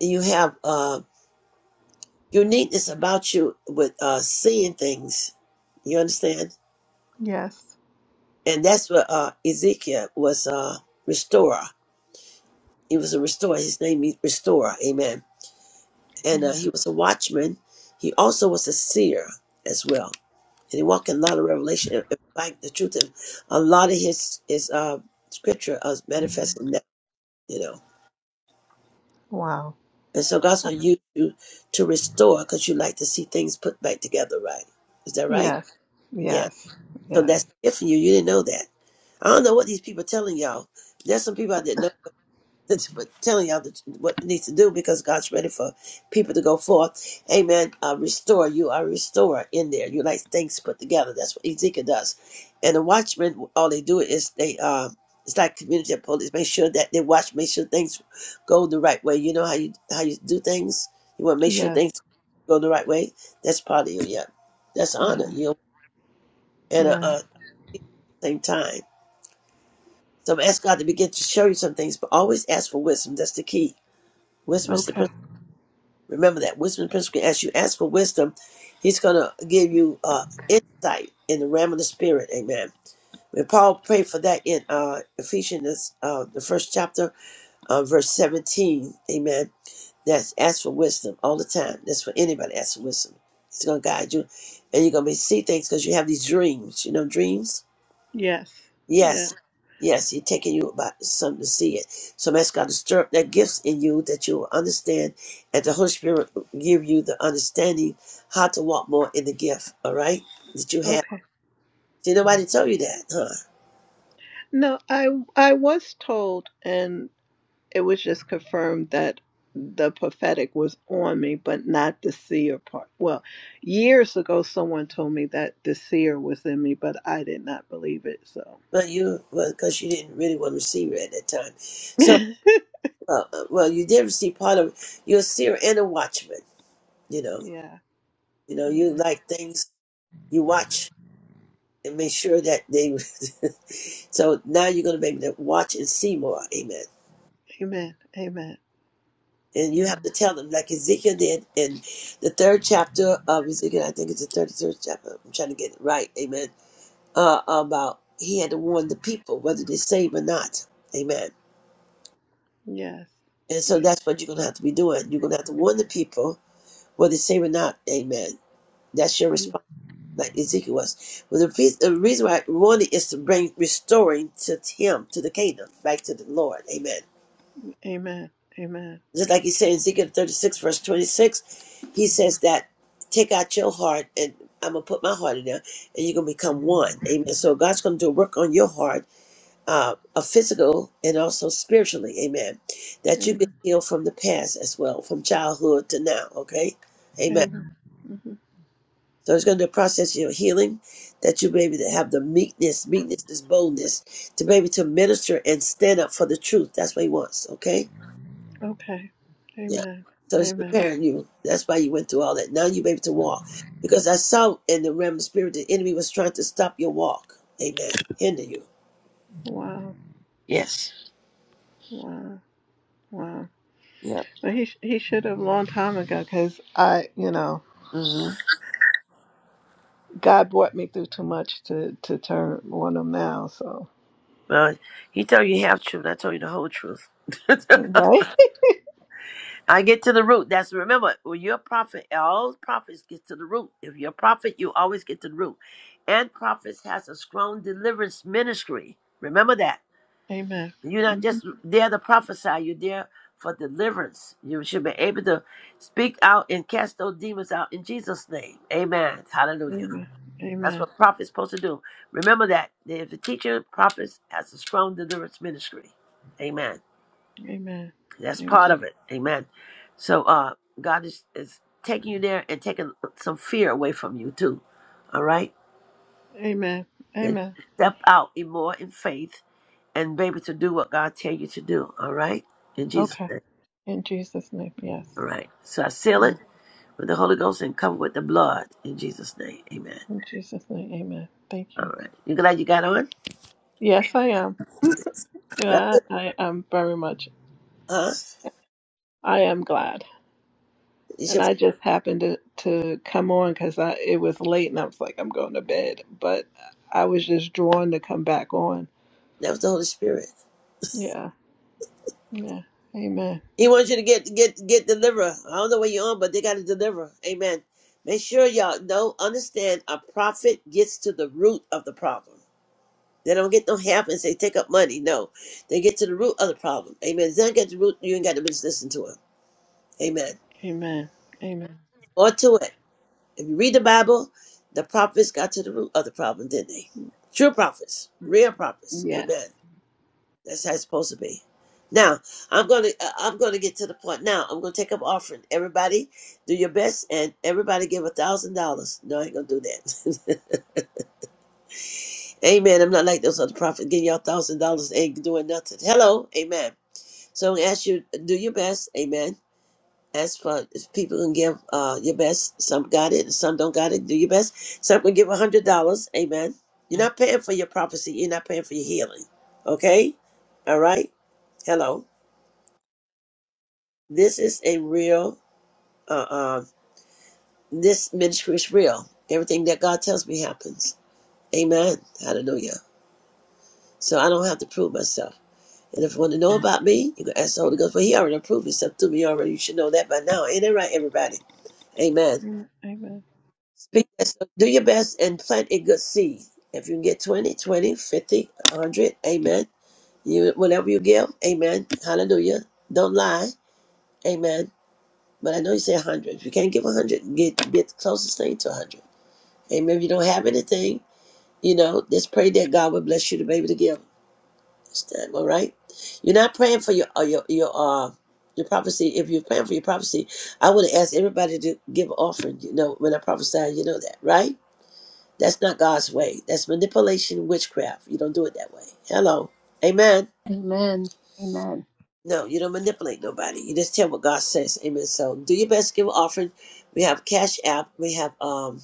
Speaker 1: you have uh, uniqueness about you with uh, seeing things. You understand?
Speaker 13: Yes.
Speaker 1: And that's what uh, Ezekiel was uh, restorer. He was a restorer. His name is Restorer. Amen. And uh, he was a watchman. He also was a seer as well. And he walked in a lot of revelation. In in fact, the truth is, a lot of his his uh, scripture is manifesting now, you know.
Speaker 13: Wow.
Speaker 1: And so God's going to use you to restore because you like to see things put back together, right? Is that right?
Speaker 13: Yes.
Speaker 1: Yeah.
Speaker 13: Yes.
Speaker 1: So that's
Speaker 13: Yes.
Speaker 1: it for you. You didn't know that. I don't know what these people are telling y'all. There's some people I didn't know. that's telling y'all that- what needs to do because God's ready for people to go forth. Amen. Uh, restore. You are a restorer in there. You like things put together. That's what Ezekiel does. And the watchmen, all they do is they, uh, it's like community of police. Make sure that they watch. Make sure things go the right way. You know how you how you do things. You want to make sure
Speaker 13: Yes.
Speaker 1: things go the right way. That's part of you. Yeah, that's
Speaker 13: Yeah.
Speaker 1: honor. You know, and uh,
Speaker 13: Yeah.
Speaker 1: uh, same time. So ask God to begin to show you some things, but always ask for wisdom. That's the key. Wisdom is the
Speaker 13: Okay.
Speaker 1: Remember that wisdom principle. As you ask for wisdom, He's going to give you uh, insight in the realm of the spirit. Amen. And Paul prayed for that in uh, Ephesians, uh, the first chapter, uh, verse 17. Amen. That's ask for wisdom all the time. That's for anybody. Ask for wisdom. He's going to guide you, and you're going to see things because you have these dreams. You know, dreams
Speaker 13: Yes. Yeah.
Speaker 1: Yes. Yes, he's taking you about something to see it. So I'm asking God to stir up that gifts in you that you will understand and the Holy Spirit will give you the understanding how to walk more in the gift, all right? That you have.
Speaker 13: Okay.
Speaker 1: See nobody tell you that, huh?
Speaker 13: No, I I was told and it was just confirmed that the prophetic was on me, but not the seer part. Well, years ago someone told me that the seer was in me, but I did not believe it, so
Speaker 1: But you well, because you didn't really want to receive it at that time. So uh, uh, well you did receive part of it. You're a seer and a watchman, you know.
Speaker 13: yeah.
Speaker 1: You know,
Speaker 13: Yeah.
Speaker 1: you like things you watch and make sure that they so now you're gonna be able to watch and see more. Amen.
Speaker 13: Amen. Amen.
Speaker 1: and you have to
Speaker 13: Amen.
Speaker 1: tell them, like Ezekiel did in the third chapter of Ezekiel, I think it's the thirty-third chapter. I'm trying to get it right, amen. Uh, about he had to warn the people whether they save or not, amen.
Speaker 13: Yes.
Speaker 1: And so
Speaker 13: Yeah.
Speaker 1: that's what you're gonna have to be doing. You're gonna have to warn the people whether they save or not, amen. That's your response, like Ezekiel was. But the, reas- the reason why warning is to bring restoring to him, to the kingdom, back to the Lord, amen.
Speaker 13: Amen. Amen.
Speaker 1: Just like he said in Ezekiel 36, verse 26, he says that take out your heart and I'm going to put my heart in there and you're going to become one. Amen. So God's going to do a work on your heart, uh, a physical and also spiritually. Amen. That you get
Speaker 13: Amen.
Speaker 1: healed from the past as well, from childhood to now. Okay. Amen.
Speaker 13: Amen. Mhm.
Speaker 1: So it's going to be a process of your healing that you be able to have the meekness. Meekness is boldness to be able to minister and stand up for the truth. That's what he wants. Okay.
Speaker 13: Okay.
Speaker 1: Yeah.
Speaker 13: Amen.
Speaker 1: So he's
Speaker 13: Amen.
Speaker 1: preparing you. That's why you went through all that. Now you're able to walk. Because I saw in the realm of spirit, the enemy was trying to stop your walk. Amen. Hinder you.
Speaker 13: Wow.
Speaker 1: Yes.
Speaker 13: Wow. Wow.
Speaker 1: Yep.
Speaker 13: But he he should have a long time ago because I you know
Speaker 1: hmm
Speaker 13: God brought me through too much to to turn on him now. So
Speaker 1: Well, he told you half truth. I told you the whole truth.
Speaker 13: right.
Speaker 1: I get to the root. That's remember when you're a prophet. All prophets get to the root. If you're a prophet, you always get to the root. And prophets has a strong deliverance ministry. Remember that.
Speaker 13: Amen.
Speaker 1: You're not
Speaker 13: Mhm.
Speaker 1: just there to prophesy, you're there for deliverance. You should be able to speak out and cast those demons out in Jesus' name. Amen. Hallelujah.
Speaker 13: Amen.
Speaker 1: That's
Speaker 13: Amen.
Speaker 1: what prophet's supposed to do. Remember that. If the teacher, prophets has a strong deliverance ministry. Amen.
Speaker 13: Amen.
Speaker 1: That's part
Speaker 13: Amen.
Speaker 1: of it. Amen. So uh God is, is taking you there and taking some fear away from you too. All right?
Speaker 13: Amen.
Speaker 1: Then
Speaker 13: Amen.
Speaker 1: you step out in more in faith and be able to do what God tell you to do. All right? In Jesus'
Speaker 13: Okay.
Speaker 1: name.
Speaker 13: In Jesus' name, yes.
Speaker 1: All right. So I seal
Speaker 13: Yeah.
Speaker 1: it with the Holy Ghost and cover with the blood in Jesus' name. Amen.
Speaker 13: In Jesus' name, Amen. Thank
Speaker 1: All
Speaker 13: you.
Speaker 1: right. You glad you got on?
Speaker 13: Yes, I am.
Speaker 1: That
Speaker 13: Yeah, I am very much.
Speaker 1: was,
Speaker 13: I am glad.
Speaker 1: uh, it's
Speaker 13: And
Speaker 1: your,
Speaker 13: I just happened to, to come on because I it was late and I was like, I'm going to bed. But I was just drawn to come back on.
Speaker 1: that was the Holy Spirit.
Speaker 13: Yeah. Yeah. Amen.
Speaker 1: He wants you to get get get deliverer. I don't know where you're on, but they got to deliver. Amen. Make sure y'all know, understand. A prophet gets to the root of the problem. They don't get no help and say take up money. No, they get to the root of the problem. Amen. If they don't get to the root. You ain't got to just listen to him. Amen.
Speaker 13: Amen. Amen.
Speaker 1: Or to it. If you read the Bible, the prophets got to the root of the problem, didn't they? True prophets, real prophets.
Speaker 13: Yes.
Speaker 1: Amen. That's how it's supposed to be. Now, I'm gonna uh, I'm gonna get to the point. Now, I'm gonna take up offering. Everybody, do your best, and everybody give a thousand dollars. No, I ain't gonna do that. Amen. I'm not like those other prophets giving y'all thousand dollars ain't doing nothing. Hello, Amen. So I'm gonna ask you, do your best. Amen As for if people can give uh, your best, some got it, some don't got it. Do your best. Some can give a hundred dollars. Amen. You're not paying for your prophecy. You're not paying for your healing. Okay. All right. Hello. This is a real. Uh, uh, this ministry is real. Everything that God tells me happens. Amen. Hallelujah. So I don't have to prove myself. And if you want to know about me, you can ask the Holy Ghost. But He already proved Himself to me already. You should know that by now. Ain't that right, everybody? Amen.
Speaker 13: Amen. Amen.
Speaker 1: Speak that- so do your best and plant a good seed. If you can get 20, 20, 50, a 100, amen. You Whatever you give, amen. Hallelujah. Don't lie, amen. But I know you say 100. If you can't give 100, get, get the closest thing to 100. Amen. If you don't have anything, you know, just pray that God will bless you to be able to give. It's time, all right? You're not praying for your, uh, your, your, uh, your prophecy. If you're praying for your prophecy, I would ask everybody to give offering. You know, when I prophesy, you know that, right? That's not God's way. That's manipulation, and witchcraft. You don't do it that way. Hello. Amen.
Speaker 2: Amen. Amen.
Speaker 1: No, you don't manipulate nobody. You just tell what God says. Amen. So do your best, give an offering. We have Cash App, we have um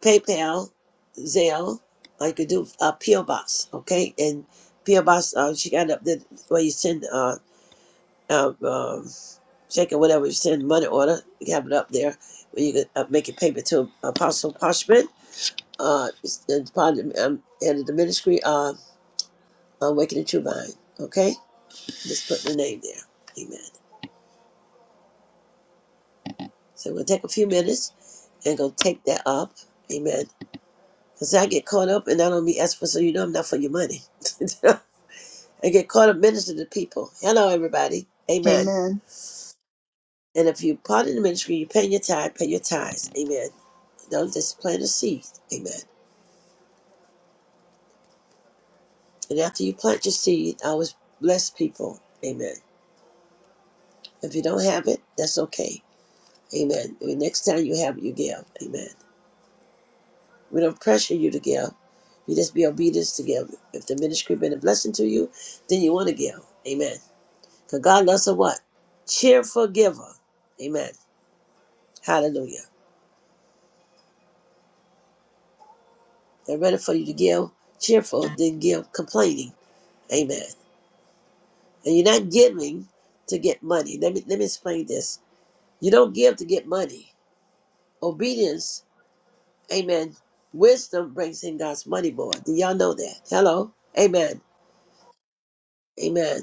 Speaker 1: PayPal, Zelle. Or you could do uh, P.O. Box, okay? And P.O. Box, uh, she got it up there where you send uh, uh um, check or whatever you send money order. You have it up there where you can uh, make your payment to Apostle Parchment uh, it's- it's part of the, um, head of the ministry. Uh, Awakening True Mind. Okay? Just put the name there. Amen. So we'll take a few minutes and go take that up. Amen. Because I get caught up and I don't be asking for, so you know I'm not for your money. I get caught up ministering to people. Hello, everybody. Amen.
Speaker 2: Amen.
Speaker 1: And if you part in the ministry, you pay your tithe, pay your tithes. Amen. Don't just plant a seed. Amen. And after you plant your seed, I always bless people. Amen. If you don't have it, that's okay. Amen. The next time you have it, you give. Amen. We don't pressure you to give. You just be obedient to give. If the ministry been a blessing to you, then you want to give. Amen. Because God loves a what? Cheerful giver. Amen. Hallelujah. They're ready for you to give cheerful, then give complaining. Amen. And you're not giving to get money. Let me let me explain this. You don't give to get money. Obedience, amen. Wisdom brings in God's money board. Do y'all know that? Hello? Amen. Amen.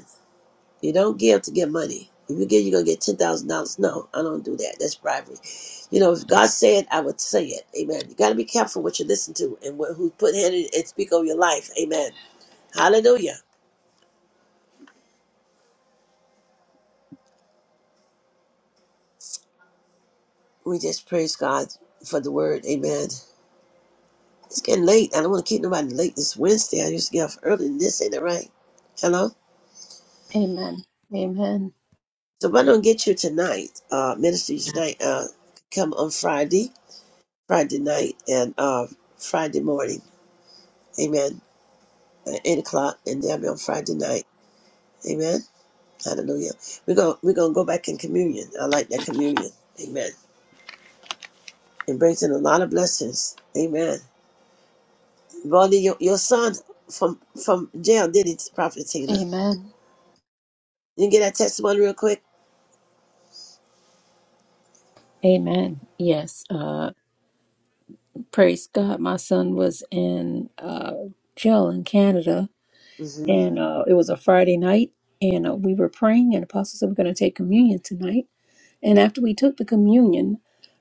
Speaker 1: You don't give to get money. If you give, you're gonna get ten thousand dollars. No, I don't do that. That's bribery. You know, if God said, I would say it. Amen. You got to be careful what you listen to and what, who put in it and speak over your life. Amen. Hallelujah. We just praise God for the word. Amen. It's getting late. I don't want to keep nobody late this Wednesday. I used to get off early than this. Ain't that right? Hello.
Speaker 2: Amen. Amen.
Speaker 1: So if I don't get you tonight, uh, ministry tonight, uh, come on Friday, Friday night, and uh, Friday morning. Amen. at eight o'clock, and they'll be on Friday night. Amen. Hallelujah. We're gonna we're gonna go back in communion. I like that communion. Amen. It brings in a lot of blessings. Amen. Bonnie, your, your son from from jail did it, Prophet Tina.
Speaker 2: Amen.
Speaker 1: You get that testimony real quick.
Speaker 2: Amen. Yes. Uh, praise God. My son was in uh, jail in Canada,
Speaker 1: Mm-hmm.
Speaker 2: and uh, it was a Friday night, and uh, we were praying, and Apostle said, We're going to take communion tonight. And after we took the communion,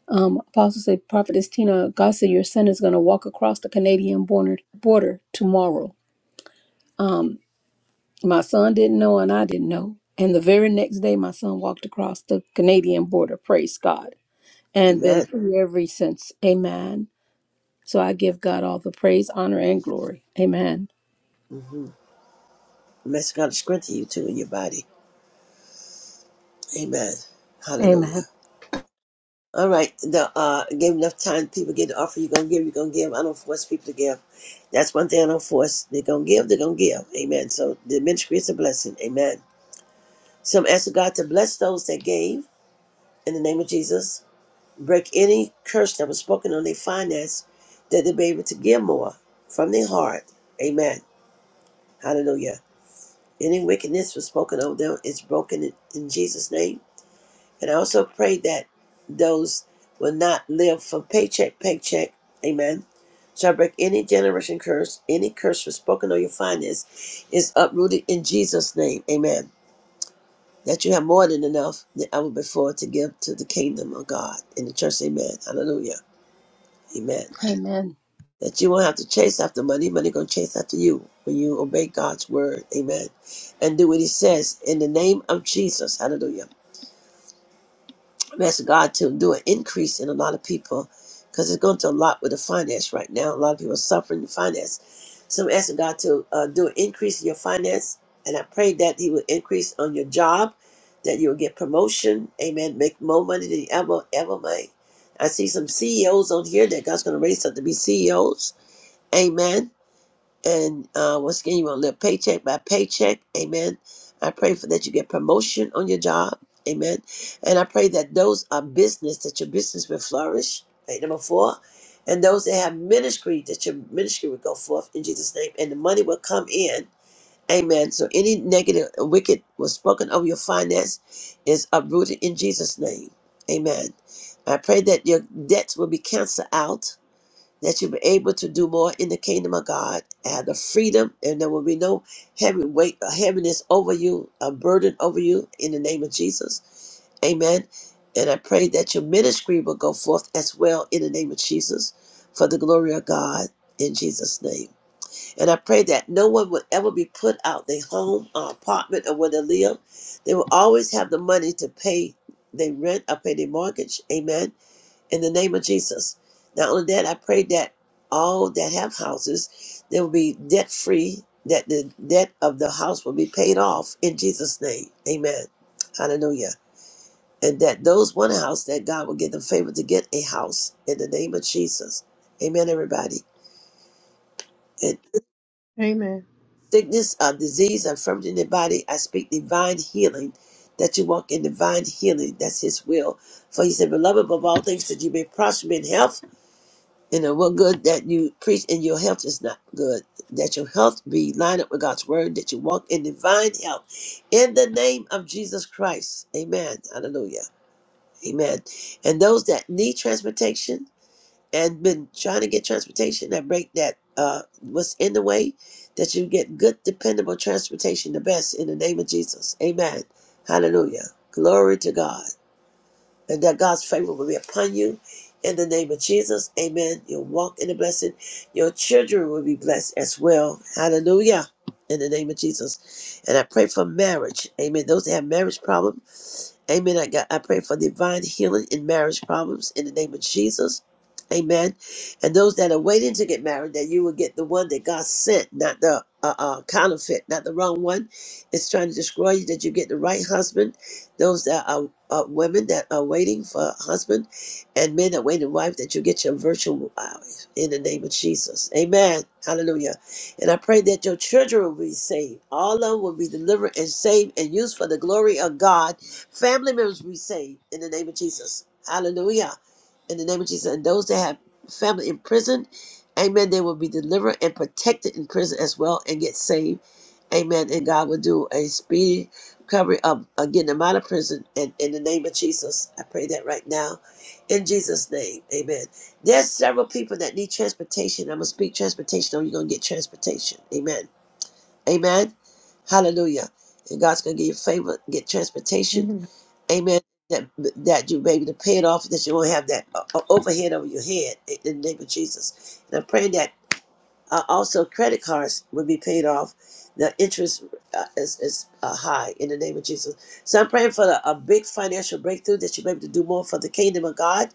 Speaker 2: um, Apostle said, Prophetess Tina, God said, Your son is going to walk across the Canadian border, border tomorrow. Um, my son didn't know, and I didn't know. And the very next day, my son walked across the Canadian border. Praise God. And been
Speaker 1: Amen.
Speaker 2: free ever since. Amen So I give God all the praise, honor, and glory. Amen.
Speaker 1: Mm-hmm. Mess God to strengthen you too in your body. Amen. Hallelujah.
Speaker 2: Amen.
Speaker 1: All right, the uh, give enough time. People get the offer. You're gonna give. You're gonna give. I don't force people to give. That's one thing I don't force. They're gonna give. They're gonna give. Amen. So the ministry is a blessing. Amen. So I'm asking God to bless those that gave in the name of Jesus. Break any curse that was spoken on their finance, that they be able to give more from their heart. Amen. Hallelujah. Any wickedness was spoken over them is broken in in Jesus' name. And I also pray that those will not live from paycheck, paycheck. Amen. Shall break any generation curse, any curse for spoken on your finance is uprooted in Jesus' name. Amen. That you have more than enough than ever before to give to the kingdom of God in the church. Amen. Hallelujah. Amen.
Speaker 2: Amen.
Speaker 1: That you won't have to chase after money. Money gonna chase after you when you obey God's word. Amen. And do what he says in the name of Jesus. Hallelujah. I'm asking God to do an increase in a lot of people because it's going to a lot with the finance right now. A lot of people are suffering in finance. So I'm asking God to uh, do an increase in your finance. And I pray that He will increase on your job, that you will get promotion. Amen. Make more money than you ever, ever made. I see some CEOs on here that God's going to raise up to be CEOs. Amen. And uh, once again, you want to live paycheck by paycheck. Amen. I pray for that you get promotion on your job. Amen. And I pray that those are business, that your business will flourish. Right, number four. And those that have ministry, that your ministry will go forth in Jesus' name. And the money will come in. Amen. So any negative or wicked was spoken over your finance is uprooted in Jesus' name. Amen. I pray that your debts will be canceled out that you'll be able to do more in the kingdom of God, have the freedom, and there will be no heavy weight, a heaviness over you, a burden over you in the name of Jesus. Amen. And I pray that your ministry will go forth as well in the name of Jesus for the glory of God in Jesus' name. And I pray that no one will ever be put out their home or apartment or where they live. They will always have the money to pay their rent or pay their mortgage. Amen in the name of Jesus. Not only that, I pray that all that have houses, they will be debt free, that the debt of the house will be paid off in Jesus' name. Amen. Hallelujah. And that those want a house, that God will give them favor to get a house in the name of Jesus. Amen, everybody. And
Speaker 13: Amen.
Speaker 1: sickness, uh, disease, infirmity in the body, I speak divine healing, that you walk in divine healing. That's His will. For He said, Beloved, above all things, that you may prosper in health And it what good that you preach and your health is not good. That your health be lined up with God's word, that you walk in divine health in the name of Jesus Christ. Amen. Hallelujah. Amen. And those that need transportation and been trying to get transportation that break that uh what's in the way, that you get good, dependable transportation, the best in the name of Jesus. Amen. Hallelujah. Glory to God and that God's favor will be upon you. In the name of Jesus, amen. You'll walk in the blessing. Your children will be blessed as well. Hallelujah. In the name of Jesus. And I pray for marriage. Amen. Those that have marriage problems. Amen. I, got, I pray for divine healing in marriage problems in the name of Jesus. Amen. And those that are waiting to get married, that you will get the one that God sent, not the uh, uh, counterfeit, not the wrong one. It's trying to destroy you, that you get the right husband. Those that are uh, women that are waiting for a husband and men that wait in wife, that you get your virtual wife in the name of Jesus. Amen. Hallelujah. And I pray that your children will be saved. All of them will be delivered and saved and used for the glory of God Family members we saved in the name of Jesus. Hallelujah. In the name of Jesus. And those that have family in prison, amen, they will be delivered and protected in prison as well and get saved. Amen. And God will do a speedy recovery of of getting them out of prison. And in the name of Jesus, I pray that right now. In Jesus' name. Amen. There's several people that need transportation. I'm going to speak transportation or you're going to get transportation. Amen. Amen. Hallelujah. And God's going to give you favor, get transportation
Speaker 13: Amen.
Speaker 1: Amen. That that you may be able to pay it off, that you won't have that o- o- overhead over your head in the name of Jesus. And I'm praying that uh, also credit cards will be paid off. The interest uh, is, is uh, high in the name of Jesus. So I'm praying for a, a big financial breakthrough that you may be able to do more for the kingdom of God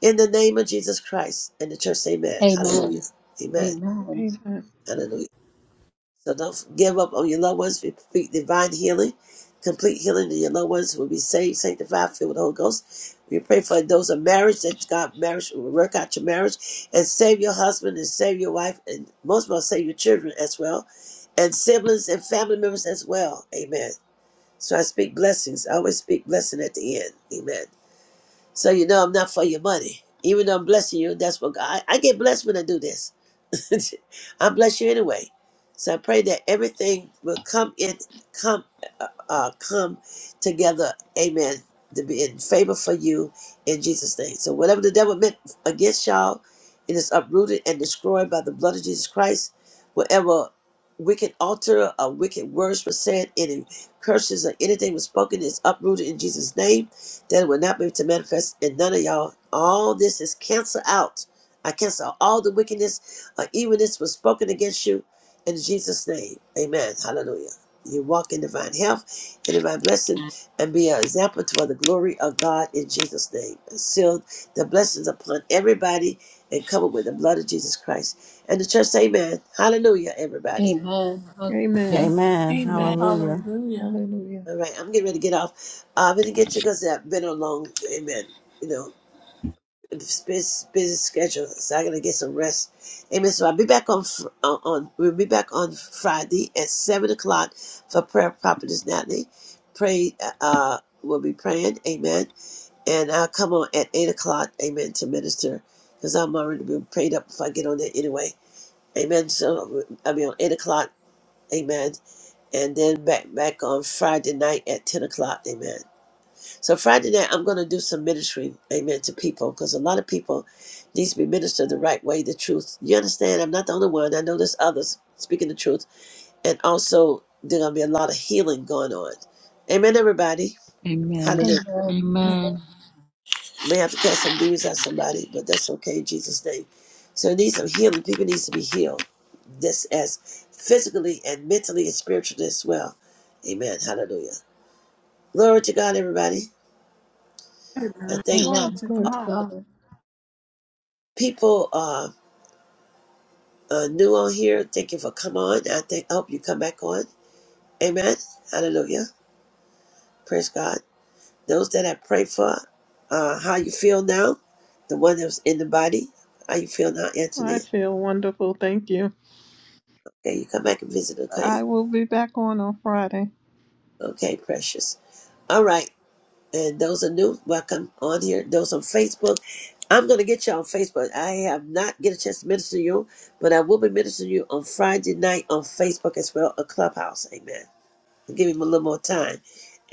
Speaker 1: in the name of Jesus Christ and the church. Amen. Hallelujah.
Speaker 2: Amen.
Speaker 1: Amen.
Speaker 2: Amen.
Speaker 13: Amen.
Speaker 1: Hallelujah. So don't give up on your loved ones. We speak divine healing, complete healing to your loved ones who will be saved, sanctified, filled with the Holy Ghost. We pray for those of marriage that God marriage will work out your marriage and save your husband and save your wife and most of all save your children as well. And siblings and family members as well. Amen. So I speak blessings. I always speak blessing at the end. Amen. So you know I'm not for your money. Even though I'm blessing you, that's what God I, I get blessed when I do this. I bless you anyway. So I pray that everything will come in, come, uh, uh, come together. Amen. To be in favor for you in Jesus' name. So whatever the devil meant against y'all, it is uprooted and destroyed by the blood of Jesus Christ. Whatever wicked altar or wicked words were said, any curses or anything was spoken is uprooted in Jesus' name. That it will not be able to manifest in none of y'all. All this is canceled out. I cancel all the wickedness like even this was spoken against you in Jesus' name. Amen. Hallelujah. You walk in divine health and divine blessing and be an example to the glory of God in Jesus' name. And seal the blessings upon everybody and cover with the blood of Jesus Christ. And the church say, Amen. Hallelujah, everybody.
Speaker 2: Amen. Hallelujah.
Speaker 13: Amen.
Speaker 6: Amen.
Speaker 3: Amen.
Speaker 13: Amen.
Speaker 6: Hallelujah.
Speaker 3: Hallelujah.
Speaker 13: Hallelujah.
Speaker 1: All right, I'm getting ready to get off. Uh, I'm going to get you because I've been on long. Amen. You know, It's busy, schedule, so I am going to get some rest. Amen. So I'll be back on fr- uh, on we'll be back on Friday at seven o'clock for prayer. Prophetess Natalie, pray. Uh, uh, we'll be praying. Amen. And I'll come on at eight o'clock. Amen. To minister, because I'm already been prayed up if I get on there anyway. Amen. So I'll be on eight o'clock. Amen. And then back back on Friday night at ten o'clock. Amen. So Friday night, I'm going to do some ministry, amen, to people because a lot of people needs to be ministered the right way, the truth. You understand? I'm not the only one. I know there's others speaking the truth, and also there's going to be a lot of healing going on. Amen, everybody.
Speaker 4: Amen.
Speaker 1: Hallelujah.
Speaker 2: Amen. Amen.
Speaker 4: Amen.
Speaker 1: May have to cast some demons out somebody, but that's okay in Jesus' name. So it needs some healing. People needs to be healed. This as physically and mentally and spiritually as well. Amen. Hallelujah. Glory to God, everybody. I
Speaker 3: Amen.
Speaker 1: thank
Speaker 3: Glory
Speaker 2: Amen.
Speaker 3: to
Speaker 2: Glory to
Speaker 3: God.
Speaker 2: God.
Speaker 1: people. Uh, uh, new on here, thank you for come on. I think I hope you come back on. Amen. Hallelujah. Praise God. Those that I pray for, uh, how you feel now, the one that was in the body, how you feel now,
Speaker 13: I
Speaker 1: Anthony.
Speaker 13: feel wonderful. Thank you.
Speaker 1: Okay, you come back and visit, okay?
Speaker 13: I will be back on on Friday.
Speaker 1: Okay, precious. All right. And those are new, welcome on here. Those on Facebook. I'm gonna get you on Facebook. I have not get a chance to minister to you, but I will be ministering to you on Friday night on Facebook as well, a clubhouse. Amen. Give him a little more time.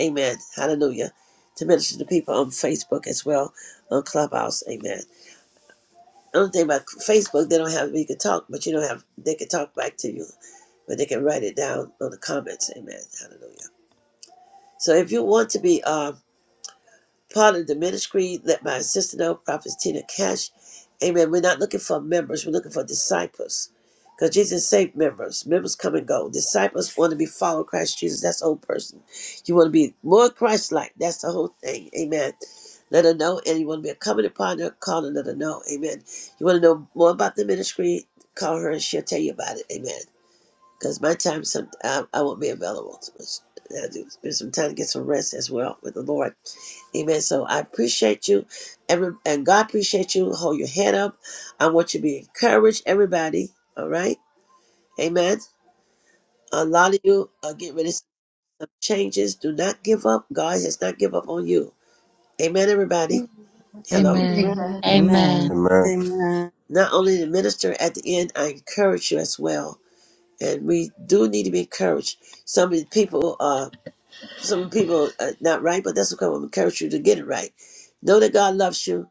Speaker 1: Amen. Hallelujah. To minister to people on Facebook as well, on Clubhouse. Amen. The only thing about Facebook, they don't have you can talk, but you don't have they can talk back to you, but they can write it down on the comments. Amen. Hallelujah. So if you want to be um part of the ministry. Let my sister know, Prophet Tina Cash. Amen. We're not looking for members, we're looking for disciples. Because Jesus saved members. Members come and go. Disciples want to be follow Christ Jesus. That's the whole person. You want to be more Christ like. That's the whole thing. Amen. Let her know. And you want to be a covenant partner, call and let her know. Amen. You want to know more about the ministry, call her and she'll tell you about it. Amen because my time some I, I won't be available. So much. I have to spend some time to get some rest as well with the Lord. Amen. So I appreciate you, every and God appreciate you. Hold your head up. I want you to be encouraged, everybody. All right. Amen. A lot of you are getting ready to see some changes. Do not give up. God has not give up on you. Amen, everybody.
Speaker 3: Amen.
Speaker 1: Hello.
Speaker 4: Amen.
Speaker 2: Amen.
Speaker 3: Amen.
Speaker 6: Amen.
Speaker 4: Amen.
Speaker 14: Amen.
Speaker 6: Amen.
Speaker 1: Not only the minister at the end, I encourage you as well. And we do need to be encouraged. Some of the people are some people are not right, but that's okay. I'm going to encourage you to get it right. Know that God loves you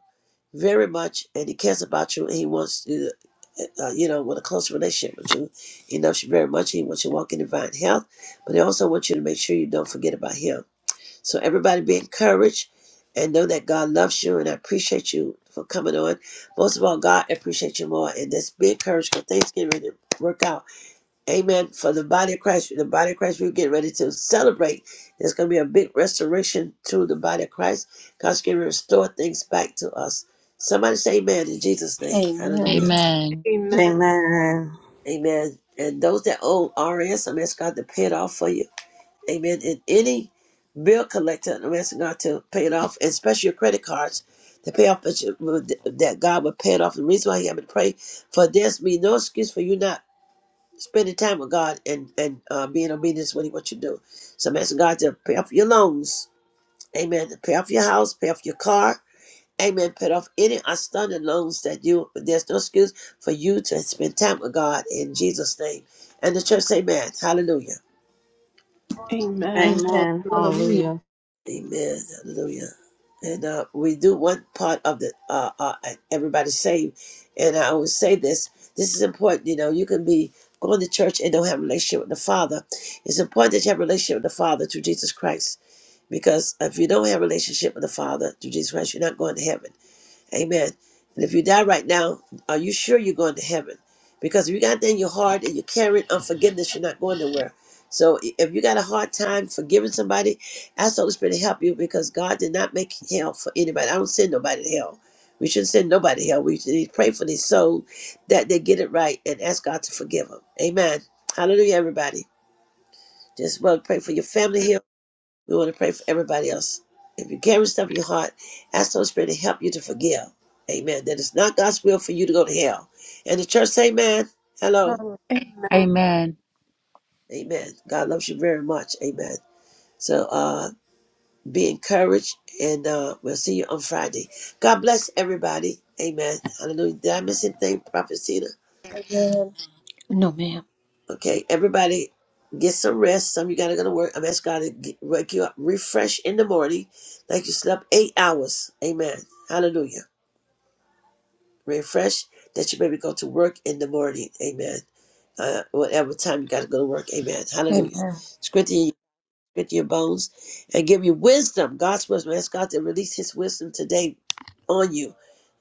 Speaker 1: very much, and He cares about you, and He wants you, to, uh, you know, with a close relationship with you. He loves you very much. He wants you to walk in divine health, but He also wants you to make sure you don't forget about Him. So everybody, be encouraged, and know that God loves you, and I appreciate you for coming on. Most of all, God appreciates you more, and just be encouraged because things get ready to work out Amen. For the body of Christ, the body of Christ, we're getting ready to celebrate. There's going to be a big restoration to the body of Christ. God's going to restore things back to us. Somebody say amen in Jesus' name.
Speaker 2: Amen.
Speaker 1: Hallelujah.
Speaker 4: Amen.
Speaker 3: Amen.
Speaker 6: Amen.
Speaker 1: Amen. And those that own RS, I'm asking God to pay it off for you. Amen. And any bill collector, I'm asking God to pay it off, and especially your credit cards, to pay off that you- that God would pay it off. The reason why you have to pray for this, be no excuse for you not Spending time with God and and uh, being obedient is really what you do. So I'm asking God to pay off your loans. Amen. To pay off your house, pay off your car. Amen. Pay off any outstanding loans that you. There's no excuse for you to spend time with God in Jesus' name. And the church, say, Amen. Hallelujah.
Speaker 3: Amen.
Speaker 2: Amen.
Speaker 6: Amen.
Speaker 3: Hallelujah.
Speaker 2: Hallelujah.
Speaker 6: Hallelujah.
Speaker 1: Amen. Hallelujah. And uh, we do one part of the uh, uh, everybody saved. And I always say this: this is important. You know, you can be going to church and don't have a relationship with the Father. It's important that you have a relationship with the Father through Jesus Christ. Because if you don't have a relationship with the Father through Jesus Christ, you're not going to heaven. Amen. And if you die right now, are you sure you're going to heaven? Because if you got that in your heart and you're carrying unforgiveness, you're not going nowhere. So i- if you got a hard time forgiving somebody, ask the Holy Spirit to help you because God did not make hell for anybody. I don't send nobody to hell. We shouldn't send nobody to hell. We should need to pray for these souls that they get it right and ask God to forgive them. Amen. Hallelujah, everybody. Just want pray for your family here. We want to pray for everybody else. If you carry stuff in your heart, ask the Holy Spirit to help you to forgive. Amen. That it's not God's will for you to go to hell. And the church say, Amen. Hello.
Speaker 3: Hallelujah. Amen.
Speaker 4: Amen.
Speaker 1: Amen. God loves you very much. Amen. So uh be encouraged and uh we'll see you on Friday. God bless everybody. Amen. Hallelujah. Did I miss anything, Prophet Cena?
Speaker 2: Amen. No, ma'am.
Speaker 1: Okay, everybody get some rest. Some of you gotta go to work. I'm asking God to get, wake you up, refresh in the morning, like you slept eight hours. Amen. Hallelujah. refresh that you may go to work in the morning. Amen. Uh, whatever time you got to go to work. Amen. Hallelujah.
Speaker 2: Amen.
Speaker 1: Strengthen you. Strengthen your bones and give you wisdom, God's wisdom. Ask God to release His wisdom today on you.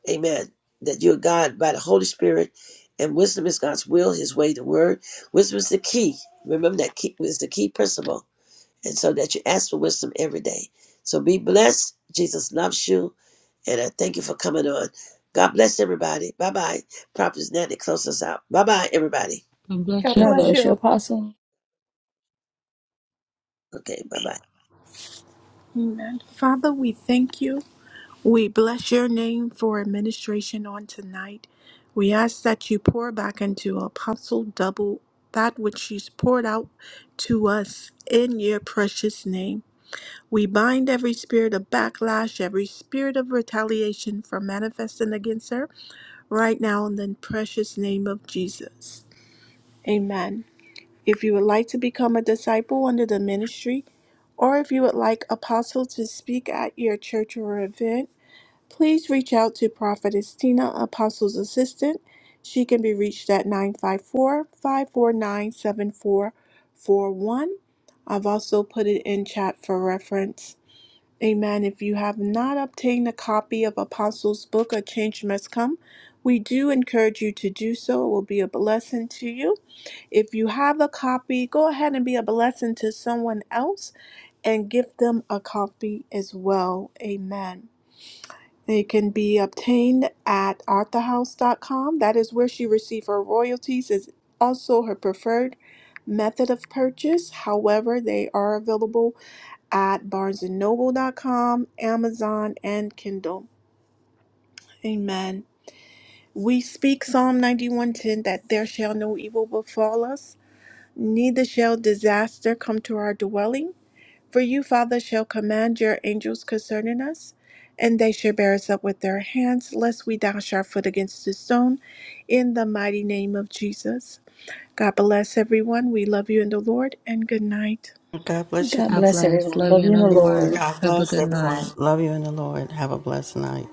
Speaker 1: Amen. That you're God by the Holy Spirit, and wisdom is God's will, His way, the word. Wisdom is the key. Remember that key is the key principle and so that you ask for wisdom every day. So be blessed. Jesus loves you, and I thank you for coming on. God bless everybody. Bye bye. Prophet Natty, close us out. Bye bye, everybody.
Speaker 4: God bless you,
Speaker 3: God
Speaker 2: God
Speaker 3: bless
Speaker 2: bless
Speaker 3: you,
Speaker 4: Apostle.
Speaker 2: you,
Speaker 3: Apostle.
Speaker 2: Apostle.
Speaker 1: Okay, bye bye.
Speaker 3: Amen. Father, we thank you. We bless your name for administration on tonight. We ask that you pour back into Apostle double that which she's poured out to us in your precious name. We bind every spirit of backlash, every spirit of retaliation from manifesting against her right now in the precious name of Jesus. Amen. If you would like to become a disciple under the ministry, or if you would like Apostle to speak at your church or event, please reach out to Prophetess Tina, Apostle's assistant. She can be reached at nine five four five four nine, seven four four one. I've also put it in chat for reference. Amen. If you have not obtained a copy of Apostles' book, A Change Must Come, we do encourage you to do so. It will be a blessing to you. If you have a copy, go ahead and be a blessing to someone else and give them a copy as well. Amen. It can be obtained at arthahouse.com. That is where she received her royalties, is also her preferred method of purchase. However, they are available at barnesandnoble.com, Amazon, and Kindle. Amen. We speak Psalm 91:10 that there shall no evil befall us, neither shall disaster come to our dwelling. For you, Father, shall command your angels concerning us, and they shall bear us up with their hands, lest we dash our foot against the stone. In the mighty name of Jesus. God bless everyone. We love you in the Lord, and good night.
Speaker 6: God bless you,
Speaker 2: God
Speaker 4: God
Speaker 6: Apostle.
Speaker 2: bless
Speaker 4: bless.
Speaker 2: everyone.
Speaker 4: Love
Speaker 2: Love
Speaker 4: you
Speaker 2: you
Speaker 4: in
Speaker 2: in
Speaker 4: the
Speaker 2: the Lord.
Speaker 4: Lord.
Speaker 6: God
Speaker 4: Have a
Speaker 6: bless
Speaker 4: good night.
Speaker 6: everyone. Love you in the Lord. Have a blessed night.